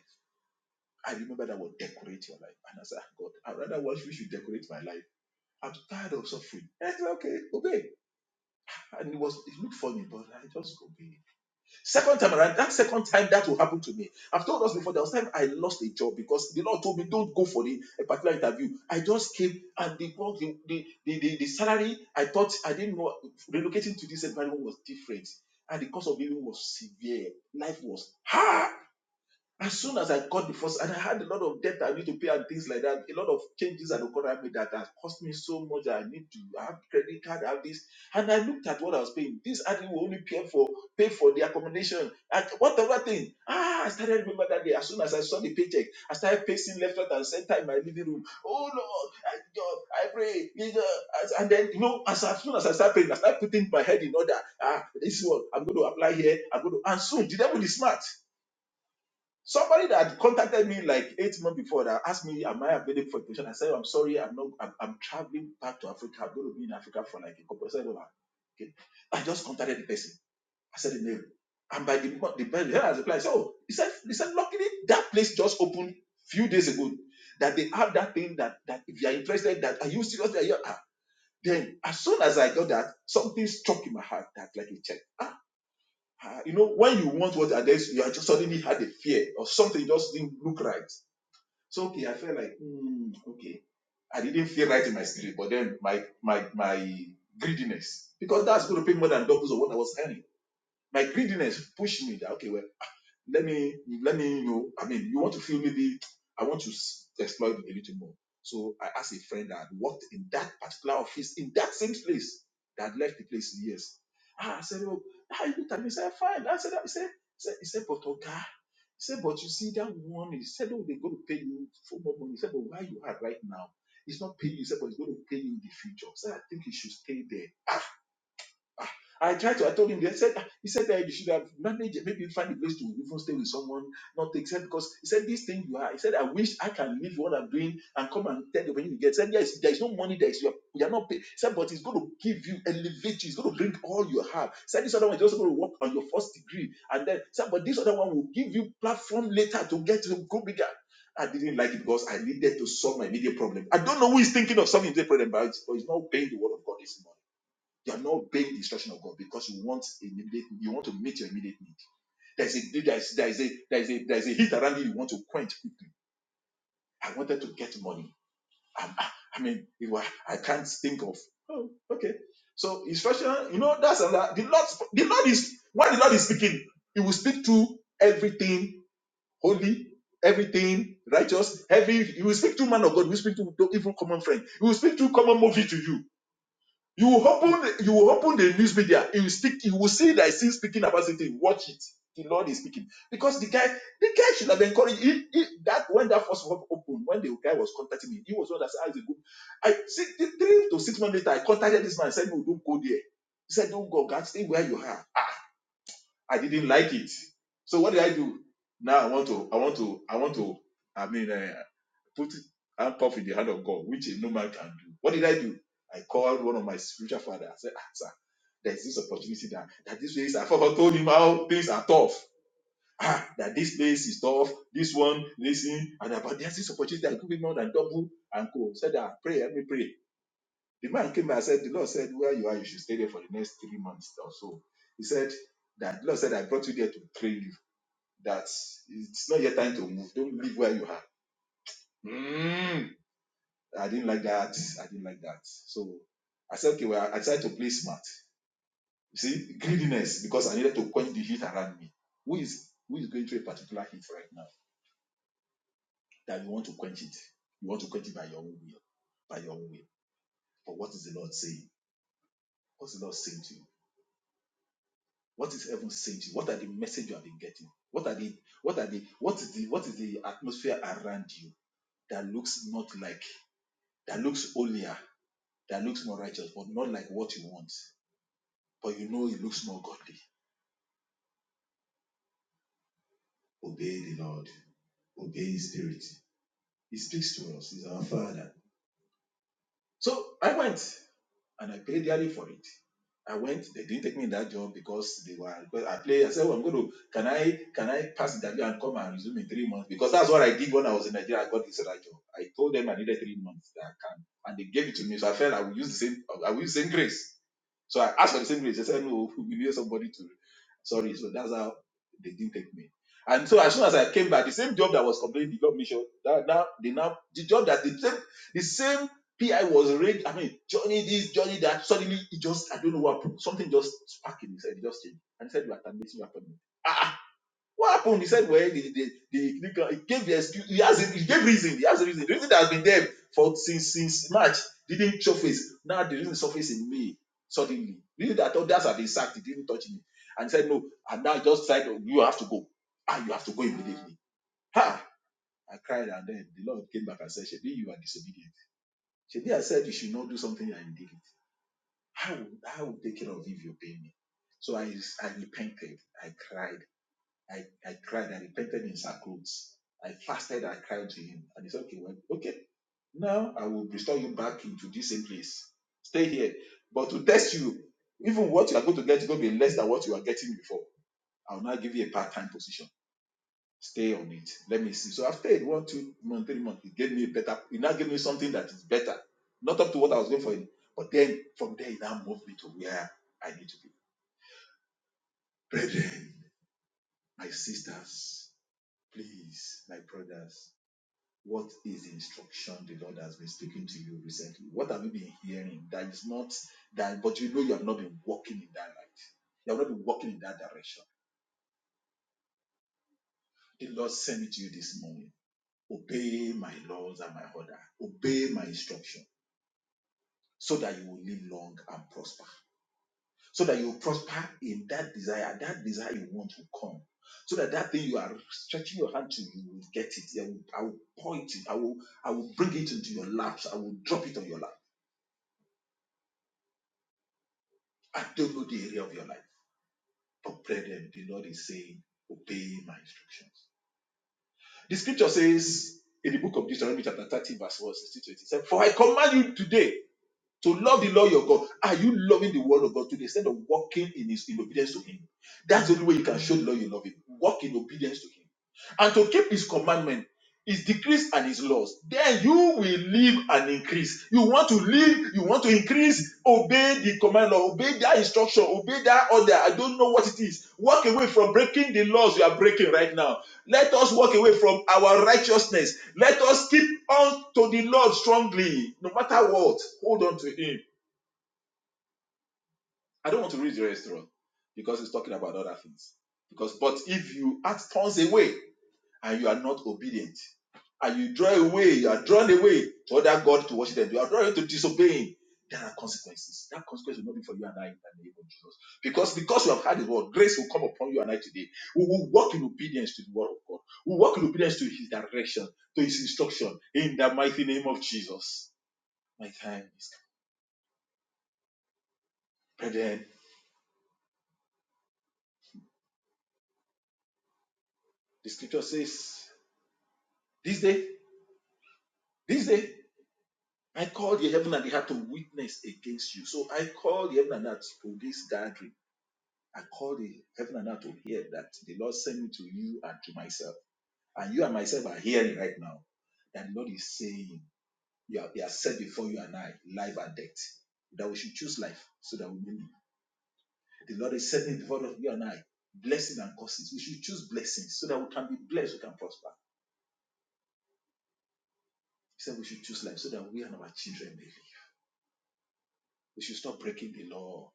S3: I remember that word decorate your life. And I said, "Ah, God, I rather want you should decorate my life. I'm tired of suffering. And I said, okay, obey. And it was it looked funny, but I just obeyed. Second time around, that second time that will happen to me. I've told us before, there was time I lost a job because the Lord told me, don't go for the, a particular interview. I just came and the, the, the, the, the, the salary, I thought, I didn't know, relocating to this environment was different. And the cost of living was severe. Life was hard as soon as I got the first, and I had a lot of debt I need to pay and things like that, a lot of changes had occurred at me that has cost me so much. I need to I have credit card, I have this, and I looked at what I was paying. This I will only pay for pay for the accommodation and whatever thing. Ah, I started remember that day. As soon as I saw the paycheck, I started pacing left, right, and center in my living room. Oh Lord, I, God, I pray. And then, you know, as, as soon as I start praying, I start putting my head in order. Ah, this is what I'm going to apply here. I'm going to, and soon the devil is smart Somebody that contacted me like eight months before that asked me, Am I available for a position? I said, oh, I'm sorry, I'm not, I'm, I'm traveling back to Africa. I'm going to be in Africa for like a couple of hours. Okay. I just contacted the person. I said the name. And by the month, the person has replied, Oh, he said, he said, Luckily, that place just opened few days ago. That they have that thing that, that if you are interested, that are you serious? That you are, Ah. then as soon as I got that, something struck in my heart that like a check. Ah, you know, when you want what and you are just suddenly had a fear or something just didn't look right. So okay, I felt like, hmm, okay, I didn't feel right in my spirit, but then my my my greediness because that's going to pay more than doubles of what I was earning. My greediness pushed me that okay, well, let me let me you know i mean you want to feel maybe i want to s- exploit a little more so i asked a friend that had worked in that particular office in that same place that had left the place in years ah, i said oh ah, he looked at me he said fine Ah, i said "Ah," he said he said, he said but okay he said but you see that one he said oh they're going to pay you for more money he said but where you are right now it's not paying you he said but it's going to pay you in the future so i think you should stay there Ah, I tried to. I told him. They said ah, he said that you should have managed. Maybe find a place to even stay with someone. Not take said because he said this thing you are. He said I wish I can leave what I'm doing and come and tell you when you get. He said yes, there is no money. There is you are, you are not paid. He said but it's going to give you elevate you. It's going to bring all you have. He said this other one is also going to work on your first degree and then he said but this other one will give you platform later to get to go bigger. I didn't like it because I needed to solve my immediate problem. I don't know who is thinking of solving the problem, but it's but it's not obeying the word of God. It's you are not obeying the instruction of God because you want immediate, you want to meet your immediate need. There's a there's there's a there's a there's a heat around you you want to quench quickly. I wanted to get money. I, I, I mean, it was, I can't think of. Oh, okay. So instruction, you know, that's another. The Lord, the Lord is when the Lord is speaking, He will speak to everything holy, everything righteous, every. He will speak to man of God. He will speak to, to even common friend. He will speak to common movie to you you will open, you will open the news media. You will speak. You will see that he's speaking about something. Watch it. The Lord is speaking because the guy, the guy should have encouraged. He, he, that when that first one opened, when the guy was contacting me, he was one that said, "Ah, it's a good." I see three to six months later, I contacted this man. I said, "No, don't go there." He said, "Don't go, God, stay where you are." I didn't like it. So what did I do? Now I want to, I want to, I want to. I mean, uh, put it and puff in the hand of God, which no man can do. What did I do? I called one of my spiritual father. I said, ah, sir, there's this opportunity that, that this place, I forgot told him how things are tough. Ah, that this place is tough, this one, listen. and about there's this opportunity that could be more than double and go. Said, ah, pray, let me pray. The man came and said, the Lord said, where you are, you should stay there for the next three months or so. He said, that the Lord said, I brought you there to train you. That it's not your time to move. Don't leave where you are I didn't like that. I didn't like that. So I said, okay, well, I decided to play smart. You see, greediness because I needed to quench the heat around me. Who is who is going through a particular heat right now that you want to quench it? You want to quench it by your own will, by your own will. But what is the Lord saying? What's the Lord saying to you? What is heaven saying to you? What are the message you have been getting? What are the what are the what is the what is the atmosphere around you that looks not like that looks holier, that looks more righteous, but not like what you want, but you know it looks more godly Obey the Lord. Obey His Spirit. He speaks to us. He's our Father. So I went and I paid dearly for it. I went. They didn't take me in that job because they were. Because I played. I said, "Oh, I'm going to. Can I? Can I pass the interview and come and resume in three months? Because that's what I did when I was in Nigeria. I got this other job. I told them I needed three months that I can, and they gave it to me. So I felt I would use the same. I will use the same grace. So I asked for the same grace. They said, no, we need somebody to. Sorry. So that's how they didn't take me. And so as soon as I came back, the same job that was completed, did not mission. That now the now the job that the same the same PI was rigged. I mean, Johnny this, Johnny that. Suddenly it just I don't know what something just sparked in his head. It just changed. And he said, you are terminating your appointment. Ah, what happened? He said, well, the, the, the, he gave the excuse. He has he gave reason. He has a reason. The reason that has been there for since since March didn't surface. Now the reason surface in May suddenly. The reason that others have been sacked, it didn't touch me. And he said, no. And now just said, oh, you have to go. And you have to go immediately. Ha! I cried and then the Lord came back and said, Shebi, you are disobedient. Shebi, I said you should not do something and you did it. I will, I will take care of you if you pay me. So I, I repented. I cried. I, I cried, I repented in sackcloth. I fasted, I cried to him. And he said, Okay, well, okay. Now I will restore you back into this same place. Stay here. But to test you, even what you are going to get is going to be less than what you are getting before. I'll now give you a part-time position. Stay on it. Let me see. So I stayed one, two months, three months. It gave me a better, it now gave me something that is better. Not up to what I was going for. But then from there it now moved me to where I need to be. Brethren, my sisters, please, my brothers. What is the instruction the Lord has been speaking to you recently? What have you been hearing that is not that, but you know you have not been walking in that light. You have not been walking in that direction. The Lord sent it to you this morning. Obey my laws and my order. Obey my instruction so that you will live long and prosper. So that you will prosper in that desire. That desire you want will come. So that that thing you are stretching your hand to, you will get it. I will, I will point it. I will, I will bring it into your laps. I will drop it on your lap I don't know the area of your life, but brethren, the Lord is saying, obey my instructions. The scripture says in the book of Deuteronomy, chapter 30, verse 1, 16 to 18, For I command you today to love the Lord your God. Are you loving the word of God to the extent of walking in his in obedience to him? That's the only way you can show the Lord you love him. Walk in obedience to him. And to keep his commandment is decreased and is lost. Then you will live and increase. You want to live, you want to increase, obey the command law, obey that instruction, obey that order. I don't know what it is. Walk away from breaking the laws you are breaking right now. Let us walk away from our righteousness. Let us keep on to the Lord strongly, no matter what. Hold on to Him. I don't want to read the restaurant because it's talking about other things. Because, but if you act turns away, and you are not obedient and you draw away, you are drawn away to other God to worship them, you are drawn to disobeying, there are consequences. That consequence will not be for you and I in the name of Jesus. Because because you have had his word, grace will come upon you and I today. We will walk in obedience to the word of God. We will walk in obedience to his direction, to his instruction, in the mighty name of Jesus. My time is come. Brethren, the scripture says, This day, this day, I called the heaven and the earth to witness against you. So I call the heaven and earth to this gathering I called the heaven and earth to hear that the Lord sent me to you and to myself. And you and myself are hearing right now that the Lord is saying, you are, he has set before you and I life and death. That we should choose life so that we may live. The Lord is setting before us, you and I blessing and curses. We should choose blessings so that we can be blessed, we can prosper. He said we should choose life so that we and our children may live. We should stop breaking the law.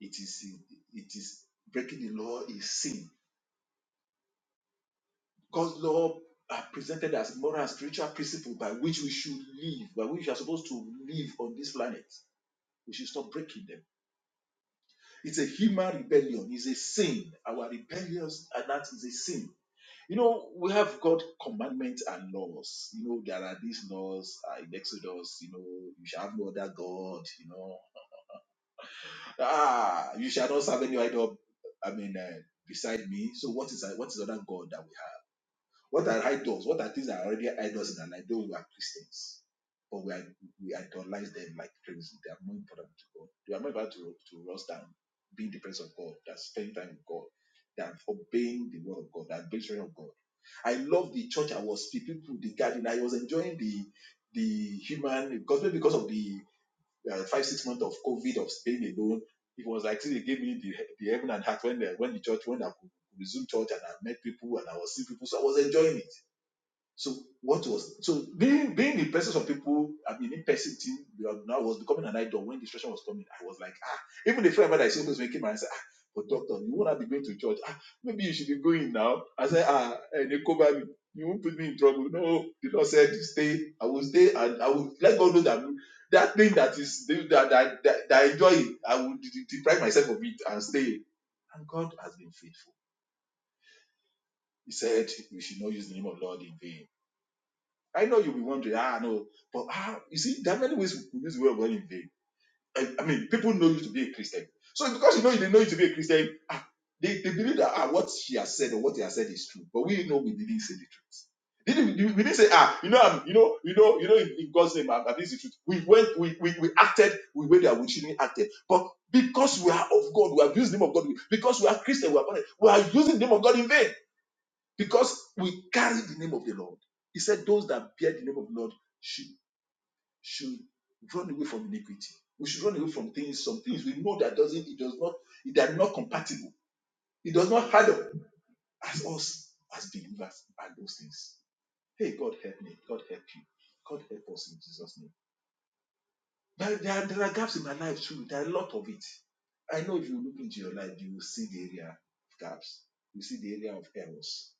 S3: It is it is breaking the law is sin God's law are presented as moral and spiritual principle by which we should live, by which we are supposed to live on this planet. We should stop breaking them. It's a human rebellion. It's a sin. Our rebellious and that is a sin. You know, we have God commandments and laws. You know, there are these laws uh, in Exodus. You know, you shall have no other God. You know, ah, you shall not serve any idol. I mean, uh, beside me. So what is uh, what is other God that we have? What are idols? What are things that are already idols in our life? Though we are Christians, but we, are, we idolize them like crazy. They are more important to God. They are more important to, to us than being the presence of God, than spending time with God, than obeying the word of God, than being of God. I love the church I was the people, the garden. I was enjoying the the human because maybe because of the uh, five six months of COVID of staying alone, it was like see, they gave me the the heaven and heart when the when the church when I could resume church and I met people and I was seeing people, so I was enjoying it. So what was so being being the presence of people, I mean in person team, you are now was becoming an idol when distraction was coming. I was like, ah, even the friend that I said was making my answer, ah, but doctor, you won't have to be going to church. Ah, maybe you should be going now. I said, ah, and they cover me. You won't put me in trouble. No, the Lord said, stay. I will stay and I will let God know that that thing that is that that, that, that I enjoy, I will deprive myself of it and stay. And God has been faithful. He said, We should not use the name of Lord in vain I know you'll be wondering, ah, no, but ah, you see, there are many ways we use the word of God in vain. I, I mean, people know you to be a Christian. So because you know they know you to be a Christian, ah, they, they believe that ah, what she has said or what he has said is true. But we know we didn't say the truth. Didn't, we didn't say, ah, you know, I'm, you know, you know, you know, in, in God's name, I'm against the truth. We went, we, we, we acted we way that we shouldn't acted. But because we are of God, we have used the name of God. Because we are Christian, we are, we are using the name of God in vain because we carry the name of the Lord. He said, Those that bear the name of the Lord should should run away from iniquity. We should run away from things, some things we know that doesn't, it does not, they are not compatible. It does not handle as us as believers and those things. Hey, God help me. God help you. God help us in Jesus' name. But there, are, there are gaps in my life too. There are a lot of it. I know if you look into your life, you will see the area of gaps. You see the area of errors.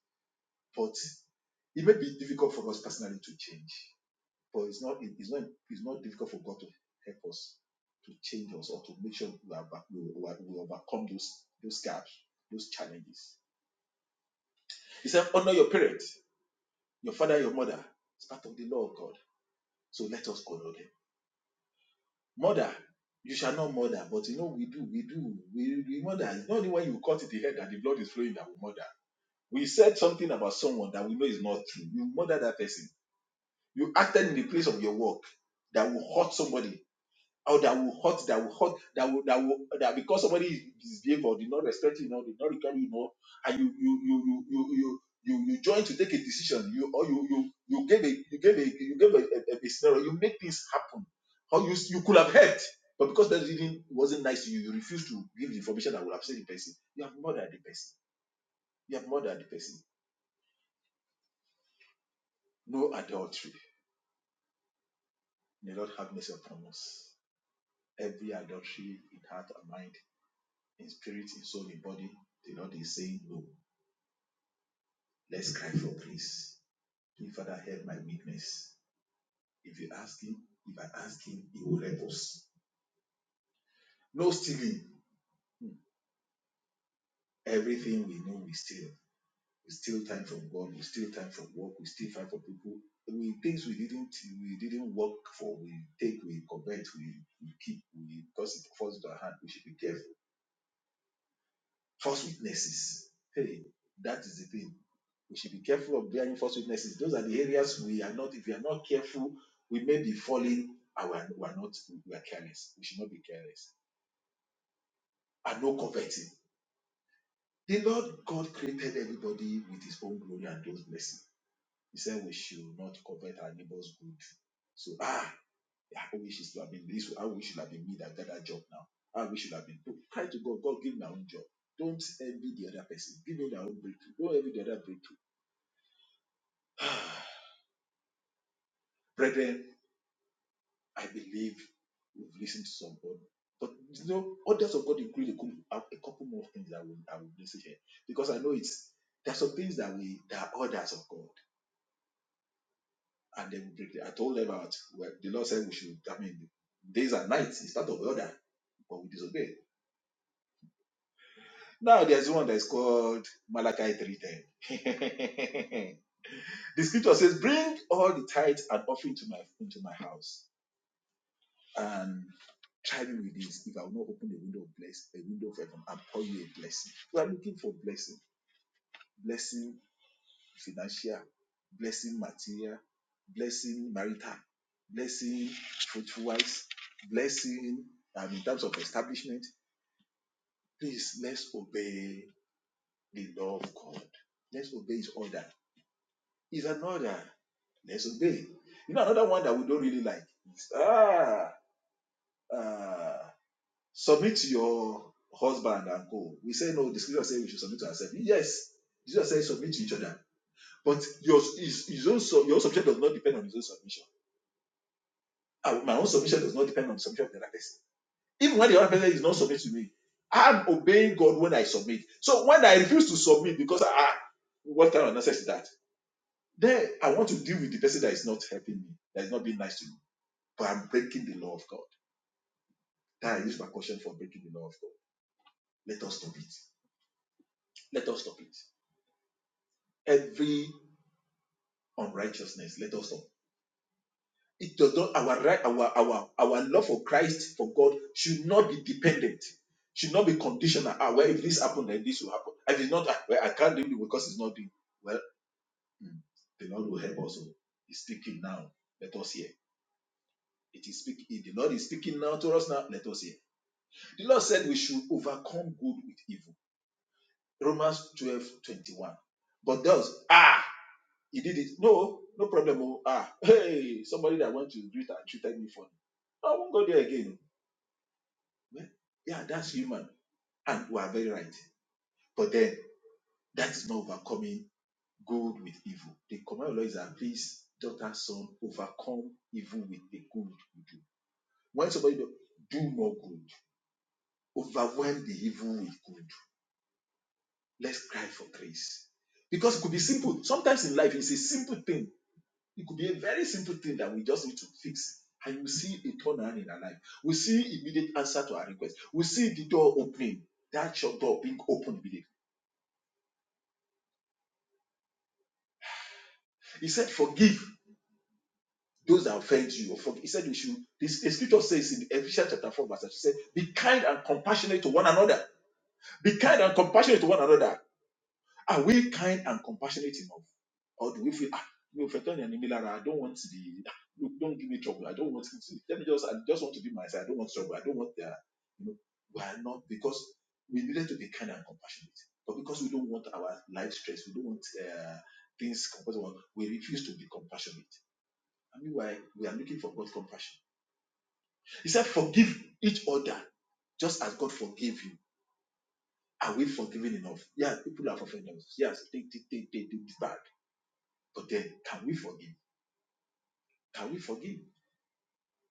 S3: But it may be difficult for us personally to change But it's not it- it's not it's not difficult for God to help us to change us or to make sure we are back, we, we, are- we overcome those those gaps, those challenges. He said, honor your parents, your father, your mother. It's part of the law of God. So let us honor them. Mother, you shall not murder, but you know we do, we do, we, we murder. It's not only when you cut the head that the blood is flowing that we murder. We said something about someone that we know is not true. You murder that person. You acted in the place of your work that will hurt somebody or that will hurt, that will hurt, that will that will that because somebody is misbehaved or did not respect you, you know, did not regard you, you know, and you you you you you you you, you join to take a decision, you or you you you gave a you gave a you gave a, a, a scenario, you make things happen, or you you could have helped, but because that didn't wasn't nice to you, you refuse to give the information that would upset the person. You have murdered the person. You have murdered the person. No adultery. May Lord have mercy upon us. Every adultery in heart and mind in spirit, in soul, in body. The Lord is saying, No, let's cry for grace. Please, Father, help my weakness. If you ask Him, if I ask Him, He will help us. No stealing. Everything we know, we steal. We steal time from God. We steal time from work. We steal time from people. We things we didn't we didn't work for. We take, we covet, we, we keep, we because it falls to our hand. We should be careful False witnesses. Hey, that is the thing. We should be careful of bearing false witnesses. Those are the areas we are not, if we are not careful, we may be falling and we are, we are not, we are careless. We should not be careless. And no coveting. The Lord God created everybody with his own glory and those blessings. He said we should not covet our neighbor's good. So, ah, I wish it should have been this, I wish it should have been me that got that job now. I wish it should have been. Cry to God, God, give me my own job. Don't envy the other person. Give me their own breakthrough. Don't envy the other breakthrough. Brethren, I believe we've listened to somebody. But you know, others of God include a couple, a couple more things that I will, I will listen here. Because I know it's there are some things that we that are orders of God. And they will break the, I told them about well, the Lord said we should, I mean, days and nights is part of order, but we disobey. Now there's one that is called Malachi 3:10. the scripture says, Bring all the tithes and offering to my into my house and try me with this if I will not open a window of bless a window of heaven and pour you a blessing. We are looking for blessing, blessing financial, blessing material, blessing marital, blessing fruitful wise, blessing um, in terms of establishment. Please let's obey the law of God. Let's obey His order. Is an order. Let's obey. You know another one that we don't really like. Is, ah. ah, Submit to your husband and go. We say no, the scripture says we should submit to ourselves. Yes, Jesus says submit to each other. But your his, his own your own submission does not depend on his own submission. Ah, My own submission does not depend on the submission of the other person. Even when the other person is not submit to me, I'm obeying God when I submit. So when I refuse to submit because I what kind of nonsense is that? Then I want to deal with the person that is not helping me, that is not being nice to me, but I'm breaking the law of God. That is my caution for breaking the law of God. Let us stop it. Let us stop it. every unrighteousness. Let us know. It does not our right, our our our love for Christ for God should not be dependent, should not be conditional. Ah, well, if this happened, then this will happen. If it's not, ah, well, I can't do it because it's not doing well. hmm, The Lord will help us. oh. He's speaking now. Let us hear. It is speaking. The Lord is speaking now to us now. Let us hear. The Lord said we should overcome good with evil. Romans 12 21. But those, ah, He did it. No, no problem. Oh, ah, hey, somebody that went to do and treated me for I won't go there again. Well, yeah, that's human. And we are very right. But then that is not overcoming good with evil. The command of the Lord is that please, daughter, son, overcome evil with the good you do. When somebody do, do more good, overwhelm the evil with good. Let's cry for grace. Because it could be simple. Sometimes in life, it's a simple thing It could be a very simple thing that we just need to fix. And you see a turnaround in our life. We see immediate answer to our request. We see the door opening, that shop door being opened immediately. He said, Forgive those that offend you. Or forgive. He said, We should. This, the scripture says in Ephesians chapter 4, verse 8, He said, Be kind and compassionate to one another. Be kind and compassionate to one another Are we kind and compassionate enough? Or do we feel, ah, you know, enemy Lara, I don't want to be, ah, look, don't give me trouble. I don't want to, let me just, I just want to be myself. I don't want trouble. I don't want the, you know, we are not, because we needed to be kind and compassionate. But because we don't want our life stress, we don't want uh, things compassionate, we refuse to be compassionate. I mean, why we are looking for God's compassion. He said, forgive each other just as God forgave you, are we forgiven enough? Yeah, people have offended us. Yes, they did they, they, they did bad. But then, can we forgive? Can we forgive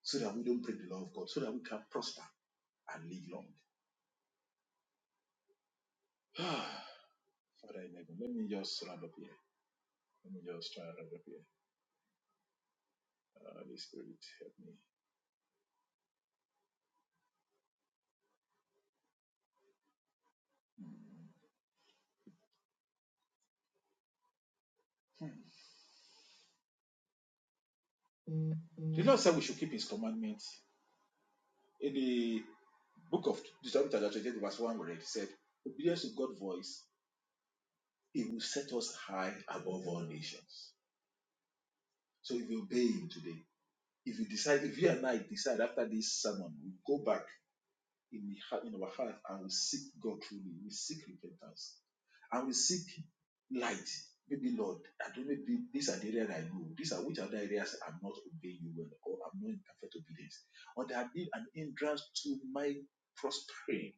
S3: so that we don't break the law of God, so that we can prosper and live long? Father in heaven, let me just round up here. Let me just try and round up here. Uh, Holy Spirit, help me. The Lord said we should keep His commandments. In the book of Deuteronomy, chapter 28, verse 1, we read, it said, Obedience to God's voice, it will set us high above all nations. So if you obey Him today, if you decide, if you and I decide after this sermon, we go back in, the heart- in our heart and we seek God truly. We seek repentance and we seek light. Maybe Lord, I don't know, maybe these are the areas I know. These are which other areas I'm not obeying you well, or I'm not in perfect obedience, or they have been an hindrance to my prospering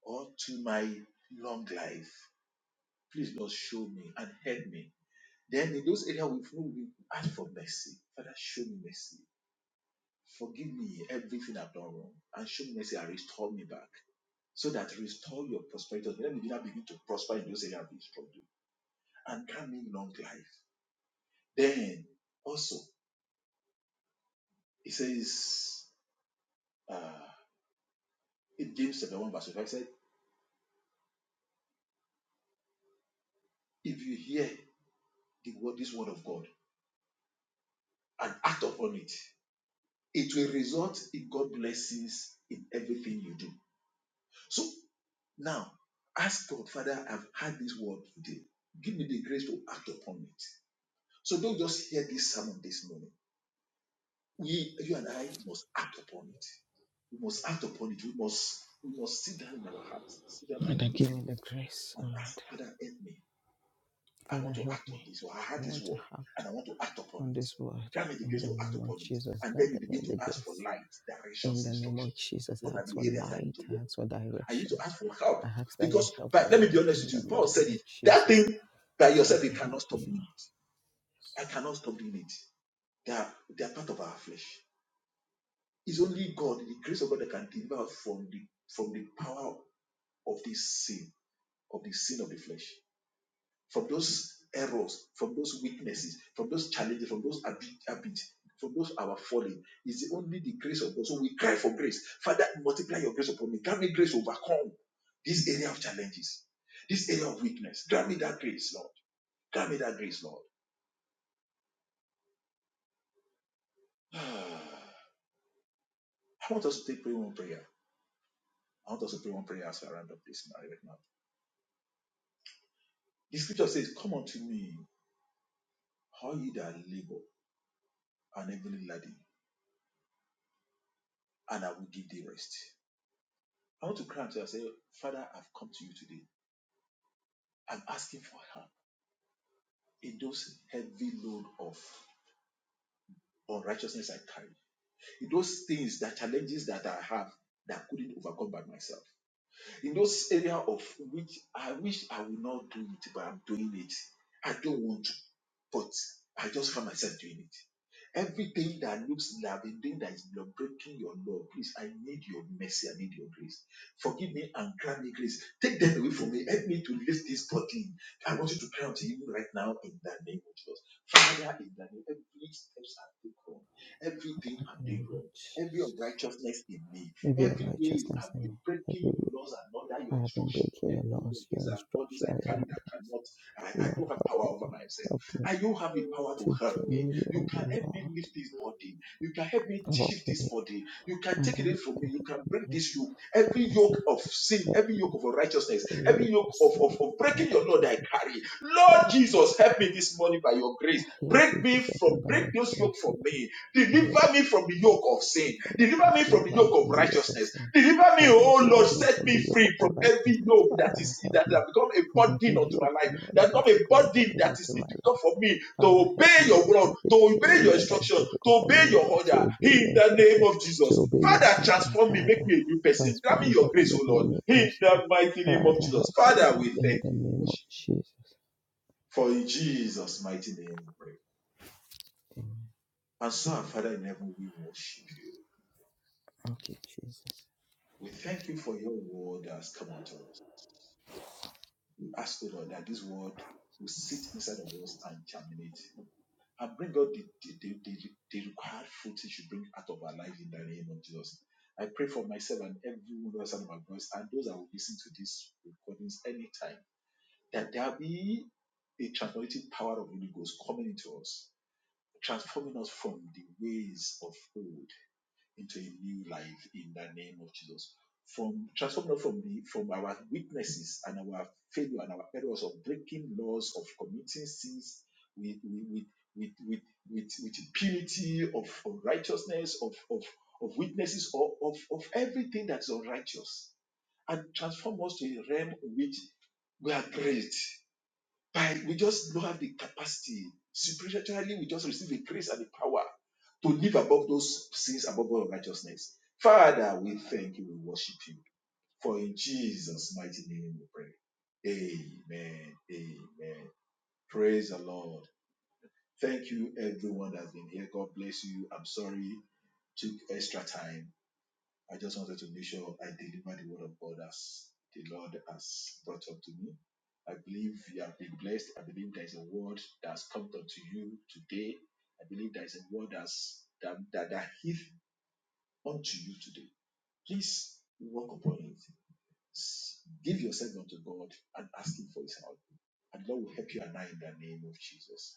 S3: or to my long life. Please, Lord, show me and help me. Then in those areas we we ask for mercy. Father, show me mercy Forgive me everything I've done wrong and show me mercy and restore me back so that restore your prosperity. Let me now begin to prosper in those areas we struggled, and grant me long life. Then also it says uh in James chapter 1 verse 5 said, if you hear the word this word of God and act upon it, it will result in God blessings in everything you do. So now ask God, Father, I've had this word today. Give me the grace to act upon it. So don't just hear this sermon this morning. We, you and I, must act upon it. We must act upon it. We must, we must sit down in our hearts, sit down and
S4: Father,
S3: look
S4: give
S3: deep
S4: me the grace,
S3: and
S4: oh Lord.
S3: ask, Father, help me. I
S4: Father,
S3: want to
S4: help
S3: act on
S4: me.
S3: this. Or I heard
S4: I
S3: this
S4: want to
S3: word
S4: act
S3: and I want to act upon
S4: on
S3: it.
S4: this word
S3: Grant me the
S4: in
S3: grace
S4: the
S3: to act
S4: name of
S3: upon it.
S4: Jesus.
S3: And then
S4: Grant
S3: you
S4: me
S3: begin
S4: the
S3: to ask for
S4: grace.
S3: light, directions,
S4: In the name of
S3: instructions.
S4: Jesus, I
S3: What are
S4: ask for
S3: the areas that I need
S4: light.
S3: to work?
S4: I ask for
S3: on? I need to
S4: direction.
S3: ask for help.
S4: I ask that you
S3: Because,
S4: help me,
S3: but let me be
S4: Lord,
S3: honest
S4: in
S3: with you,
S4: the
S3: Paul said
S4: name of
S3: it. That
S4: the Son,
S3: thing by yourself, you cannot stop doing it. I cannot stop doing it. They are, they are part of our flesh. It's only God, the grace of God that can deliver us from the from the power of this sin, of the sin of the flesh, from those errors, from those weaknesses, from those challenges, from those habit, habits, from those our falling. It's only the grace of God. So we cry for grace. Father, multiply your grace upon me. Grant me grace to overcome this area of challenges, this area of weakness. Grant me that grace, Lord. Grant me that grace, Lord. I want us to take pray one prayer. I want us to pray one prayer as we round up this now, right now. The scripture says, Come unto me. all you that labor and heavily laden, and I will give thee rest. I want to cry unto you and say, Father, I've come to you today. I'm asking for help in those heavy load of unrighteousness I carry, in those things, that challenges that I have that I couldn't overcome by myself. in those area of which I wish I will not do it, but I'm doing it. I don't want to, but I just find myself doing it. Everything that looks like I've been doing that is blo- breaking your law, please, I need your mercy. I need your grace. Forgive me and grant me grace. Take them away from me. Help me to lift this body. I want you to cry unto him right now in the name of Jesus. Father, in the name, every steps I've taken, everything
S4: in
S3: I'm
S4: the
S3: doing
S4: name of
S3: wrong, every
S4: Jesus.
S3: unrighteousness in me,
S4: Every
S3: Every ways
S4: unrighteousness
S3: I've
S4: in me,
S3: been breaking
S4: every
S3: your
S4: way
S3: laws and under your
S4: I have been
S3: instruction.
S4: breaking your
S3: Every way,
S4: laws,
S3: these
S4: your
S3: are bodies
S4: instruction,
S3: I
S4: your
S3: carry that
S4: orders.
S3: cannot, I, I
S4: Lord,
S3: don't have
S4: help
S3: power
S4: me,
S3: over
S4: Lord,
S3: myself.
S4: help me
S3: And you have the power to
S4: to
S3: help me.
S4: genuinely,
S3: You
S4: oh
S3: can help me
S4: Lord,
S3: lift this body. You can help me
S4: walk
S3: shift
S4: with you.
S3: this body. You can take
S4: Father,
S3: it away
S4: you
S3: from me.
S4: can
S3: You can break
S4: help.
S3: this yoke. Every
S4: Father,
S3: yoke
S4: help,
S3: of sin,
S4: help
S3: every yoke of unrighteousness,
S4: every
S3: every
S4: yoke
S3: yoke
S4: of
S3: of,
S4: sin
S3: of,
S4: and
S3: of breaking your law that I
S4: unrighteousness.
S3: carry. Lord
S4: Father,
S3: Jesus, help me this morning by your grace.
S4: Lord
S3: Break me
S4: Jesus, help me
S3: from,
S4: by
S3: break
S4: your
S3: those yoke
S4: grace, oh
S3: from
S4: Lord.
S3: me. Deliver me
S4: break
S3: from the yoke
S4: those
S3: of sin.
S4: things, O Lord, from
S3: Deliver me
S4: me.
S3: from the
S4: Deliver me
S3: yoke of
S4: from the yoke of
S3: righteousness.
S4: sin.
S3: Deliver me,
S4: Father,
S3: oh Lord,
S4: deliver me
S3: set
S4: from the
S3: me
S4: yoke of
S3: free from every
S4: unrighteousness.
S3: yoke that
S4: Father,
S3: is
S4: help
S3: that has
S4: me
S3: become a
S4: from
S3: burden
S4: every
S3: unto my
S4: yoke,
S3: life.
S4: O Lord,
S3: There's
S4: that
S3: not
S4: has
S3: a
S4: become a
S3: burden
S4: burden
S3: that is
S4: into my
S3: difficult
S4: life.
S3: for me to
S4: Father, help
S3: obey
S4: me,
S3: your
S4: Lord,
S3: word, to
S4: every
S3: obey your
S4: area that is
S3: instruction, to
S4: difficult for
S3: obey
S4: me, O
S3: your
S4: Lord, to
S3: order.
S4: obey
S3: In
S4: your
S3: the name
S4: instruction,
S3: of
S4: to
S3: Jesus.
S4: obey your
S3: Father,
S4: order.
S3: transform me, make
S4: Father,
S3: me a new person. Grant
S4: transform
S3: me
S4: me.
S3: your
S4: Father,
S3: grace, O
S4: make me a
S3: Lord.
S4: new
S3: In
S4: person.
S3: the mighty name of
S4: Father,
S3: Jesus.
S4: help me, O
S3: Father,
S4: Lord,
S3: we
S4: in
S3: thank
S4: the
S3: you, we
S4: name of
S3: worship.
S4: Jesus.
S3: For in Jesus' mighty name we pray. And so, Father in heaven, we worship you.
S4: Thank you, Jesus.
S3: We thank you for your word that has come unto us. We ask, O Lord, that this word will sit inside of us and germinate. and bring out the, the, the, the, the required fruit you should bring out of our life in the name of Jesus. I pray for myself and everyone else under my voice and those that will listen to these recordings anytime that there will be a transformative power of Holy Ghost coming into us, transforming us from the ways of old into a new life in the name of Jesus. From transformed from the from our weaknesses and our failure and our errors of breaking laws of committing sins with with with with with, with, with impunity of unrighteousness of of of weaknesses or of of everything that's unrighteous and transform us to a realm in which we are great by we just don't have the capacity. Supernaturally, we just receive the grace and the power to live above those sins, above all righteousness. Father, we thank you, we worship you. For in Jesus' mighty name we pray. Amen. Amen. Praise the Lord. Thank you, everyone that's been here. God bless you. I'm sorry, took extra time. I just wanted to make sure I deliver the word of God as the Lord has brought up to me. I believe you have been blessed. I believe there is a word that has come unto you today. I believe there is a word that's, that, that, that hit unto you today. Please walk upon it. S- Give yourself unto God and ask Him for His help. And Lord will help you and I in the name of Jesus.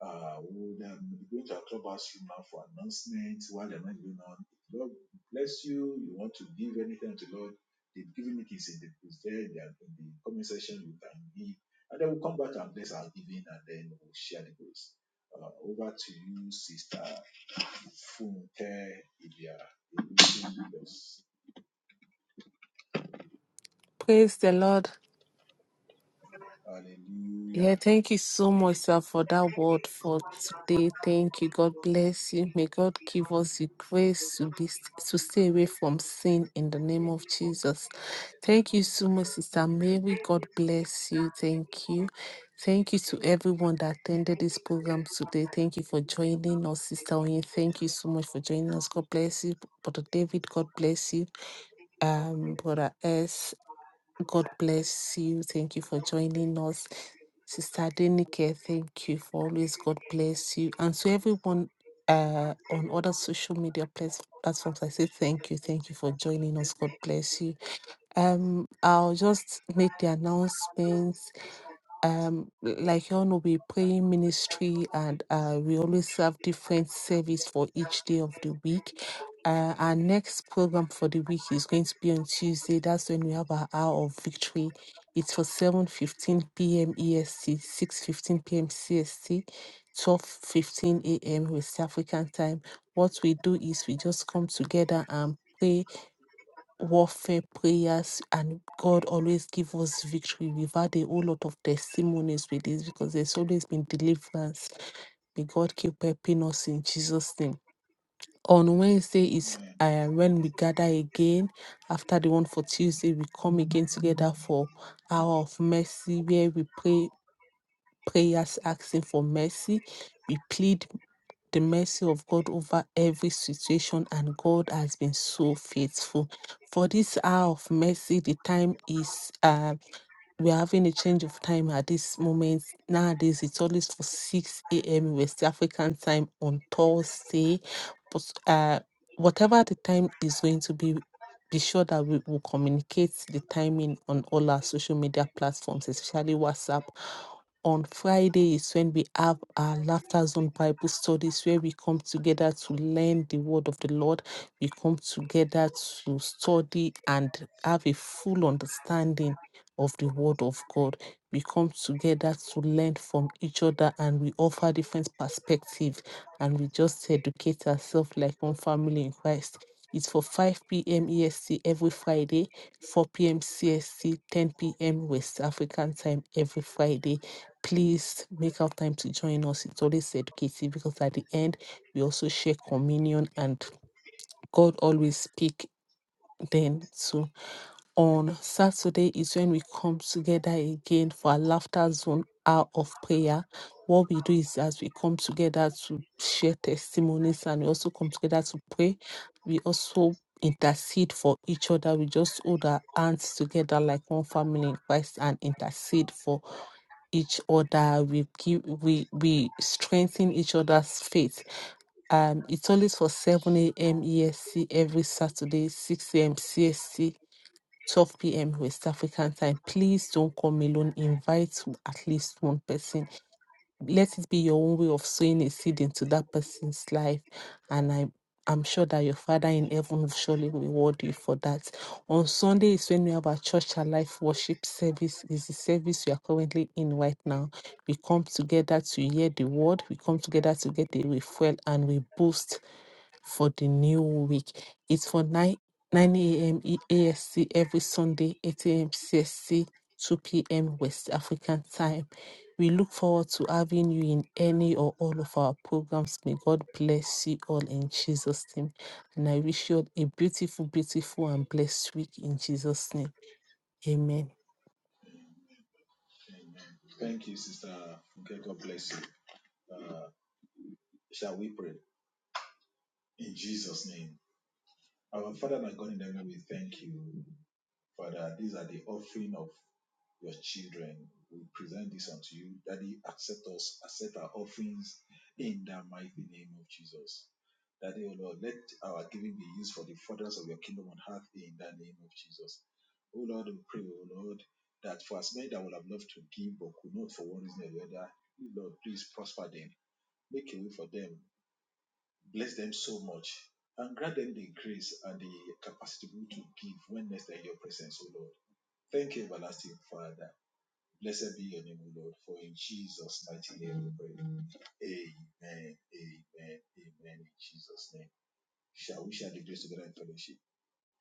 S3: Uh, we are going to our clubhouse room now for announcements while the night going on. Lord bless you. You want to give anything to Lord? They've given it is in the is there in the, in the comment section. You can give, and then we'll come back and bless our giving, and then we'll share the grace. Uh, over to you, Sister Funke Ibia.
S2: Praise the Lord.
S3: Hallelujah.
S2: Yeah, thank you so much, sir, for that word for today. Thank you. God bless you. May God give us the grace to be to stay away from sin in the name of Jesus. Thank you so much, Sister Mary. God bless you. Thank you. Thank you to everyone that attended this program today. Thank you for joining us, Sister Oyin. Thank you so much for joining us. God bless you, Brother David. God bless you, um, Brother S. God bless you. Thank you for joining us. Sister Denike, thank you for always. God bless you. And to everyone uh, on other social media plas- platforms, I say thank you. Thank you for joining us. God bless you. Um, I'll just make the announcements um like you all know we pray in ministry and uh we always have different service for each day of the week uh, our next program for the week is going to be on tuesday that's when we have our hour of victory it's for 7 15 15 p.m est 6 p.m cst 12 15 a.m west african time what we do is we just come together and pray warfare prayers and God always give us victory. We've had a whole lot of testimonies with this because there's always been deliverance. May God keep helping us in Jesus' name. On Wednesday is
S3: Amen.
S2: uh, when we gather again. After the one for Tuesday, we come again together for hour of mercy where we pray prayers asking for mercy. We plead the mercy of God over every situation, and God has been so faithful. For this hour of mercy, the time is uh, we're having a change of time at this moment. Nowadays, it's always for 6 a.m. West African time on Thursday. But uh, whatever the time is going to be, be sure that we will communicate the timing on all our social media platforms, especially WhatsApp. On Friday is when we have our Laughter Zone Bible studies, where we come together to learn the word of the Lord. We come together to study and have a full understanding of the Word of God. We come together to learn from each other and we offer different perspectives and we just educate ourselves like one family in Christ. It's for 5 p.m. EST every Friday, 4 p.m. CST, 10 p.m. West African time every Friday. Please make out time to join us. It's always educative because at the end, we also share communion and God always speak then so on Saturday is when we come together again for our laughter zone hour of prayer. What we do is as we come together to share testimonies and we also come together to pray, we also intercede for each other. We just hold our hands together like one family in Christ and intercede for each other. We give we we strengthen each other's faith. Um it's always for 7 a.m. ESC every Saturday, 6 a.m. CST 12 p.m. West African time. Please don't come alone. Invite at least one person. Let it be your own way of sowing a seed into that person's life. And I I'm sure that your Father in heaven will surely reward you for that. On Sunday is when we have our church alive worship service. Is the service we are currently in right now. We come together to hear the word. We come together to get the refuel and we boost for the new week. It's for 9, 9 a.m. E- A S C every Sunday, 8 a.m. CST, 2 p.m. West African time. We look forward to having you in any or all of our programs. May God bless you all in Jesus' name. And I wish you all a beautiful, beautiful, and blessed week in Jesus' name. Amen.
S3: Amen. Thank you, Sister Funke. God bless you. Uh, shall we pray in Jesus' name? Our Father, my God in heaven, we thank you, Father. These are the offering of your children. We present this unto you. Daddy, accept us, accept our offerings in the mighty name of Jesus. Daddy, O Lord, let our giving be used for the furtherance of your kingdom on earth in the name of Jesus. O Lord, we pray, O Lord, that for as many that would have loved to give but could not for one reason or the other, Lord, please prosper them make a way for them Bless them so much and grant them the grace and the capacity to give when next they're in your presence, O Lord. Thank you, everlasting Father. Blessed be your name, O Lord, for in Jesus' mighty name we pray. Amen, amen, amen, in Jesus' name. Shall we share the grace together in fellowship?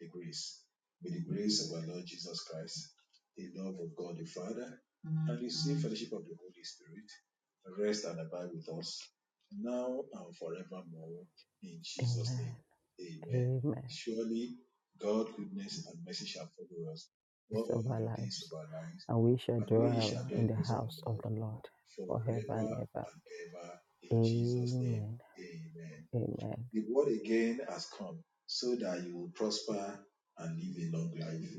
S3: The grace. May the grace of our Lord Jesus Christ, the love of God the Father, and the sweet fellowship of the Holy Spirit rest and abide with us now and forevermore. In Jesus' name, amen. Surely, God, goodness, and mercy shall follow us
S4: It's
S3: all
S4: of our
S3: the
S4: lives.
S3: days of our lives,
S4: and we shall
S3: and we
S4: dwell
S3: shall dwell in
S4: in
S3: the
S4: the
S3: presence of
S4: house
S3: the
S4: of
S3: Lord
S4: the Lord forever
S3: forever
S4: and ever.
S3: and ever. In Jesus' name, amen. The word again has come so that you will prosper and live a long life.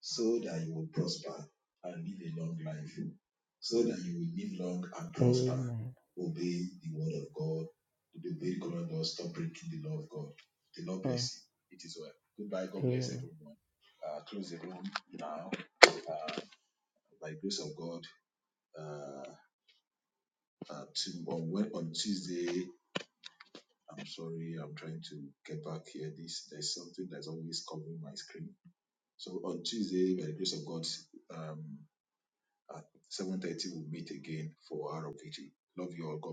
S3: So that you will prosper and live a long life. So that you will live long and prosper.
S4: Amen.
S3: Obey the word of God. Obey God. Don't Stop breaking the law of God. The Lord
S4: Hmm.
S3: bless you. It is well. Goodbye. God bless
S4: Amen.
S3: everyone. Uh, close the room now. Uh, by grace of God. Uh, uh, to, on, on Tuesday. I'm sorry, I'm trying to get back here. This there's something that's always covering my screen. So on Tuesday, by the grace of God, um, at 7:30 we'll meet again for our of Love you all. God bless.